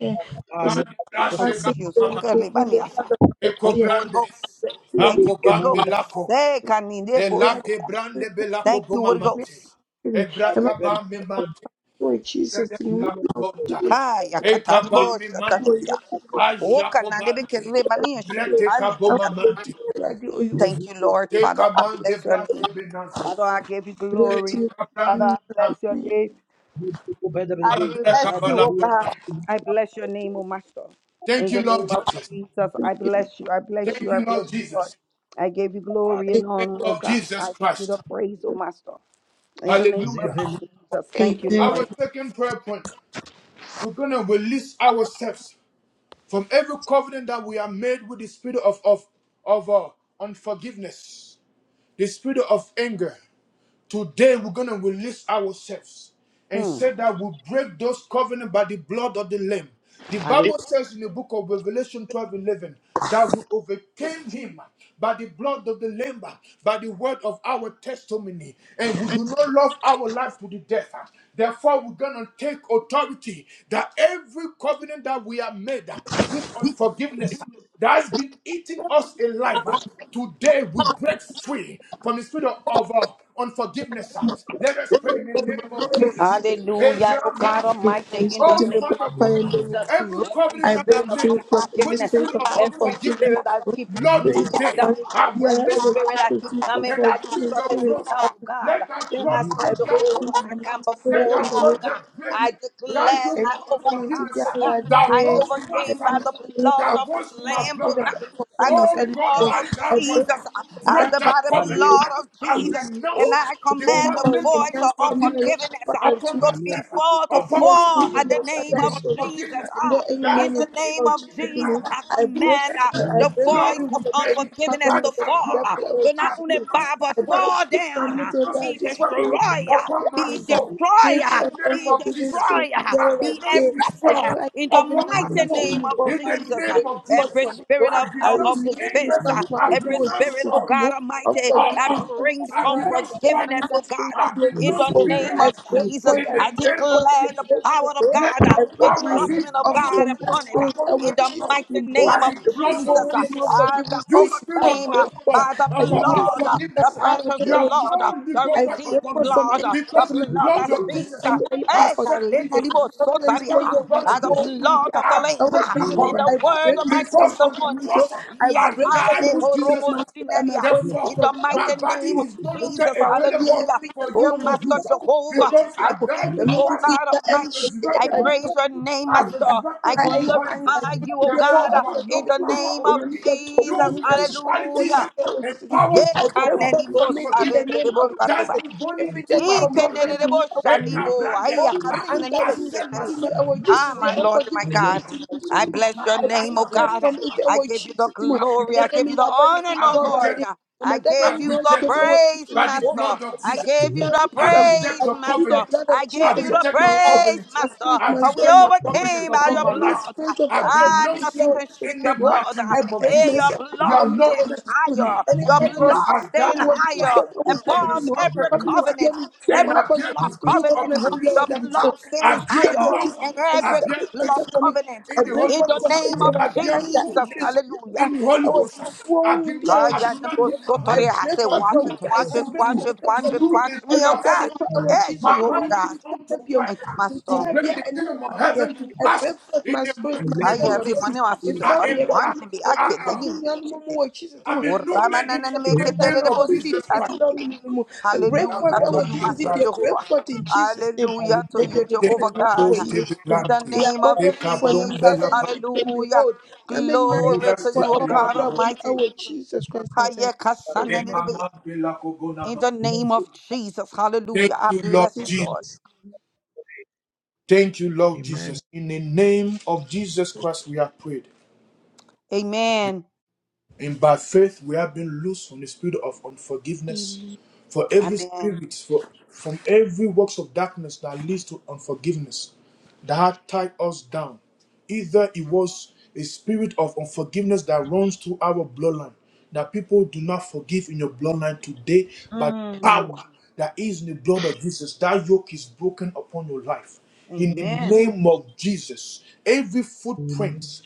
Speaker 4: care was
Speaker 3: ala
Speaker 1: Mande
Speaker 3: ko ta
Speaker 7: Thank
Speaker 3: da
Speaker 1: brashe
Speaker 3: da.
Speaker 4: passing
Speaker 7: you, Jesus. So
Speaker 4: through
Speaker 1: kaba
Speaker 7: good.
Speaker 4: the way of
Speaker 7: Libaniasa.
Speaker 4: the
Speaker 7: Thank
Speaker 4: fear,
Speaker 7: you, Holy
Speaker 1: Ekobrande,
Speaker 7: Ghost.
Speaker 4: the fear,
Speaker 7: Thank
Speaker 3: Mato
Speaker 7: you,
Speaker 3: ke
Speaker 7: Holy
Speaker 1: Akobambe
Speaker 7: Ghost.
Speaker 3: manda
Speaker 1: lako,
Speaker 7: Say, kanidebo
Speaker 1: Elake
Speaker 7: sotari.
Speaker 1: brande belako
Speaker 7: Thank you, Holy
Speaker 1: bomamante,
Speaker 7: Ghost.
Speaker 3: ka
Speaker 4: and
Speaker 3: da
Speaker 1: Ebraka
Speaker 3: da
Speaker 1: bambe
Speaker 3: da
Speaker 1: mante,
Speaker 4: the Jesus,
Speaker 1: Brede
Speaker 4: you know,
Speaker 1: belako bonta,
Speaker 7: Kaya kataribo
Speaker 1: Ekabambe mante,
Speaker 4: you
Speaker 7: shatanimia. Oka nadebeke
Speaker 1: Ajakobante,
Speaker 7: rebania
Speaker 1: Brete
Speaker 7: shitali bekari.
Speaker 1: kabomamante,
Speaker 4: feel like
Speaker 7: Thank you, Lord. Father, I
Speaker 1: Tekamande
Speaker 7: bless your name.
Speaker 1: brase benanto,
Speaker 7: Father, I give you
Speaker 4: you
Speaker 7: glory.
Speaker 1: Ekabrande
Speaker 7: Father, I
Speaker 1: benanto,
Speaker 7: bless your name.
Speaker 3: ko ba da da
Speaker 7: I
Speaker 3: da ta
Speaker 1: Mambre
Speaker 3: sha
Speaker 7: bless you, oh
Speaker 1: kabalato
Speaker 7: God.
Speaker 1: mante.
Speaker 7: I bless your name, oh Master.
Speaker 1: Thank
Speaker 7: In
Speaker 1: you,
Speaker 7: the name
Speaker 1: Lord
Speaker 7: of
Speaker 1: Jesus.
Speaker 7: Jesus, I bless you. I bless
Speaker 1: Thank
Speaker 7: you. I
Speaker 1: you, Lord
Speaker 7: bless you, Lord.
Speaker 1: Jesus.
Speaker 7: I give you glory and
Speaker 1: In
Speaker 7: honor,
Speaker 1: the
Speaker 7: oh
Speaker 1: name of
Speaker 7: God.
Speaker 1: Jesus
Speaker 7: I give you the
Speaker 1: Christ.
Speaker 7: praise, oh Master. In the name
Speaker 1: Hallelujah.
Speaker 7: of
Speaker 3: da
Speaker 7: Jesus, thank you,
Speaker 4: Amen.
Speaker 1: Our
Speaker 7: Lord.
Speaker 1: second prayer point. we're going to release ourselves from every covenant that we are made with the spirit of of of uh, unforgiveness, the spirit of anger, Today we're gonna release ourselves and
Speaker 7: Hmm.
Speaker 1: say that we break those covenant by the blood of the Lamb. The Bible says in the book of Revelation 12 11 that we overcame him by the blood of the Lamb, by the word of our testimony, and we do not love our life to the death. Therefore, we're gonna take authority that every covenant that we have made with unforgiveness that has been eating us alive. Today we break free from the spirit of, of, uh, unforgiveness. uh. Let us pray in the name of Jesus.
Speaker 7: Hallelujah. Oh
Speaker 1: Abraham, may
Speaker 7: God
Speaker 1: my-
Speaker 7: Almighty,
Speaker 4: Is
Speaker 7: in the
Speaker 1: oh
Speaker 4: sitting
Speaker 7: name
Speaker 4: upon
Speaker 1: Father
Speaker 7: of
Speaker 4: fire
Speaker 1: God,
Speaker 4: and
Speaker 1: uh,
Speaker 3: Amen.
Speaker 4: then
Speaker 7: Jesus,
Speaker 1: every
Speaker 7: every
Speaker 1: covenant
Speaker 4: I
Speaker 1: that I
Speaker 7: spirit
Speaker 4: break
Speaker 7: of
Speaker 4: free
Speaker 1: made uh,
Speaker 4: from any
Speaker 1: with the
Speaker 7: unforgiveness,
Speaker 4: spirit
Speaker 1: spirit
Speaker 4: of
Speaker 1: of
Speaker 7: every
Speaker 1: unforgiveness,
Speaker 4: unforgiveness.
Speaker 7: spirit
Speaker 1: uh,
Speaker 7: I keep
Speaker 3: Mm.
Speaker 1: Lord,
Speaker 7: repeating
Speaker 4: Spirit of
Speaker 1: today
Speaker 7: itself,
Speaker 4: anger,
Speaker 1: I will
Speaker 4: yeah,
Speaker 7: every
Speaker 4: I
Speaker 1: release
Speaker 4: was
Speaker 7: spirit I
Speaker 1: myself
Speaker 4: used
Speaker 1: uh,
Speaker 7: keep
Speaker 4: to
Speaker 7: coming
Speaker 1: and I
Speaker 7: back to
Speaker 1: plead
Speaker 4: unforgiveness
Speaker 1: your
Speaker 7: surface itself,
Speaker 1: blood.
Speaker 4: spirits.
Speaker 1: uh.
Speaker 7: oh
Speaker 4: and,
Speaker 7: God,
Speaker 1: Let that
Speaker 4: yeah,
Speaker 1: blood
Speaker 7: Master
Speaker 4: I
Speaker 1: break
Speaker 4: break
Speaker 1: that
Speaker 4: free
Speaker 7: Jehovah, I
Speaker 1: covenant.
Speaker 4: from
Speaker 1: uh.
Speaker 7: come
Speaker 4: that
Speaker 1: Let
Speaker 4: spirit
Speaker 7: before
Speaker 4: in
Speaker 7: you,
Speaker 1: that
Speaker 4: the name
Speaker 7: oh
Speaker 1: blood
Speaker 4: of
Speaker 7: God.
Speaker 1: that break uh,
Speaker 7: I
Speaker 4: Jesus.
Speaker 1: that
Speaker 7: declare
Speaker 1: yoke
Speaker 4: And
Speaker 7: I
Speaker 1: of
Speaker 4: covenant to
Speaker 7: overcome,
Speaker 4: be
Speaker 1: unforgiveness
Speaker 7: oh
Speaker 1: uh,
Speaker 7: God.
Speaker 4: allowed
Speaker 1: that
Speaker 7: I
Speaker 4: there.
Speaker 1: runs in my
Speaker 7: overcame by
Speaker 4: Every
Speaker 1: family
Speaker 7: the
Speaker 4: spirit
Speaker 7: blood
Speaker 4: of
Speaker 1: that
Speaker 7: of
Speaker 1: was
Speaker 7: the
Speaker 4: anger,
Speaker 1: my
Speaker 7: Lamb,
Speaker 4: spirit
Speaker 7: oh
Speaker 4: of
Speaker 1: bloodline.
Speaker 7: God, by the
Speaker 4: unforgiveness,
Speaker 1: Oh
Speaker 4: and
Speaker 1: God,
Speaker 7: blood
Speaker 4: Lord,
Speaker 1: by
Speaker 7: of
Speaker 4: I
Speaker 1: that
Speaker 4: break
Speaker 1: word, uh,
Speaker 7: Jesus,
Speaker 4: free from
Speaker 7: uh,
Speaker 4: that
Speaker 1: break
Speaker 7: the- by
Speaker 1: that
Speaker 7: the
Speaker 1: covenant. uh,
Speaker 7: blood of
Speaker 1: I
Speaker 7: Jesus.
Speaker 4: confused.
Speaker 7: And
Speaker 1: renounce
Speaker 4: Oh,
Speaker 1: uh,
Speaker 7: I
Speaker 4: the
Speaker 1: the
Speaker 7: command
Speaker 4: bomb
Speaker 7: the
Speaker 4: on
Speaker 1: covenant of
Speaker 4: the
Speaker 7: voice of
Speaker 4: nearest and
Speaker 1: unforgiveness uh,
Speaker 4: nearest
Speaker 7: unforgiveness uh,
Speaker 1: upon
Speaker 4: shepherd
Speaker 7: to be
Speaker 1: myself, uh,
Speaker 7: far to
Speaker 1: upon
Speaker 4: Yes,
Speaker 1: my
Speaker 7: fall
Speaker 4: thank you,
Speaker 7: at
Speaker 1: children,
Speaker 7: the
Speaker 1: uh,
Speaker 4: yes, And
Speaker 7: name
Speaker 1: the
Speaker 4: I'm
Speaker 7: of
Speaker 4: so
Speaker 7: Jesus.
Speaker 1: unforgiveness
Speaker 4: and
Speaker 7: ah.
Speaker 4: let any
Speaker 1: that
Speaker 7: In
Speaker 4: name
Speaker 1: has
Speaker 4: of
Speaker 7: the
Speaker 1: been eating
Speaker 7: name
Speaker 4: power of
Speaker 7: of
Speaker 4: Jesus
Speaker 1: me
Speaker 7: Jesus,
Speaker 1: alive
Speaker 4: King,
Speaker 1: uh,
Speaker 7: I
Speaker 4: I
Speaker 1: through
Speaker 4: break
Speaker 7: command uh,
Speaker 4: free,
Speaker 1: anger.
Speaker 4: I
Speaker 7: the
Speaker 4: break
Speaker 1: Lord,
Speaker 7: voice
Speaker 4: free
Speaker 7: of
Speaker 4: from any
Speaker 1: today,
Speaker 7: unforgiveness
Speaker 1: by
Speaker 7: to
Speaker 4: covenant of the
Speaker 1: that
Speaker 7: fall.
Speaker 1: blood,
Speaker 7: uh,
Speaker 1: uh,
Speaker 4: devil or
Speaker 7: to not
Speaker 1: I
Speaker 4: Jesus
Speaker 7: only
Speaker 4: King.
Speaker 1: renounce
Speaker 7: bow,
Speaker 1: its
Speaker 7: but
Speaker 4: I break
Speaker 1: work.
Speaker 7: fall
Speaker 4: free
Speaker 7: down.
Speaker 1: I
Speaker 4: from it
Speaker 7: uh,
Speaker 4: oh
Speaker 1: renounce
Speaker 7: be
Speaker 4: God,
Speaker 1: his
Speaker 4: this
Speaker 1: work
Speaker 7: destroyed.
Speaker 4: spirit of
Speaker 7: uh,
Speaker 1: upon my
Speaker 4: the
Speaker 7: be
Speaker 4: God.
Speaker 1: soul.
Speaker 7: destroyed.
Speaker 1: In
Speaker 4: Give
Speaker 7: uh,
Speaker 1: the
Speaker 4: us
Speaker 1: name
Speaker 7: be
Speaker 1: of
Speaker 4: unforgiving
Speaker 1: Jesus,
Speaker 4: spirit
Speaker 7: destroyed. uh,
Speaker 1: I
Speaker 4: together
Speaker 7: be
Speaker 4: that
Speaker 1: renounce
Speaker 4: day.
Speaker 1: his
Speaker 4: And
Speaker 1: work
Speaker 4: then
Speaker 7: arrested
Speaker 4: I
Speaker 7: in the
Speaker 1: upon
Speaker 4: covenant
Speaker 1: my
Speaker 4: with
Speaker 7: mighty
Speaker 1: soul.
Speaker 4: you,
Speaker 7: name
Speaker 4: you
Speaker 7: of
Speaker 4: bomb
Speaker 1: In the
Speaker 4: me,
Speaker 7: Jesus. Uh,
Speaker 1: name
Speaker 4: break you
Speaker 1: of
Speaker 4: forth
Speaker 7: every
Speaker 1: Jesus,
Speaker 4: from it. Oh,
Speaker 7: spirit
Speaker 1: I
Speaker 7: of,
Speaker 4: I
Speaker 7: of,
Speaker 1: renounce
Speaker 4: release
Speaker 7: offense,
Speaker 1: anger.
Speaker 4: myself
Speaker 7: uh,
Speaker 4: from
Speaker 1: I
Speaker 4: it
Speaker 7: every
Speaker 4: over
Speaker 1: renounce
Speaker 7: spirit,
Speaker 4: Jesus
Speaker 7: oh
Speaker 1: fraud.
Speaker 4: King
Speaker 7: God
Speaker 4: of
Speaker 7: Almighty,
Speaker 1: I
Speaker 7: that
Speaker 4: forgiving
Speaker 1: am.
Speaker 4: spirit to
Speaker 7: brings
Speaker 1: I
Speaker 4: God,
Speaker 1: renounce
Speaker 4: and the
Speaker 7: unforgiveness,
Speaker 1: pride.
Speaker 7: oh
Speaker 4: anger spirit
Speaker 7: God, uh,
Speaker 4: to
Speaker 1: I
Speaker 4: be able
Speaker 7: in
Speaker 1: renounce
Speaker 7: the name
Speaker 4: I
Speaker 7: of
Speaker 1: bitterness.
Speaker 4: break
Speaker 7: Jesus,
Speaker 4: forth,
Speaker 1: In
Speaker 4: I
Speaker 1: the
Speaker 7: I
Speaker 4: break
Speaker 1: name of
Speaker 4: forth,
Speaker 7: declare
Speaker 4: I
Speaker 7: the
Speaker 1: Jesus,
Speaker 4: break
Speaker 7: power
Speaker 4: forth,
Speaker 7: of
Speaker 4: oh,
Speaker 1: let
Speaker 7: God, uh,
Speaker 4: I
Speaker 1: your
Speaker 7: the
Speaker 4: break
Speaker 1: power be
Speaker 4: myself
Speaker 7: judgment of
Speaker 4: off
Speaker 1: broken
Speaker 7: God
Speaker 4: from that
Speaker 7: upon it, uh,
Speaker 4: spirit. I
Speaker 1: upon my
Speaker 7: in
Speaker 4: will
Speaker 7: the
Speaker 4: Jesus
Speaker 1: soul
Speaker 7: mighty
Speaker 4: name, oh,
Speaker 7: name
Speaker 1: by
Speaker 7: of
Speaker 1: the
Speaker 4: the
Speaker 1: blood
Speaker 4: before
Speaker 1: of
Speaker 7: Jesus, uh,
Speaker 4: woman
Speaker 1: Jesus.
Speaker 7: uh,
Speaker 4: forgiving
Speaker 7: that
Speaker 1: You
Speaker 4: spirit to
Speaker 1: spirit of,
Speaker 4: God,
Speaker 7: overcame. uh,
Speaker 4: break forth.
Speaker 1: un-
Speaker 7: by the
Speaker 4: I
Speaker 1: of, of
Speaker 4: deliver
Speaker 7: blood, uh,
Speaker 4: myself
Speaker 7: the
Speaker 1: unforgiveness,
Speaker 4: out of
Speaker 7: precious
Speaker 4: it.
Speaker 1: you
Speaker 4: I
Speaker 1: have
Speaker 4: will Jesus.
Speaker 7: blood, uh,
Speaker 1: no
Speaker 7: the
Speaker 1: legal
Speaker 4: I
Speaker 1: right
Speaker 4: break
Speaker 7: redeeming
Speaker 1: upon
Speaker 4: forth
Speaker 1: me
Speaker 4: from
Speaker 7: blood,
Speaker 4: any
Speaker 7: uh, the
Speaker 1: because
Speaker 4: covenant
Speaker 1: the
Speaker 7: blood
Speaker 4: to
Speaker 1: blood
Speaker 7: that
Speaker 4: be
Speaker 1: of
Speaker 4: out
Speaker 7: speaks.
Speaker 1: Jesus
Speaker 7: uh,
Speaker 4: and any
Speaker 1: has
Speaker 7: Hey,
Speaker 1: set me
Speaker 7: Kalina
Speaker 1: free.
Speaker 7: Nibo
Speaker 4: unforgiveness. Covenant to be
Speaker 1: Because
Speaker 4: here
Speaker 1: the
Speaker 7: Sotaria
Speaker 1: blood
Speaker 4: with
Speaker 7: by
Speaker 1: of
Speaker 7: the
Speaker 4: soul
Speaker 1: Jesus,
Speaker 4: in
Speaker 7: blood
Speaker 4: here.
Speaker 7: of the
Speaker 1: I
Speaker 7: Lamb
Speaker 4: Lord
Speaker 1: break
Speaker 7: uh,
Speaker 1: that
Speaker 4: Jesus,
Speaker 7: and the
Speaker 4: I
Speaker 1: covenant.
Speaker 7: word
Speaker 4: break
Speaker 7: of my
Speaker 4: myself
Speaker 1: Because on
Speaker 4: out
Speaker 1: the
Speaker 4: from it.
Speaker 7: testimony.
Speaker 4: oh.
Speaker 1: cross,
Speaker 4: I
Speaker 1: I
Speaker 4: break forth
Speaker 1: died
Speaker 7: Yatale
Speaker 4: my
Speaker 1: with
Speaker 4: spirit,
Speaker 1: Jesus
Speaker 4: my
Speaker 1: Christ.
Speaker 4: soul, and my
Speaker 7: poromosinaria.
Speaker 4: body
Speaker 7: In
Speaker 4: out
Speaker 1: Therefore,
Speaker 7: the
Speaker 4: of it. I
Speaker 1: my
Speaker 4: will
Speaker 7: mighty
Speaker 1: body
Speaker 7: name
Speaker 4: do
Speaker 7: of
Speaker 1: is no
Speaker 4: the chief.
Speaker 1: longer
Speaker 7: Jesus,
Speaker 4: I won't be
Speaker 1: available
Speaker 7: hallelujah.
Speaker 4: every time
Speaker 1: for
Speaker 4: I
Speaker 7: Oh,
Speaker 1: you to
Speaker 4: want.
Speaker 7: Master
Speaker 1: use
Speaker 4: What
Speaker 7: Jehovah,
Speaker 1: because
Speaker 4: Jesus
Speaker 7: I
Speaker 1: I
Speaker 4: do?
Speaker 7: thank
Speaker 1: died
Speaker 4: The
Speaker 7: you,
Speaker 1: with
Speaker 4: milk
Speaker 7: oh
Speaker 4: will
Speaker 1: Christ
Speaker 4: be
Speaker 7: God
Speaker 1: and
Speaker 7: Almighty.
Speaker 4: the
Speaker 7: I
Speaker 1: resurrected with Christ.
Speaker 7: praise your name,
Speaker 1: I
Speaker 7: Master. I
Speaker 1: resurrected with the
Speaker 4: ayɛ
Speaker 1: Holy Ghost.
Speaker 7: glorify
Speaker 4: anyansafo
Speaker 7: you, oh
Speaker 4: bi ayɛ
Speaker 7: God,
Speaker 1: Therefore,
Speaker 7: uh,
Speaker 1: you
Speaker 4: ɔfɔ
Speaker 1: have
Speaker 7: in
Speaker 1: no
Speaker 7: the
Speaker 4: tete
Speaker 1: power
Speaker 7: name
Speaker 1: over
Speaker 7: of
Speaker 4: onyame
Speaker 1: me.
Speaker 4: yɛ tɔm
Speaker 1: You
Speaker 7: Jesus,
Speaker 4: onyame yɛ hyɛ yɛ
Speaker 1: principalities
Speaker 7: hallelujah.
Speaker 1: and powers
Speaker 4: I
Speaker 1: of,
Speaker 4: pray
Speaker 1: of, of
Speaker 4: for
Speaker 7: Dekanenibo
Speaker 4: from in the
Speaker 1: unforgiveness
Speaker 4: name
Speaker 7: sarenebo
Speaker 4: of
Speaker 1: that's
Speaker 7: kareba.
Speaker 1: been
Speaker 4: Jesus.
Speaker 1: running
Speaker 4: Every day
Speaker 1: through
Speaker 4: to
Speaker 1: my
Speaker 4: come,
Speaker 1: bloodline.
Speaker 7: Ikenerebo
Speaker 1: Eh,
Speaker 7: shanibo.
Speaker 1: kabrande
Speaker 4: Oh,
Speaker 1: kaba.
Speaker 4: anger
Speaker 7: Ayakarine
Speaker 1: I
Speaker 4: minister
Speaker 1: set
Speaker 4: to
Speaker 7: nebeseteria.
Speaker 4: me,
Speaker 1: myself
Speaker 4: our
Speaker 1: loose
Speaker 7: Ah,
Speaker 4: Jesus, your
Speaker 7: my
Speaker 1: from you.
Speaker 7: Lord and my
Speaker 4: unforgiving spirit
Speaker 7: God.
Speaker 4: minister
Speaker 7: I
Speaker 4: to me.
Speaker 7: bless your
Speaker 4: I
Speaker 1: Man,
Speaker 7: name,
Speaker 4: break
Speaker 7: oh
Speaker 1: braka bela.
Speaker 4: forth
Speaker 7: God.
Speaker 4: from
Speaker 7: I
Speaker 4: it,
Speaker 7: I
Speaker 4: our
Speaker 7: give you the
Speaker 4: Jesus, demon.
Speaker 1: I
Speaker 4: And
Speaker 7: glory. I
Speaker 1: reject,
Speaker 4: let
Speaker 7: give you
Speaker 4: me
Speaker 7: the
Speaker 4: your body
Speaker 7: honor,
Speaker 4: be
Speaker 1: I
Speaker 7: Lord.
Speaker 4: all right.
Speaker 7: Lord.
Speaker 4: there.
Speaker 1: reject.
Speaker 4: And
Speaker 7: I
Speaker 4: my dad, I
Speaker 1: I
Speaker 7: give you
Speaker 4: name
Speaker 7: the
Speaker 4: from
Speaker 1: reject you
Speaker 4: our
Speaker 7: praise,
Speaker 4: Jesus,
Speaker 1: by the
Speaker 4: demon.
Speaker 7: Master.
Speaker 1: blood
Speaker 4: I
Speaker 1: of
Speaker 7: I
Speaker 1: Jesus.
Speaker 7: give you
Speaker 4: sanctify
Speaker 7: the
Speaker 1: I
Speaker 4: myself.
Speaker 1: reject
Speaker 7: praise,
Speaker 4: I
Speaker 1: your
Speaker 4: plead the
Speaker 7: Master.
Speaker 1: covenant.
Speaker 4: blood
Speaker 7: I
Speaker 4: of
Speaker 1: I
Speaker 7: give
Speaker 4: Jesus
Speaker 7: you
Speaker 4: over
Speaker 7: the
Speaker 1: reject
Speaker 4: my
Speaker 1: your
Speaker 4: life,
Speaker 7: praise,
Speaker 1: covenant.
Speaker 4: my spirit,
Speaker 7: Master.
Speaker 1: I
Speaker 4: my
Speaker 7: For we
Speaker 4: soul, and
Speaker 1: reject
Speaker 4: my
Speaker 1: your
Speaker 4: body.
Speaker 1: covenant
Speaker 7: overcame by
Speaker 4: From
Speaker 1: upon
Speaker 7: your
Speaker 1: my
Speaker 4: any
Speaker 1: life.
Speaker 7: blood.
Speaker 4: spirit of
Speaker 1: I
Speaker 7: Ah,
Speaker 4: unforgiveness,
Speaker 1: renounce
Speaker 4: dear,
Speaker 7: nothing
Speaker 4: our
Speaker 1: you
Speaker 7: can
Speaker 4: Jesus,
Speaker 1: in
Speaker 7: shake your
Speaker 1: the
Speaker 4: demon.
Speaker 7: blood.
Speaker 1: mighty
Speaker 4: I
Speaker 1: name of
Speaker 4: break
Speaker 7: Eh, your
Speaker 1: Jesus.
Speaker 4: myself free
Speaker 1: You
Speaker 7: blood
Speaker 1: are
Speaker 4: from it,
Speaker 1: not
Speaker 4: our
Speaker 7: stands
Speaker 1: blessed with
Speaker 4: Jesus.
Speaker 1: me
Speaker 7: higher.
Speaker 4: Any
Speaker 7: Your
Speaker 4: covenant
Speaker 1: because
Speaker 7: blood
Speaker 1: I
Speaker 7: stands
Speaker 1: died in Christ
Speaker 7: higher
Speaker 4: wɔntwam
Speaker 1: and
Speaker 7: above
Speaker 4: wɔntwam
Speaker 1: resurrected
Speaker 7: every
Speaker 1: in
Speaker 4: cabinet
Speaker 1: Christ.
Speaker 4: bia
Speaker 7: covenant.
Speaker 4: metwam
Speaker 1: And
Speaker 7: Every
Speaker 1: I
Speaker 4: amfa
Speaker 1: bear
Speaker 7: blood
Speaker 1: the fruit of
Speaker 7: covenant,
Speaker 1: the
Speaker 4: cabinet
Speaker 7: uh,
Speaker 1: Holy
Speaker 4: bia
Speaker 7: your
Speaker 4: wɔda me
Speaker 1: Spirit.
Speaker 4: so
Speaker 7: blood stands
Speaker 1: I bear
Speaker 7: higher than
Speaker 1: love.
Speaker 4: I
Speaker 7: every
Speaker 1: I bear
Speaker 4: separate
Speaker 7: blood
Speaker 4: myself
Speaker 1: patience
Speaker 4: from it.
Speaker 7: covenant.
Speaker 4: I
Speaker 7: uh,
Speaker 1: in the
Speaker 4: break
Speaker 1: Holy
Speaker 7: In
Speaker 4: forth
Speaker 7: the
Speaker 1: Ghost.
Speaker 4: from
Speaker 1: ah,
Speaker 4: it
Speaker 7: name
Speaker 4: and
Speaker 7: of
Speaker 4: I
Speaker 1: At their
Speaker 4: anger
Speaker 7: Jesus,
Speaker 4: issues
Speaker 1: goodness ah,
Speaker 4: bi a
Speaker 7: hallelujah.
Speaker 1: in the Holy
Speaker 4: ɛwɔ
Speaker 1: Ghost. ah.
Speaker 4: bifoɔ
Speaker 1: I
Speaker 4: wu
Speaker 1: do
Speaker 4: bi a
Speaker 1: not, I
Speaker 7: Kaya
Speaker 1: do
Speaker 4: so
Speaker 1: not
Speaker 7: nebo
Speaker 1: give my
Speaker 4: I
Speaker 1: heart
Speaker 7: sotori.
Speaker 3: Amen.
Speaker 7: I
Speaker 4: break
Speaker 7: say,
Speaker 1: for
Speaker 4: forth
Speaker 7: watch
Speaker 4: from
Speaker 7: it,
Speaker 1: you
Speaker 4: it. I
Speaker 7: watch it,
Speaker 1: to
Speaker 4: separate
Speaker 7: watch
Speaker 1: do,
Speaker 7: it,
Speaker 4: myself
Speaker 7: watch
Speaker 4: from
Speaker 1: to
Speaker 7: it,
Speaker 1: do
Speaker 4: it.
Speaker 7: watch
Speaker 1: the
Speaker 7: me,
Speaker 1: will
Speaker 7: oh
Speaker 4: Every
Speaker 1: of
Speaker 4: day they
Speaker 7: God.
Speaker 1: Satan.
Speaker 4: were
Speaker 1: ah.
Speaker 4: our
Speaker 7: Hey,
Speaker 4: Jesus.
Speaker 1: My
Speaker 7: Jehovah
Speaker 4: Many
Speaker 1: heart is
Speaker 7: God.
Speaker 1: unto
Speaker 4: people
Speaker 1: Christ
Speaker 7: Thank you,
Speaker 1: ah, to
Speaker 7: Master.
Speaker 1: bring the kingdom of
Speaker 4: yeah,
Speaker 1: heaven to
Speaker 4: I
Speaker 1: pass
Speaker 4: break forth
Speaker 1: in
Speaker 4: my
Speaker 1: the
Speaker 4: spirit,
Speaker 1: mighty
Speaker 4: my
Speaker 1: name
Speaker 4: soul, my
Speaker 1: of
Speaker 7: Kayari
Speaker 4: body, my
Speaker 1: Jesus.
Speaker 7: manivasa
Speaker 1: I
Speaker 7: tari
Speaker 4: family,
Speaker 1: am, I,
Speaker 4: everything. I
Speaker 7: anne bi
Speaker 4: break
Speaker 1: I,
Speaker 4: it
Speaker 7: ake
Speaker 4: for
Speaker 1: I,
Speaker 4: me,
Speaker 7: denini
Speaker 4: me,
Speaker 7: bi
Speaker 4: and Mumu,
Speaker 7: çekeri.
Speaker 4: oh, Jesus,
Speaker 1: I'm
Speaker 4: you
Speaker 1: a new
Speaker 4: any
Speaker 1: man
Speaker 4: spirit
Speaker 1: in,
Speaker 7: Korramananana
Speaker 4: of
Speaker 1: in the
Speaker 4: anger,
Speaker 1: name
Speaker 7: meketere de
Speaker 1: of
Speaker 4: comfort,
Speaker 7: bosi
Speaker 1: Jesus
Speaker 4: spirit,
Speaker 1: Christ.
Speaker 4: love
Speaker 7: tarini.
Speaker 4: me, Mumu. I break forth
Speaker 7: Hallelujah to
Speaker 4: our
Speaker 7: you,
Speaker 1: Abelando
Speaker 4: Jesus,
Speaker 7: Master
Speaker 4: if you
Speaker 1: Christ.
Speaker 4: break
Speaker 7: Jehovah.
Speaker 4: forth in Jesus' name.
Speaker 7: Hallelujah to
Speaker 4: That they
Speaker 7: you,
Speaker 4: will do
Speaker 1: Thank
Speaker 7: Jehovah
Speaker 4: it,
Speaker 1: you,
Speaker 7: God.
Speaker 4: our
Speaker 1: Lord, to be
Speaker 4: yes, name.
Speaker 7: In the
Speaker 1: planted.
Speaker 4: We are
Speaker 7: name of
Speaker 4: body
Speaker 1: Thank
Speaker 4: every
Speaker 1: you,
Speaker 4: for them,
Speaker 1: Lord,
Speaker 4: that
Speaker 7: Jesus,
Speaker 1: Bella,
Speaker 4: you will come
Speaker 7: hallelujah.
Speaker 4: behold. Now, many now are
Speaker 7: Glory to
Speaker 4: for
Speaker 7: you, O
Speaker 4: all my
Speaker 7: God
Speaker 4: brother,
Speaker 7: Almighty.
Speaker 4: our Jesus Christ, that I.
Speaker 1: Thank
Speaker 4: Amen.
Speaker 7: Hayekasananidibiya. In
Speaker 1: you,
Speaker 7: the name of Jesus, hallelujah. I
Speaker 1: Lord
Speaker 7: bless you,
Speaker 1: Jesus.
Speaker 7: Lord.
Speaker 4: Jesus.
Speaker 1: Thank you, Lord Jesus. In the name of Jesus Christ, we have prayed.
Speaker 7: Amen.
Speaker 1: And by faith we have been loosed from the spirit of unforgiveness. For every
Speaker 7: Amen.
Speaker 1: spirit, for, from every works of darkness that leads to unforgiveness, that had tied us down. Either it was a spirit of unforgiveness that runs through our bloodline, that people do not forgive in your bloodline today, but
Speaker 7: Mm.
Speaker 1: power that is in the blood of Jesus, that yoke is broken upon your life. In the
Speaker 7: Amen.
Speaker 1: name of Jesus, every footprint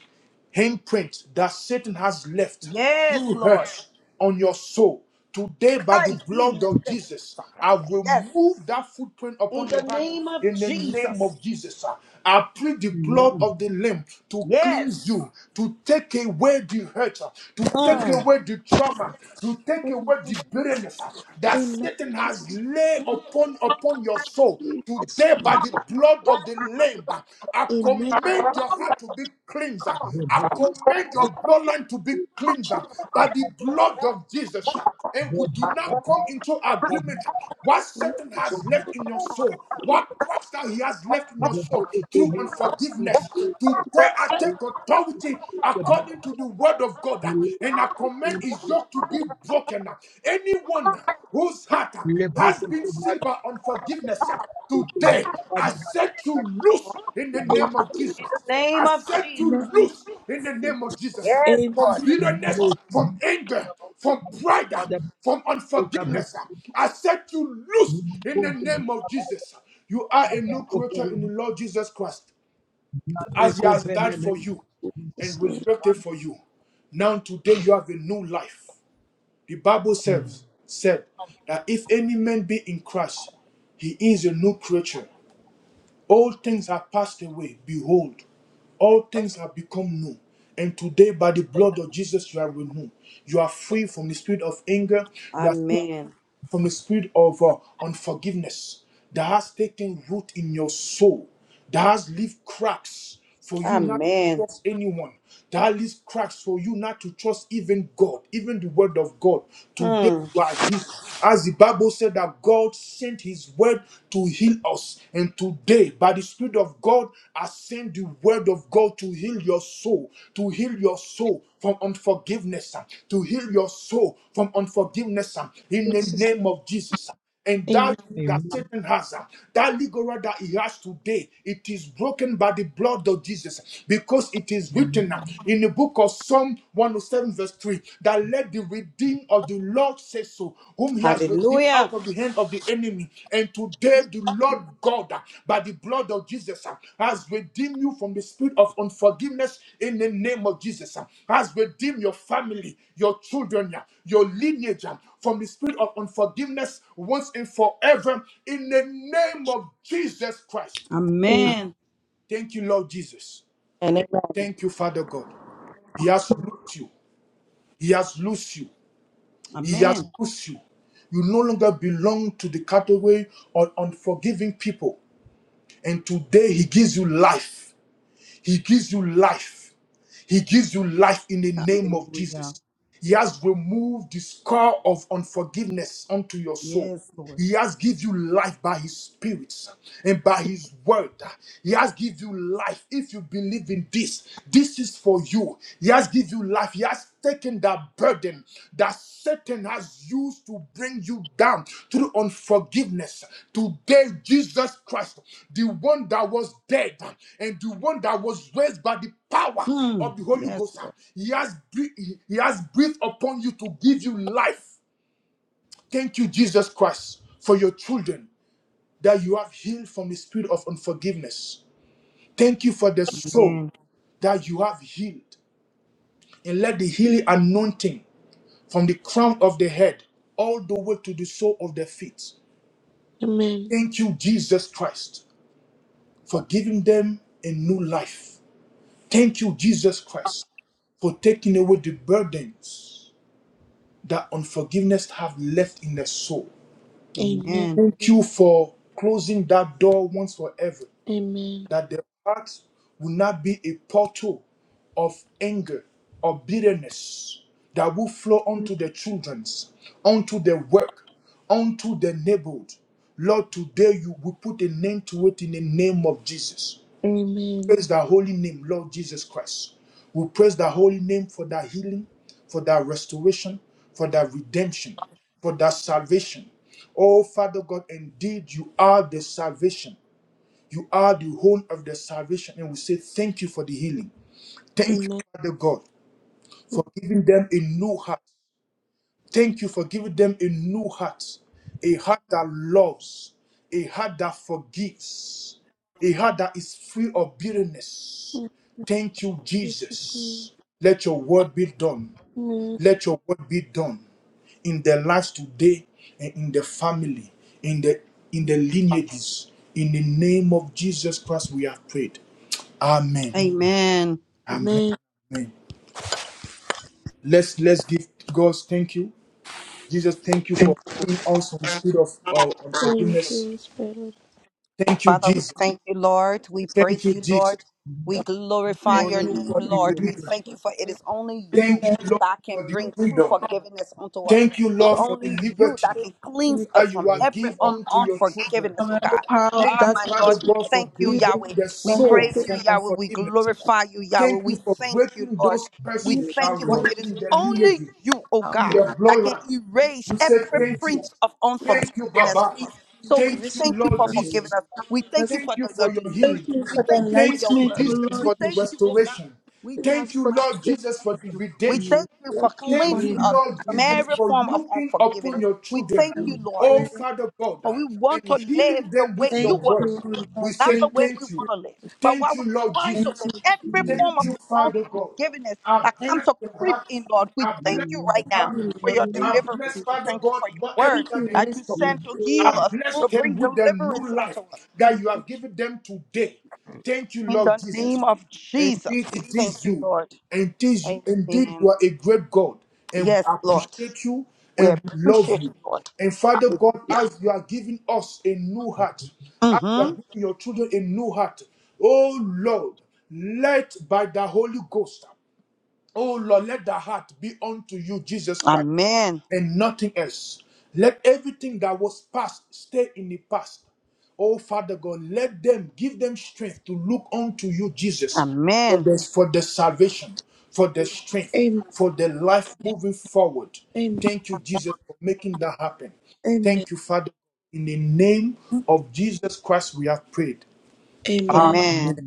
Speaker 1: handprint that Satan has left
Speaker 7: Yes,
Speaker 1: through
Speaker 7: Lord.
Speaker 1: hurt on your soul. Today, by the blood of Jesus, I
Speaker 7: Yes.
Speaker 1: remove that footprint
Speaker 7: In
Speaker 1: upon
Speaker 7: the
Speaker 1: your heart
Speaker 7: name of
Speaker 1: in the name
Speaker 7: Jesus.
Speaker 1: of Jesus. I plead the blood of the Lamb to
Speaker 7: Yes.
Speaker 1: cleanse you, to take away the hurt, to take
Speaker 7: Mm.
Speaker 1: away the trauma, to take away the bitterness that
Speaker 4: Amen.
Speaker 1: Satan has
Speaker 4: Jesus.
Speaker 1: laid upon upon your soul
Speaker 4: Jesus.
Speaker 1: today by the blood of the Lamb. I
Speaker 4: Amen.
Speaker 1: command your heart to be cleansed. I
Speaker 4: Jesus.
Speaker 1: command
Speaker 4: name.
Speaker 1: your bloodline to be cleansed by the blood of Jesus. And we do not come into agreement what Satan has left in your soul, what Christ that he has left in your soul through unforgiveness. Today I take authority according to the word of God, and I command his yoke to be broken. Anyone whose heart has been sealed by unforgiveness, today I set you loose in the
Speaker 4: Jesus.
Speaker 1: name of
Speaker 7: In
Speaker 1: Jesus.
Speaker 7: the
Speaker 1: I
Speaker 7: name of
Speaker 1: set
Speaker 7: Jesus.
Speaker 1: you loose in the name of Jesus
Speaker 7: Yes,
Speaker 4: Amen.
Speaker 1: from
Speaker 7: Lord.
Speaker 1: bitterness, from anger, from pride, from unforgiveness. I set you loose in the name of Jesus. You are a new creature in the Lord Jesus Christ as He has died for you and
Speaker 4: Jesus.
Speaker 1: resurrected for you. Now, today, you have a new life. The Bible says said that if any man be in Christ, he is a new creature. All things are passed away. Behold, all things have become new. And today, by the blood of Jesus, you are renewed. You are free from the spirit of anger. You are free
Speaker 7: Amen.
Speaker 1: from the spirit of uh, unforgiveness that has taken root in your soul, that has left cracks for you not to
Speaker 7: Amen.
Speaker 1: trust anyone, that has left cracks for you not to trust even God, even the word of God. Today
Speaker 7: Mm.
Speaker 1: you are healed. As the Bible said that God sent his word to heal us. And today, by the Spirit of God, I send send the word of God to heal your soul, to heal your soul from unforgiveness, uh, to heal your soul from unforgiveness uh, in the name of Jesus. uh. And
Speaker 4: Amen.
Speaker 1: that that Satan has, uh, that legal right that he has today, it is broken by the blood of Jesus because it is written uh, in the book of Psalm 107, verse 3 that let the redeemed of the Lord says so, whom he has redeemed
Speaker 7: Hallelujah.
Speaker 1: out of the hand of the enemy. And today, the Lord God, uh, by the blood of Jesus, uh, has redeemed you from the spirit of unforgiveness in the name of Jesus, uh, has redeemed your family, your children, uh, your lineage uh, from the spirit of unforgiveness once and forever in the name of Jesus Christ.
Speaker 4: Amen.
Speaker 7: Amen.
Speaker 1: Thank you, Lord Jesus.
Speaker 8: And amen.
Speaker 1: Thank you, Father God. He has loosed you. He has loosed you. He has
Speaker 7: Amen.
Speaker 1: loosed you. You no longer belong to the category of unforgiving people. And today he gives you life. He gives you life. He gives you life in the name of Jesus.
Speaker 7: Hallelujah.
Speaker 1: He has removed the scar of unforgiveness unto your soul.
Speaker 7: Yes, Lord.
Speaker 1: He has give you life by his spirit and by his word. He has give you life. If you believe in this, this is for you. He has give you life. He has taken that burden that Satan has used to bring you down through unforgiveness. Today, Jesus Christ, the one that was dead and the one that was raised by the power
Speaker 7: Mm.
Speaker 1: of the Holy
Speaker 7: Yes,
Speaker 1: Ghost,
Speaker 7: Lord.
Speaker 1: he has, bre- he has breathed upon you to give you life. Thank you, Jesus Christ, for your children that you have healed from the spirit of unforgiveness. Thank you for the soul
Speaker 7: Amen.
Speaker 1: that you have healed. And let the healing anointing from the crown of the head all the way to the sole of their feet. Thank you, Jesus Christ, for giving them a new life. Thank you, Jesus Christ, for taking away the burdens that unforgiveness have left in their soul.
Speaker 4: Amen.
Speaker 7: Amen.
Speaker 1: Thank you for closing that door once forever
Speaker 4: Amen.
Speaker 1: that their hearts will not be a portal of anger or bitterness that will flow unto their children's, unto their work, unto their neighborhood. Lord, today you will put a name to it in the name of Jesus.
Speaker 4: Amen.
Speaker 1: Praise the holy name, Lord Jesus Christ. We praise the holy name for that healing, for that restoration, for that redemption, for that salvation. Oh, Father God, indeed you are the salvation. You are the whole of the salvation. And we say, Thank you for the healing. Thank you,
Speaker 4: Amen.
Speaker 1: Father God, for giving them a new heart. Thank you for giving them a new heart, a heart that loves, a heart that forgives, a heart that is free of bitterness. Thank you,
Speaker 4: Amen.
Speaker 1: Jesus. Let your word be done. Let your word be done in their lives today and in the family, in the in the lineages. In the name of Jesus Christ, we have prayed. Amen.
Speaker 7: Amen.
Speaker 1: Amen.
Speaker 4: Amen.
Speaker 1: Amen. Let's let's give God thank you. Jesus, thank you for bringing us from the spirit of uh,
Speaker 4: Thank
Speaker 1: forgiveness.
Speaker 4: you, Spirit of
Speaker 1: Thank you,
Speaker 7: Father, we
Speaker 1: Jesus.
Speaker 7: thank you, Lord. We
Speaker 1: Thank
Speaker 7: praise
Speaker 1: you,
Speaker 7: you,
Speaker 1: Jesus.
Speaker 7: Lord. We glorify
Speaker 1: Thank
Speaker 3: Only
Speaker 7: your
Speaker 1: you
Speaker 7: name,
Speaker 1: for the
Speaker 3: the
Speaker 7: Lord. We
Speaker 1: deliverance.
Speaker 7: thank you for it is only you
Speaker 1: Thank you,
Speaker 4: God.
Speaker 1: Lord,
Speaker 7: that
Speaker 1: for
Speaker 7: can
Speaker 1: the
Speaker 7: bring true
Speaker 1: freedom.
Speaker 7: forgiveness unto us.
Speaker 1: Thank you,
Speaker 7: It is
Speaker 1: Lord, for the
Speaker 7: only you that
Speaker 1: liberty
Speaker 7: can
Speaker 4: We
Speaker 7: cleanse
Speaker 4: thank you
Speaker 1: that
Speaker 7: us from
Speaker 1: you are
Speaker 7: every
Speaker 1: give
Speaker 7: un-
Speaker 1: unto your children.
Speaker 4: for
Speaker 7: unforgiveness, oh
Speaker 4: the
Speaker 7: God.
Speaker 4: power of
Speaker 1: Thank
Speaker 7: Ah,
Speaker 1: you,
Speaker 7: my
Speaker 1: Father
Speaker 7: Lord,
Speaker 4: darkness with
Speaker 7: we
Speaker 1: God, for
Speaker 7: thank you,
Speaker 4: you
Speaker 1: delivering
Speaker 7: Yahweh.
Speaker 1: the
Speaker 7: We
Speaker 4: for
Speaker 1: soul
Speaker 7: praise
Speaker 4: helping
Speaker 7: you,
Speaker 1: from
Speaker 7: Yahweh. We
Speaker 1: unforgiveness.
Speaker 7: glorify you, Yahweh.
Speaker 1: Thank
Speaker 7: We
Speaker 1: you for
Speaker 7: thank you,
Speaker 1: breaking those
Speaker 7: Lord. We
Speaker 1: curses
Speaker 4: Thank
Speaker 7: thank
Speaker 4: you
Speaker 1: that
Speaker 7: you for
Speaker 4: for
Speaker 1: run
Speaker 7: it is
Speaker 1: in the
Speaker 7: only
Speaker 1: lineages,
Speaker 7: you, oh
Speaker 1: in
Speaker 7: God,
Speaker 4: helping
Speaker 1: the
Speaker 4: us
Speaker 7: that can
Speaker 1: bloodline.
Speaker 7: erase
Speaker 1: We say
Speaker 7: every
Speaker 1: thank you.
Speaker 7: print of
Speaker 4: to
Speaker 1: Thank you,
Speaker 7: unforgiveness from
Speaker 1: Baba.
Speaker 4: see
Speaker 7: us. So
Speaker 4: for
Speaker 7: we
Speaker 1: Thank you,
Speaker 4: visiting
Speaker 7: thank you
Speaker 1: Lord
Speaker 7: for
Speaker 3: Lord we pray.
Speaker 7: forgiving
Speaker 1: Jesus.
Speaker 3: In the
Speaker 7: us. We thank
Speaker 4: us.
Speaker 7: you
Speaker 1: Thank
Speaker 7: for
Speaker 1: you
Speaker 7: the- your
Speaker 1: for your
Speaker 4: Thank
Speaker 1: healing.
Speaker 7: deliverance.
Speaker 4: you
Speaker 7: We
Speaker 4: for the
Speaker 7: thank you for
Speaker 1: Thank
Speaker 7: your
Speaker 1: you,
Speaker 4: enlightenment,
Speaker 7: word.
Speaker 4: O
Speaker 1: Jesus,
Speaker 3: name
Speaker 4: Lord,
Speaker 7: We
Speaker 1: for the
Speaker 7: thank
Speaker 4: Jesus
Speaker 7: you, oh God.
Speaker 1: restoration.
Speaker 7: We
Speaker 4: in
Speaker 7: thank
Speaker 4: us,
Speaker 1: Thank
Speaker 7: you,
Speaker 1: you,
Speaker 4: but
Speaker 7: Master.
Speaker 1: Lord
Speaker 7: We
Speaker 1: Jesus,
Speaker 7: thank
Speaker 1: for the
Speaker 7: you. We
Speaker 1: redemption.
Speaker 7: thank you for
Speaker 4: thank you
Speaker 1: Thank
Speaker 4: for
Speaker 1: you,
Speaker 7: cleansing
Speaker 4: him.
Speaker 7: us
Speaker 1: Lord
Speaker 7: from
Speaker 1: Jesus,
Speaker 7: every
Speaker 1: for
Speaker 7: form of
Speaker 1: looking upon
Speaker 7: unforgiveness.
Speaker 1: your
Speaker 7: We
Speaker 1: children.
Speaker 7: thank you,
Speaker 3: of
Speaker 7: Lord,
Speaker 1: Oh, Father God,
Speaker 7: for we want to
Speaker 1: and
Speaker 7: live
Speaker 1: healing
Speaker 7: the
Speaker 1: them
Speaker 7: way
Speaker 1: with your
Speaker 7: you want
Speaker 1: word.
Speaker 7: us to live,
Speaker 1: We
Speaker 7: not
Speaker 1: say
Speaker 7: the way we
Speaker 1: thank you.
Speaker 7: want to live. But while
Speaker 1: Thank you,
Speaker 7: we
Speaker 1: Lord
Speaker 7: try to
Speaker 1: Jesus.
Speaker 7: live every form
Speaker 1: Thank
Speaker 7: of
Speaker 1: you, Father God.
Speaker 7: unforgiveness
Speaker 1: I
Speaker 7: that come
Speaker 1: bless
Speaker 7: to
Speaker 1: their
Speaker 7: creep
Speaker 1: hearts.
Speaker 7: in, Lord, we
Speaker 1: I
Speaker 7: thank
Speaker 1: bless
Speaker 7: you right
Speaker 1: their
Speaker 7: now
Speaker 1: family.
Speaker 7: for your
Speaker 1: I bless,
Speaker 7: deliverance. We
Speaker 1: Father
Speaker 7: thank you
Speaker 1: God,
Speaker 7: for your
Speaker 1: whatever
Speaker 7: word
Speaker 1: that the
Speaker 7: that
Speaker 1: hands
Speaker 7: you
Speaker 1: touch.
Speaker 7: sent to heal
Speaker 1: I
Speaker 7: us,
Speaker 1: bless
Speaker 7: to
Speaker 1: them
Speaker 7: bring
Speaker 1: with the new
Speaker 7: deliverance
Speaker 1: life
Speaker 7: unto us.
Speaker 1: that you have given them today. Thank you,
Speaker 7: In
Speaker 1: Lord
Speaker 7: the name
Speaker 1: Jesus.
Speaker 7: of Jesus,
Speaker 1: Indeed,
Speaker 7: we
Speaker 1: it
Speaker 7: thank
Speaker 1: is
Speaker 7: you,
Speaker 1: you.
Speaker 7: Lord.
Speaker 1: Indeed, you, indeed, you
Speaker 7: Amen.
Speaker 1: are a great God, and we
Speaker 7: Yes, Lord.
Speaker 1: appreciate you,
Speaker 7: We
Speaker 1: and we love
Speaker 7: appreciate
Speaker 1: you.
Speaker 7: you, Lord.
Speaker 1: And Father God,
Speaker 7: Hallelujah.
Speaker 1: as you are giving us a new heart, as you are
Speaker 7: Mm-hmm.
Speaker 1: giving your children a new heart, oh Lord, let by the Holy Ghost, oh Lord, let the heart be unto you, Jesus Christ
Speaker 7: Amen.
Speaker 1: and nothing else. Let everything that was past stay in the past. Oh, Father God, let them give them strength to look unto you, Jesus, for
Speaker 7: Amen.
Speaker 1: this, for the salvation, for the strength,
Speaker 4: Amen.
Speaker 1: for the life moving forward.
Speaker 4: Amen.
Speaker 1: Thank you, Jesus, for making that happen.
Speaker 4: Amen.
Speaker 1: Thank you, Father. In the name of Jesus Christ, we have prayed.
Speaker 4: Amen.
Speaker 1: Amen.
Speaker 7: Amen.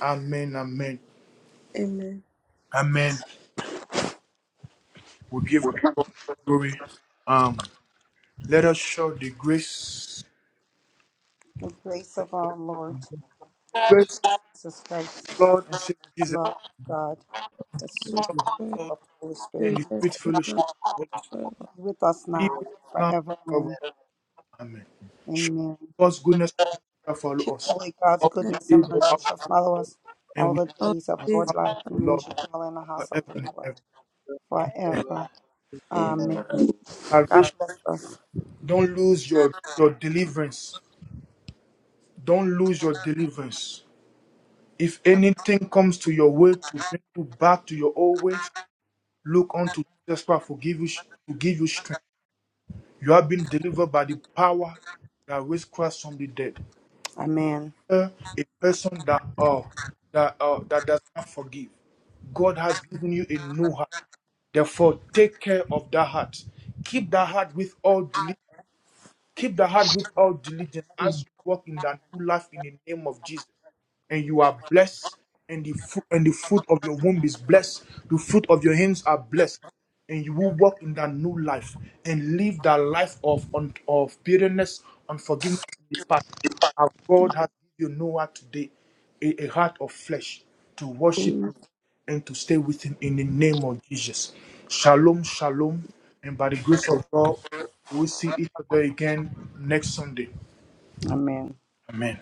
Speaker 1: Amen. Amen.
Speaker 4: Amen.
Speaker 1: Amen. We give God the glory. Um, let us show the grace.
Speaker 7: The grace of our Lord
Speaker 1: grace
Speaker 7: Jesus Christ,
Speaker 1: of our Lord and Savior
Speaker 7: the
Speaker 1: Jesus,
Speaker 7: love of God, the
Speaker 1: the
Speaker 7: sweet
Speaker 4: Holy
Speaker 1: love
Speaker 3: the
Speaker 4: Spirit,
Speaker 1: of
Speaker 7: fellowship
Speaker 1: God,
Speaker 7: of the Holy
Speaker 4: fill
Speaker 7: Spirit
Speaker 1: and the sweet
Speaker 4: us
Speaker 7: be
Speaker 4: with
Speaker 1: fellowship
Speaker 4: the
Speaker 1: of the Holy Spirit
Speaker 4: power of
Speaker 7: with us
Speaker 1: be
Speaker 7: now
Speaker 1: with us
Speaker 7: and
Speaker 1: now and forever.
Speaker 7: forevermore.
Speaker 1: Amen. Show
Speaker 7: Amen.
Speaker 1: God's goodness and mercy shall
Speaker 4: your
Speaker 1: follow us
Speaker 7: Surely God's
Speaker 1: all the
Speaker 7: goodness and
Speaker 1: days of our
Speaker 7: mercy
Speaker 1: life,
Speaker 7: shall follow us
Speaker 1: and
Speaker 7: all
Speaker 1: we
Speaker 7: the
Speaker 1: shall
Speaker 4: love,
Speaker 7: days of our
Speaker 1: have
Speaker 7: life, and
Speaker 1: the
Speaker 7: we
Speaker 1: Lord
Speaker 7: shall dwell in the house of
Speaker 1: forever
Speaker 7: the
Speaker 1: and
Speaker 7: Lord
Speaker 1: ever.
Speaker 4: by
Speaker 1: Amen.
Speaker 7: forever.
Speaker 4: name.
Speaker 7: Amen. God
Speaker 1: Salvation,
Speaker 7: bless us.
Speaker 1: don't lose your, your deliverance. Don't lose your deliverance. If anything comes to your way to bring you back to your old ways, look unto Jesus Christ, forgive you, to give you strength. You have been delivered by the power that raised Christ from the dead.
Speaker 7: Amen.
Speaker 1: Uh, A person that uh, that uh, that does not forgive. God has given you a new heart. Therefore, take care of that heart. Keep that heart with all diligence Keep the heart with all diligence
Speaker 3: Lord, we pray.
Speaker 1: as you walk in that new life in the name of Jesus. And you are blessed, and the fruit and the fruit of your womb is blessed. The fruit of your hands are blessed, and you will walk in that new life and live that life of un, of bitterness, unforgiveness in the past. Our God has given you Noah today, a, a heart of flesh to worship and to stay with him in the name of Jesus. Shalom, shalom. And by the grace of God, we'll see each other again next Sunday.
Speaker 7: Amen.
Speaker 1: Amen.